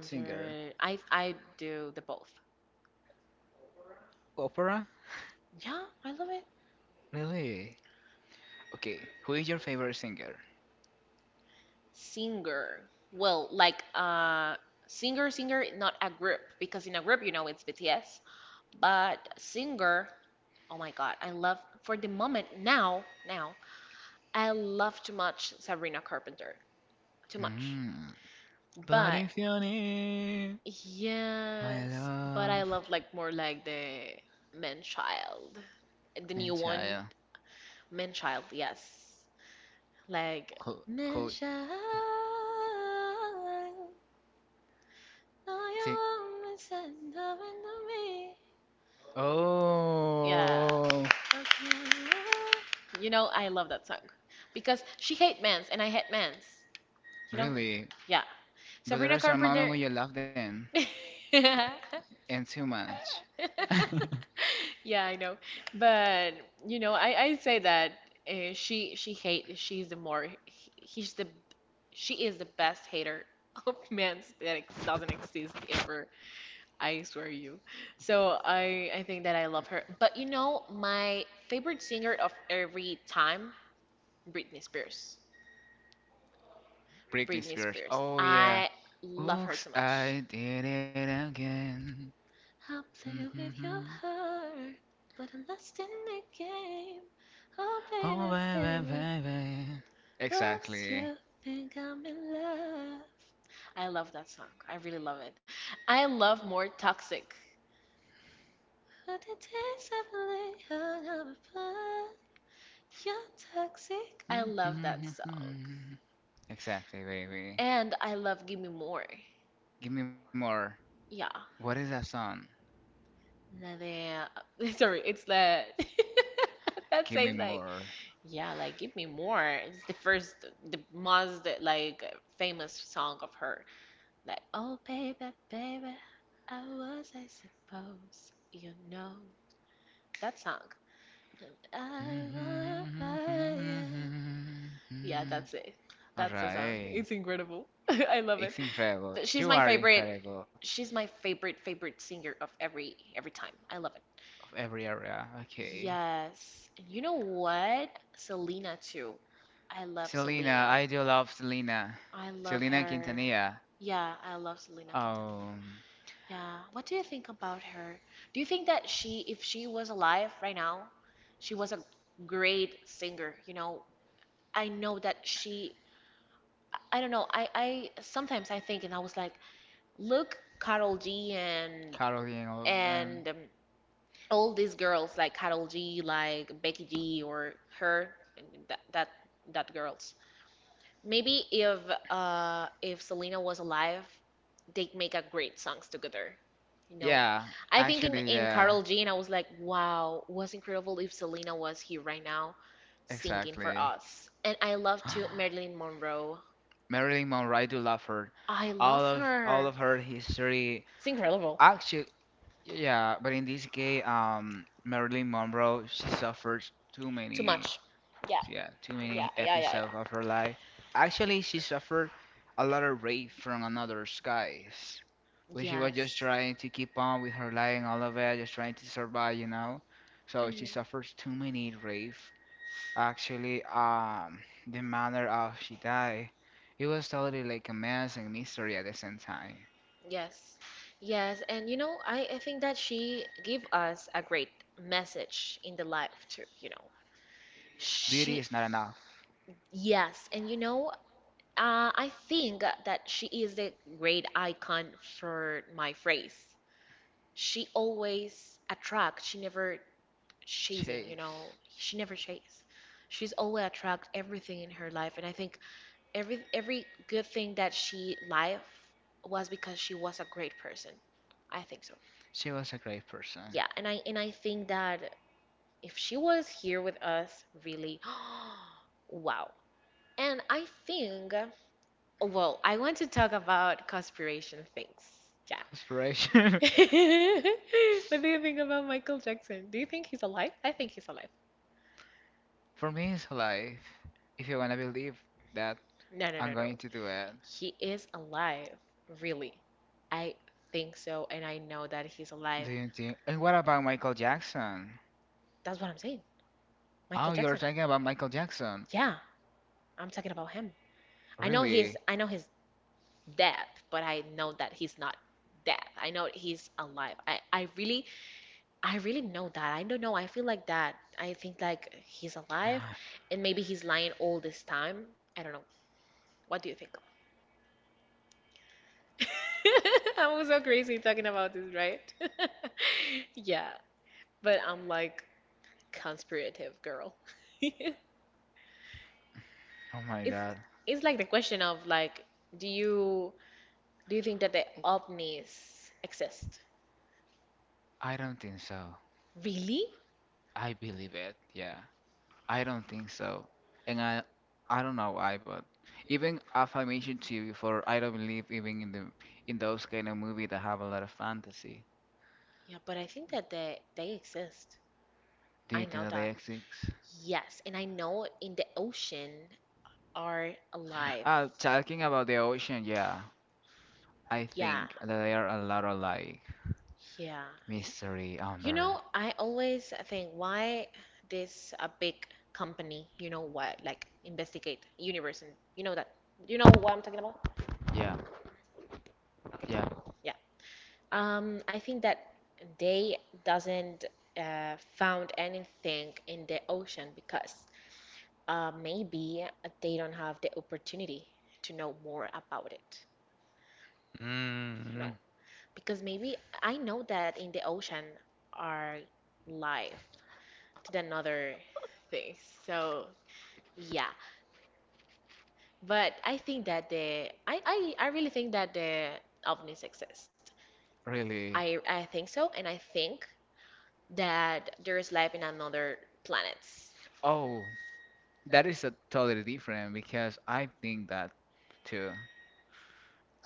[SPEAKER 1] singer?
[SPEAKER 2] I do the both.
[SPEAKER 1] Opera?
[SPEAKER 2] Yeah, I love it.
[SPEAKER 1] Really? Okay, who is your favorite singer?
[SPEAKER 2] Singer. Well, like singer, singer not a group because in a group you know it's BTS. But singer, oh my God, I love for the moment now, now I love too much Sabrina Carpenter. Too much.
[SPEAKER 1] Mm. But
[SPEAKER 2] But
[SPEAKER 1] if you need my
[SPEAKER 2] yes,
[SPEAKER 1] love,
[SPEAKER 2] but I love like more like the man child. The new
[SPEAKER 1] and
[SPEAKER 2] one,
[SPEAKER 1] child,
[SPEAKER 2] man child, yes. Like,
[SPEAKER 1] co co
[SPEAKER 2] measure all "من شاء 나의
[SPEAKER 1] ti-
[SPEAKER 2] 마음을 선다면 me. Yeah.
[SPEAKER 1] Oh,
[SPEAKER 2] You know, I love that song because she hate mans and I hate mans. You know?
[SPEAKER 1] really?
[SPEAKER 2] Yeah.
[SPEAKER 1] But
[SPEAKER 2] Sabrina
[SPEAKER 1] there's a moment
[SPEAKER 2] Carpenter.
[SPEAKER 1] when you love them and too much.
[SPEAKER 2] Yeah, I know. But you know, I say that she hate she's the more he's the she is the best hater of men's that ex doesn't exist ever. I swear you. So I think that I love her. But you know, my favorite singer of every time, Britney Spears.
[SPEAKER 1] Britney
[SPEAKER 2] Britney
[SPEAKER 1] Spears.
[SPEAKER 2] Spears.
[SPEAKER 1] Oh yeah.
[SPEAKER 2] I love her
[SPEAKER 1] Oops,
[SPEAKER 2] too much.
[SPEAKER 1] I did it again.
[SPEAKER 2] I'll play with your
[SPEAKER 1] Mhm.
[SPEAKER 2] heart, but I'm lost in the game. Oh,
[SPEAKER 1] Oh
[SPEAKER 2] baby,
[SPEAKER 1] baby,
[SPEAKER 2] baby,
[SPEAKER 1] baby.
[SPEAKER 2] oops,
[SPEAKER 1] Exactly.
[SPEAKER 2] you think I'm in love. I love that song. I really love it. I love more Toxic. But it takes a feeling of living are fun. You're toxic. I love that song.
[SPEAKER 1] Mhm. Exactly, baby.
[SPEAKER 2] And I love Give Me More.
[SPEAKER 1] Give me more.
[SPEAKER 2] Yeah.
[SPEAKER 1] What is that song?
[SPEAKER 2] Sorry, it's that. that
[SPEAKER 1] Give me
[SPEAKER 2] says like,
[SPEAKER 1] more.
[SPEAKER 2] Yeah, like give me more. It's the first, the most like famous song of her. Like, oh baby, baby, I was I suppose you know that song. And
[SPEAKER 1] All
[SPEAKER 2] I am. Yeah, that's it. That's the song.
[SPEAKER 1] right,
[SPEAKER 2] It's incredible. I love it.
[SPEAKER 1] it's incredible.
[SPEAKER 2] But she's
[SPEAKER 1] You
[SPEAKER 2] my
[SPEAKER 1] are
[SPEAKER 2] favorite.
[SPEAKER 1] incredible
[SPEAKER 2] She's my favorite favorite singer of every time. I love it.
[SPEAKER 1] of every area. Okay,
[SPEAKER 2] Yes. And you know what? Selena too. I love
[SPEAKER 1] Selena,
[SPEAKER 2] Selena.
[SPEAKER 1] I do love Selena.
[SPEAKER 2] I love
[SPEAKER 1] Selena
[SPEAKER 2] her.
[SPEAKER 1] Quintanilla.
[SPEAKER 2] Yeah, I love Selena Quintanilla.
[SPEAKER 1] Um,
[SPEAKER 2] Yeah. What do you think about her? Do you think that she, if she was alive right now, she was a great singer? You know, I know that she, I don't know. I sometimes I think and I was like, look, Carol G and
[SPEAKER 1] Caroline.
[SPEAKER 2] and um, all these girls like Carol G, like Becky G, or her, and that girls. Maybe if Selena was alive, they'd make a great songs together. You know,
[SPEAKER 1] Yeah,
[SPEAKER 2] I think
[SPEAKER 1] actually,
[SPEAKER 2] in
[SPEAKER 1] yeah,
[SPEAKER 2] Carol Jean, I was like, wow, was incredible if Selena was here right now, singing for
[SPEAKER 1] exactly.
[SPEAKER 2] us. And I love too Marilyn Monroe.
[SPEAKER 1] Marilyn Monroe, I do love her.
[SPEAKER 2] I
[SPEAKER 1] All
[SPEAKER 2] love
[SPEAKER 1] of all of
[SPEAKER 2] her.
[SPEAKER 1] her history,
[SPEAKER 2] It's incredible.
[SPEAKER 1] actually, yeah. But in this case, Marilyn Monroe, she suffered too
[SPEAKER 2] Too
[SPEAKER 1] many,
[SPEAKER 2] much. Yeah,
[SPEAKER 1] yeah, too
[SPEAKER 2] yeah,
[SPEAKER 1] many
[SPEAKER 2] yeah, yeah, yeah.
[SPEAKER 1] episodes of her life. Actually, she suffered a lot of rape from another guys when she was
[SPEAKER 2] Yes.
[SPEAKER 1] just trying to keep on with her life and all of that, just trying to survive, you know. So she
[SPEAKER 2] Mhm.
[SPEAKER 1] suffers too many rape. Actually, the manner of she died, it was totally like a mess and mystery at the same time.
[SPEAKER 2] Yes, yes, and you know, I think that she gave us a great message in the life too, you know.
[SPEAKER 1] Beauty is not
[SPEAKER 2] She,
[SPEAKER 1] enough.
[SPEAKER 2] yes, and you know, I think that she is the great icon for my phrase. She always attract, she never chasing, you know,
[SPEAKER 1] Chase,
[SPEAKER 2] she never chase. She's always attract everything in her life, and I think every good thing that she life was because she was a great person. I think so.
[SPEAKER 1] she was a great person.
[SPEAKER 2] Yeah, and I think that if she was here with us, really, wow. And I think, well, I want to talk about conspiration things. Yeah.
[SPEAKER 1] Inspiration
[SPEAKER 2] What do you think about Michael Jackson? Do you think he's alive? I think he's alive.
[SPEAKER 1] for me is life. If you wanna believe that,
[SPEAKER 2] No, no, no,
[SPEAKER 1] I'm
[SPEAKER 2] no.
[SPEAKER 1] going to do it.
[SPEAKER 2] He is alive, really. I think so, and I know that he's alive.
[SPEAKER 1] Do you think? And what about Michael Jackson?
[SPEAKER 2] That's what I'm saying.
[SPEAKER 1] Oh,
[SPEAKER 2] Michael
[SPEAKER 1] you're
[SPEAKER 2] Jackson.
[SPEAKER 1] talking about Michael Jackson?
[SPEAKER 2] Yeah, I'm talking about him. I know he's
[SPEAKER 1] Really?
[SPEAKER 2] I know he's dead, but I know that he's not dead. I know he's alive. I really know that. I don't know. I feel like that. I think like he's alive and maybe he's lying all this time. I don't know. What do you think? I'm so crazy talking about this, right? Yeah, but I'm like conspirative girl.
[SPEAKER 1] Oh my
[SPEAKER 2] It's
[SPEAKER 1] God.
[SPEAKER 2] it's like the question of like do you do you think that the ovnis exist?
[SPEAKER 1] I don't think so.
[SPEAKER 2] Really?
[SPEAKER 1] I believe it. Yeah. I don't think so. And I don't know why, but even as I mentioned to you before, I don't believe even in those kind of movies that have a lot of fantasy.
[SPEAKER 2] Yeah, but I think that they exist.
[SPEAKER 1] Do
[SPEAKER 2] I
[SPEAKER 1] you think
[SPEAKER 2] know
[SPEAKER 1] that they
[SPEAKER 2] that.
[SPEAKER 1] exist?
[SPEAKER 2] Yes, and I know in the ocean are alive.
[SPEAKER 1] Talking about the ocean, yeah. I
[SPEAKER 2] Yeah,
[SPEAKER 1] think that they are a lot of like
[SPEAKER 2] yeah.
[SPEAKER 1] mystery
[SPEAKER 2] You
[SPEAKER 1] under.
[SPEAKER 2] know, I always think why this a big company, you know what, like investigate universe and you know that. You know what I'm talking about?
[SPEAKER 1] Yeah, yeah.
[SPEAKER 2] Yeah. I think that they doesn't found anything in the ocean because maybe they don't have the opportunity to know more about it, you know,
[SPEAKER 1] Mm.
[SPEAKER 2] because maybe I know that in the ocean are life to another thing. So yeah, but I think that I really think that the ovnis exist.
[SPEAKER 1] Really?
[SPEAKER 2] I think so, and I think that there is life in another planets.
[SPEAKER 1] Oh, that is a totally different because I think that too.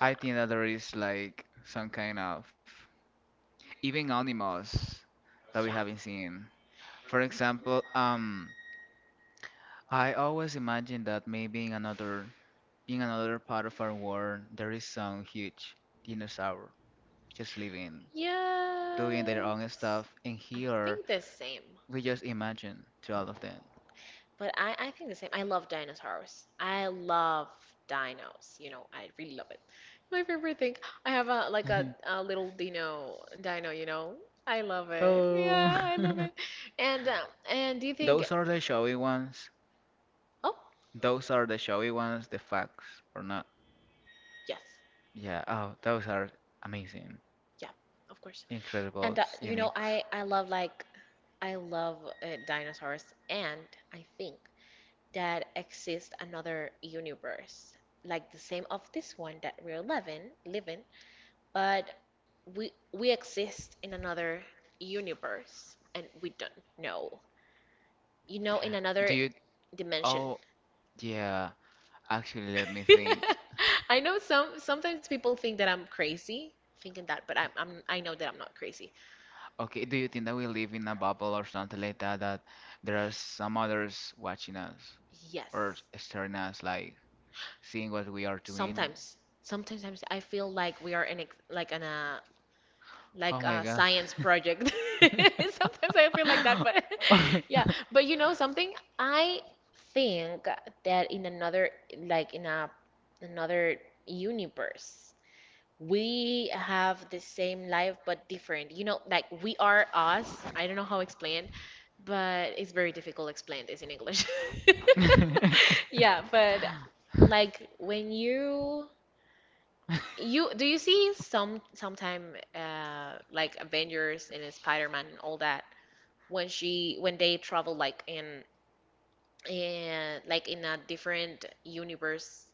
[SPEAKER 2] Yeah,
[SPEAKER 1] think that there is like some kind of even animals that we
[SPEAKER 2] yeah.
[SPEAKER 1] haven't seen. For example, I always imagine that maybe in another, part of our world there is some huge dinosaur just living, doing their
[SPEAKER 2] Yes.
[SPEAKER 1] own stuff, and
[SPEAKER 2] I
[SPEAKER 1] here
[SPEAKER 2] think the same.
[SPEAKER 1] we just imagine to all of them.
[SPEAKER 2] But I think the same. I love dinosaurs. I love dinos. You know, I really love it. My favorite thing. I have a like a, a little dino, you know. I love it.
[SPEAKER 1] Oh,
[SPEAKER 2] Yeah, I love it. And um, and do you think
[SPEAKER 1] those are the showy ones.
[SPEAKER 2] Oh,
[SPEAKER 1] Those are the showy ones, the facts or not.
[SPEAKER 2] yes.
[SPEAKER 1] Yeah, oh, those are amazing,
[SPEAKER 2] Yeah, of course.
[SPEAKER 1] incredible,
[SPEAKER 2] And
[SPEAKER 1] unique.
[SPEAKER 2] you know, I love dinosaurs, and I think that exists another universe like the same of this one that we're living but we exist in another universe and we don't know, you know, in
[SPEAKER 1] Do
[SPEAKER 2] another
[SPEAKER 1] you,
[SPEAKER 2] dimension.
[SPEAKER 1] oh, yeah, actually, let me think.
[SPEAKER 2] I know sometimes people think that I'm crazy thinking that, but I know that I'm not crazy.
[SPEAKER 1] Okay, do you think that we live in a bubble or something like that, that there are some others watching us or
[SPEAKER 2] Yes,
[SPEAKER 1] staring us, like seeing what we are doing?
[SPEAKER 2] sometimes sometimes I feel like we are in ex- like in a
[SPEAKER 1] Oh
[SPEAKER 2] like
[SPEAKER 1] my
[SPEAKER 2] a
[SPEAKER 1] God.
[SPEAKER 2] science project. Sometimes I feel like that, but yeah. But you know something? I think that in another, like in a another universe, we have the same life but different. You know, like we are us. I don't know how to explain, but it's very difficult to explain this in English. Yeah, but like when you do you see sometime like Avengers and in Spider-Man and all that when they travel in a different universe,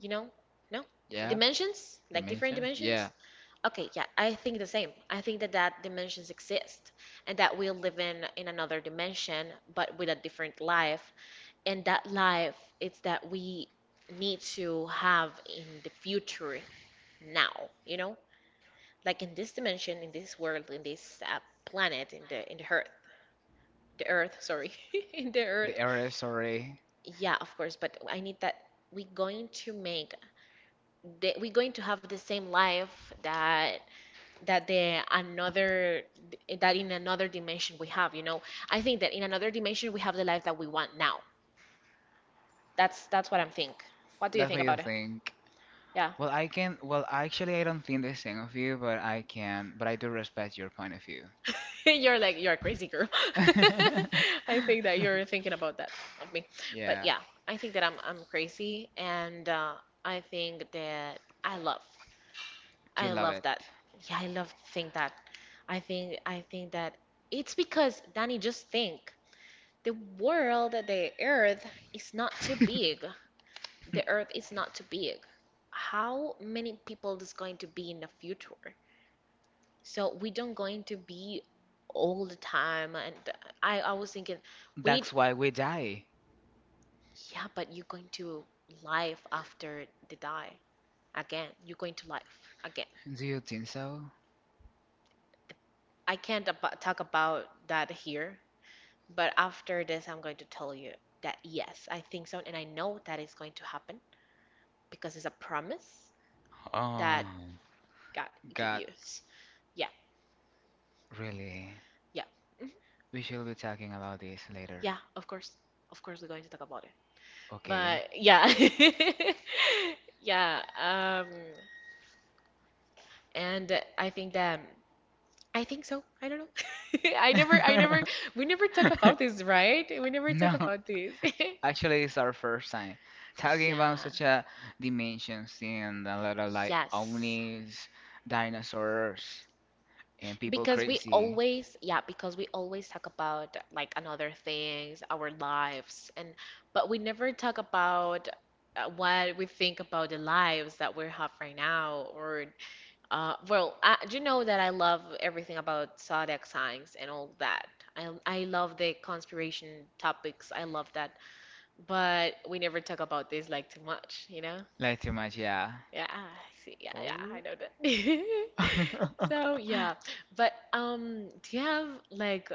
[SPEAKER 2] you know? No?
[SPEAKER 1] Yeah,
[SPEAKER 2] Dimensions? Like different
[SPEAKER 1] dimension.
[SPEAKER 2] dimensions?
[SPEAKER 1] Yeah,
[SPEAKER 2] Okay, yeah, I think the same. I think that dimensions exist and that we live in another dimension but with a different life, and that life it's that we need to have in the future now, you know? Like in this dimension, in this world, in this planet, in the earth, the earth, sorry, in the
[SPEAKER 1] the
[SPEAKER 2] earth.
[SPEAKER 1] error, sorry.
[SPEAKER 2] Yeah, of course, but I need that we're going to make we're going to have the same life that that the another that in another dimension we have, you know. I think that in another dimension we have the life that we want now. That's what I'm think. What do you
[SPEAKER 1] That's what
[SPEAKER 2] think
[SPEAKER 1] you
[SPEAKER 2] about it?
[SPEAKER 1] think.
[SPEAKER 2] Yeah.
[SPEAKER 1] Well, I can. Well, actually, I don't think the same of you, but I can. But I do respect your point of view.
[SPEAKER 2] You're a crazy girl. I think that you're thinking about that of me. But
[SPEAKER 1] Yeah,
[SPEAKER 2] yeah, I think that I'm crazy, and I think that I love
[SPEAKER 1] you
[SPEAKER 2] I
[SPEAKER 1] love
[SPEAKER 2] love
[SPEAKER 1] it.
[SPEAKER 2] that. Yeah, I love to think that. I think that it's because Danny just think the world, the earth is not too big. The earth is not too big. How many people is going to be in the future? So we don't going to be all the time. And I was thinking, we need,
[SPEAKER 1] That's why we die.
[SPEAKER 2] yeah, but you're going to life after they die again. You're going to life again.
[SPEAKER 1] Do you think so?
[SPEAKER 2] I can't talk about that here, but after this, I'm going to tell you that yes, I think so, and I know that it's going to happen because it's a promise that
[SPEAKER 1] Oh,
[SPEAKER 2] God give
[SPEAKER 1] God,
[SPEAKER 2] you. Yeah,
[SPEAKER 1] really?
[SPEAKER 2] yeah, mhm,
[SPEAKER 1] We shall be talking about this later,
[SPEAKER 2] yeah. Of course, we're going to talk about it.
[SPEAKER 1] okay?
[SPEAKER 2] But yeah. Yeah. And I think that I think so. I don't know. I never we never talk about this, right? We never talk
[SPEAKER 1] No,
[SPEAKER 2] about this.
[SPEAKER 1] actually, it's our first time talking about
[SPEAKER 2] Yeah.
[SPEAKER 1] such a dimensions and a lot of like
[SPEAKER 2] Yes,
[SPEAKER 1] omnis, dinosaurs, and people
[SPEAKER 2] because we
[SPEAKER 1] crazy.
[SPEAKER 2] always, yeah, because we always talk about like another things, our lives, and but we never talk about what we think about the lives that we have right now or well, do you know that I love everything about zodiac signs and all that. I love the conspiration topics. I love that. But we never talk about this like too much, you know?
[SPEAKER 1] Like too much, yeah.
[SPEAKER 2] Yeah, I see, yeah, yeah, I
[SPEAKER 1] Oh.
[SPEAKER 2] know that. So, yeah. But do you have like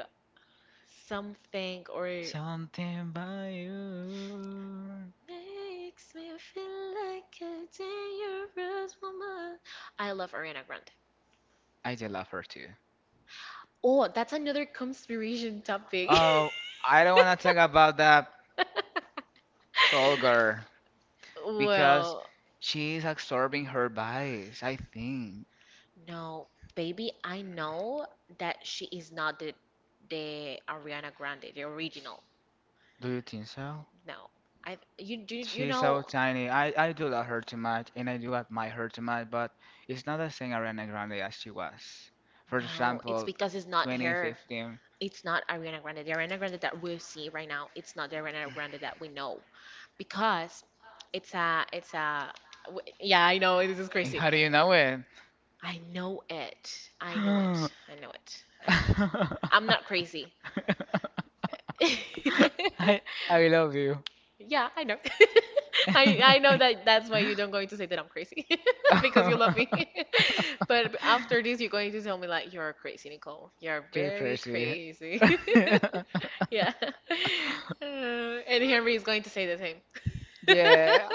[SPEAKER 2] something or
[SPEAKER 1] Something by you.
[SPEAKER 2] makes me feel like a dangerous woman? I love Ariana Grande.
[SPEAKER 1] I do love her too.
[SPEAKER 2] Oh, that's another conspiration topic.
[SPEAKER 1] Oh, I don't want to talk about that tall girl because
[SPEAKER 2] Well,
[SPEAKER 1] she's absorbing her bodies, I think.
[SPEAKER 2] no, baby, I know that she is not the Ariana Grande, the original.
[SPEAKER 1] Do you think so?
[SPEAKER 2] No. I you do you
[SPEAKER 1] She's so
[SPEAKER 2] know
[SPEAKER 1] tiny. I do love her too much and I do admire her too much, but it's not the same Ariana Grande as she was. For
[SPEAKER 2] no, it's
[SPEAKER 1] example,
[SPEAKER 2] because it's not her.
[SPEAKER 1] 2015.
[SPEAKER 2] It's not Ariana Grande. The Ariana Grande that we see right now, it's not the Ariana Grande that we know because it's a, yeah, I know this is
[SPEAKER 1] How do you
[SPEAKER 2] crazy.
[SPEAKER 1] know it?
[SPEAKER 2] I know it. I know it. I know it. I know. I'm not crazy.
[SPEAKER 1] I I love you.
[SPEAKER 2] Yeah, I know. I know that's why you don't going to say that I'm crazy because you love me. But after this, you're going to tell me like you're crazy, Nicole. You're
[SPEAKER 1] You're
[SPEAKER 2] very
[SPEAKER 1] crazy.
[SPEAKER 2] crazy. Yeah. And Henry is going to say the same.
[SPEAKER 1] Yeah.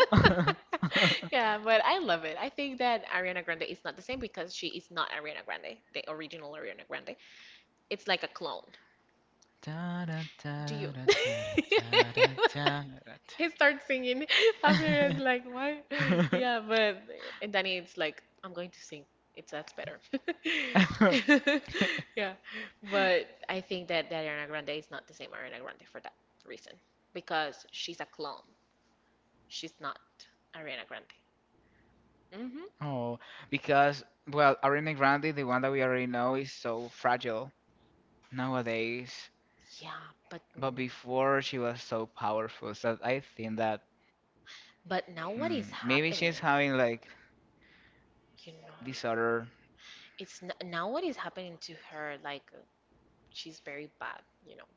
[SPEAKER 2] Yeah, but I love it. I think that Ariana Grande is not the same because she is not Ariana Grande, the original Ariana Grande. It's like a clone. Do you? He starts singing after it like why? Yeah, but and Danny it's like I'm going to sing. It's that's better. Yeah, but I think that Ariana Grande is not the same Ariana Grande for that reason because she's a clone. She's not Ariana Grande. hmm
[SPEAKER 1] Oh, because, well, Ariana Grande, the one that we already know, is so fragile nowadays.
[SPEAKER 2] Yeah, but no.
[SPEAKER 1] But before, she was so powerful. So I think that,
[SPEAKER 2] But now
[SPEAKER 1] maybe
[SPEAKER 2] what is
[SPEAKER 1] she's having
[SPEAKER 2] happening?
[SPEAKER 1] like
[SPEAKER 2] You
[SPEAKER 1] this
[SPEAKER 2] know,
[SPEAKER 1] other.
[SPEAKER 2] it's n now what is happening to her? Like she's very bad, you know.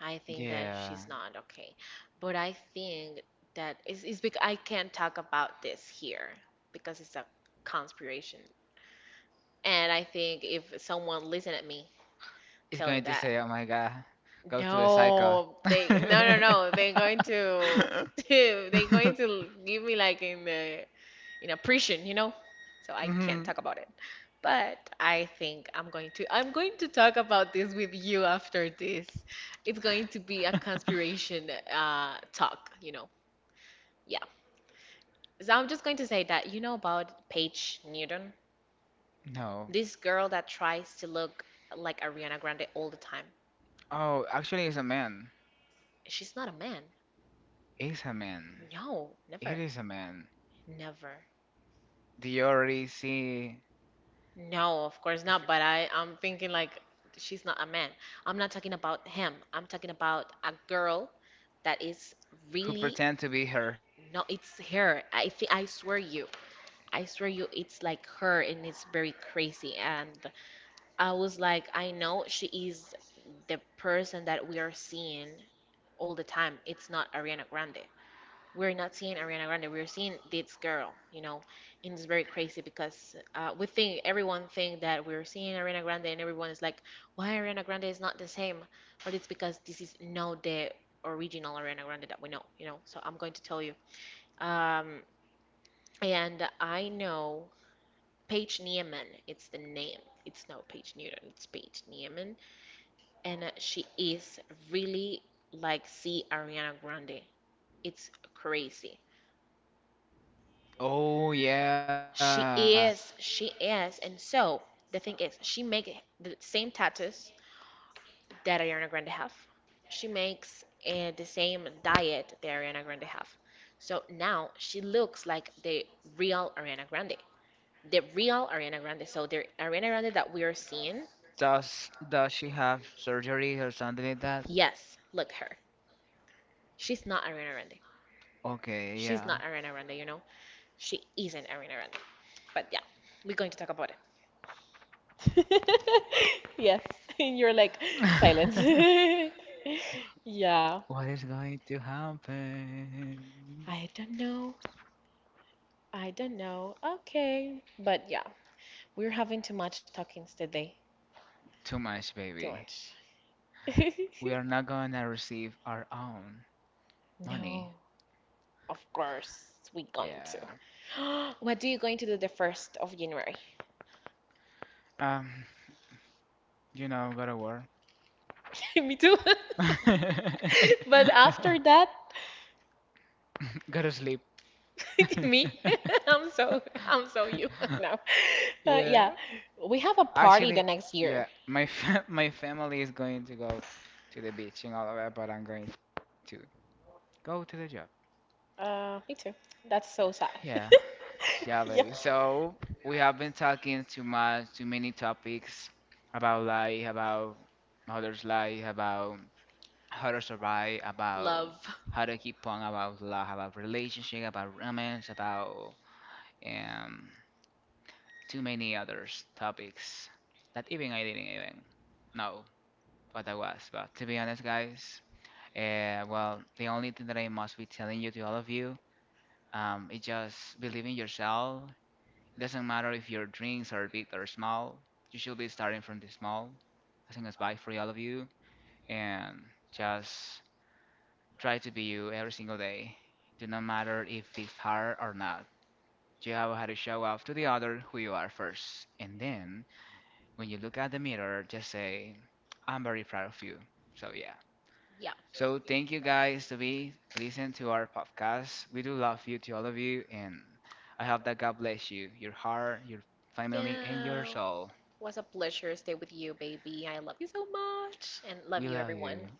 [SPEAKER 2] I think that
[SPEAKER 1] Yeah.
[SPEAKER 2] she's not okay. But I think that it's because I can't talk about this here because it's a conspiration. And I think if someone listen at me
[SPEAKER 1] It's going
[SPEAKER 2] telling
[SPEAKER 1] to
[SPEAKER 2] that,
[SPEAKER 1] say, oh my god, go to the psycho.
[SPEAKER 2] no, they no no no, they're going to they're going to give me like in the in oppression, you know? So I can't
[SPEAKER 1] Mhm.
[SPEAKER 2] talk about it. But I think I'm going to talk about this with you after this. It's going to be a conspiration talk, you know. Yeah. So I'm just going to say that you know about Paige Newton,
[SPEAKER 1] No.
[SPEAKER 2] this girl that tries to look like Ariana Grande all the time.
[SPEAKER 1] Oh, actually, it's a man.
[SPEAKER 2] She's not a man.
[SPEAKER 1] It's a man.
[SPEAKER 2] No,
[SPEAKER 1] It
[SPEAKER 2] never.
[SPEAKER 1] is a man.
[SPEAKER 2] Never.
[SPEAKER 1] Do you already see
[SPEAKER 2] No, of course not, but I'm thinking like she's not a man. I'm not talking about him. I'm talking about a girl that is
[SPEAKER 1] who
[SPEAKER 2] really
[SPEAKER 1] pretend to be her?
[SPEAKER 2] no, it's her. I think I swear you. I swear you, it's like her, and it's very crazy. And I was like, I know she is the person that we are seeing all the time. It's not Ariana Grande, we're not seeing Ariana Grande. We're seeing this girl, you know, and it's very crazy because we think everyone think that we're seeing Ariana Grande, and everyone is like, "Why Ariana Grande is not the same?" But it's because this is not the original Ariana Grande that we know, you know. So I'm going to tell you. Um, and I know Paige Newman. It's the name. It's not Paige Newton. It's Paige Newman, and she is really like see Ariana Grande. It's crazy.
[SPEAKER 1] Oh, yeah.
[SPEAKER 2] She is, she is. And so the thing is, she makes the same tattoos that Ariana Grande have. She makes the same diet that Ariana Grande have. So now she looks like the real Ariana Grande. The real Ariana Grande. So the Ariana Grande that we are seeing,
[SPEAKER 1] Does she have surgery or something like that?
[SPEAKER 2] yes, look her. She's not Ariana Grande.
[SPEAKER 1] Okay, yeah.
[SPEAKER 2] She's not Ariana Grande, you know? She isn't Ariana Grande. But yeah, we're going to talk about it. Yes, and you're like silence. Yeah,
[SPEAKER 1] What is going to happen?
[SPEAKER 2] I don't know. I don't know. Okay, but yeah, we're having too much talkings today.
[SPEAKER 1] Too much,
[SPEAKER 2] Too
[SPEAKER 1] baby.
[SPEAKER 2] much.
[SPEAKER 1] We are not gonna receive our own
[SPEAKER 2] No,
[SPEAKER 1] money.
[SPEAKER 2] of course we going to.
[SPEAKER 1] Yeah.
[SPEAKER 2] What do you going to do the first of January?
[SPEAKER 1] Um, you know, go to work.
[SPEAKER 2] Me too. But after that.
[SPEAKER 1] Go to sleep.
[SPEAKER 2] Me? I'm so you now.
[SPEAKER 1] Yeah.
[SPEAKER 2] Yeah, we have a party
[SPEAKER 1] Actually.
[SPEAKER 2] the next
[SPEAKER 1] Yeah,
[SPEAKER 2] year.
[SPEAKER 1] my fa my family is going to go to the beach in Delaware, but I'm going to go to the job.
[SPEAKER 2] Me too. That's so sad.
[SPEAKER 1] Yeah, yeah, baby.
[SPEAKER 2] Yeah.
[SPEAKER 1] So we have been talking too much, too many topics about life, about others' life, about how to survive, about
[SPEAKER 2] Love.
[SPEAKER 1] how to keep on, about love, about relationship, about romance, about um too many others topics that even I didn't even know what that was. But to be honest, guys. Well, the only thing that I must be telling you to all of you, is just believe in yourself. Doesn't matter if your dreams are big or small. You should be starting from the small. I think that's bye for all of you. And just try to be you every single day. Do not matter if it's hard or not. You have had to show off to the other who you are first. And then, when you look at the mirror, just say, I'm very proud of you. So yeah.
[SPEAKER 2] Yeah.
[SPEAKER 1] So thank you guys to be listen to our podcast. We do love you to all of you, and I hope that God bless you, your heart, your family, and your
[SPEAKER 2] Yeah.
[SPEAKER 1] soul.
[SPEAKER 2] Was a pleasure to stay with you, baby. I love you so much, and
[SPEAKER 1] We
[SPEAKER 2] love you,
[SPEAKER 1] love you.
[SPEAKER 2] everyone.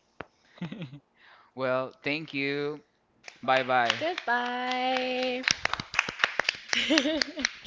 [SPEAKER 1] Well, thank you. Bye bye.
[SPEAKER 2] Goodbye.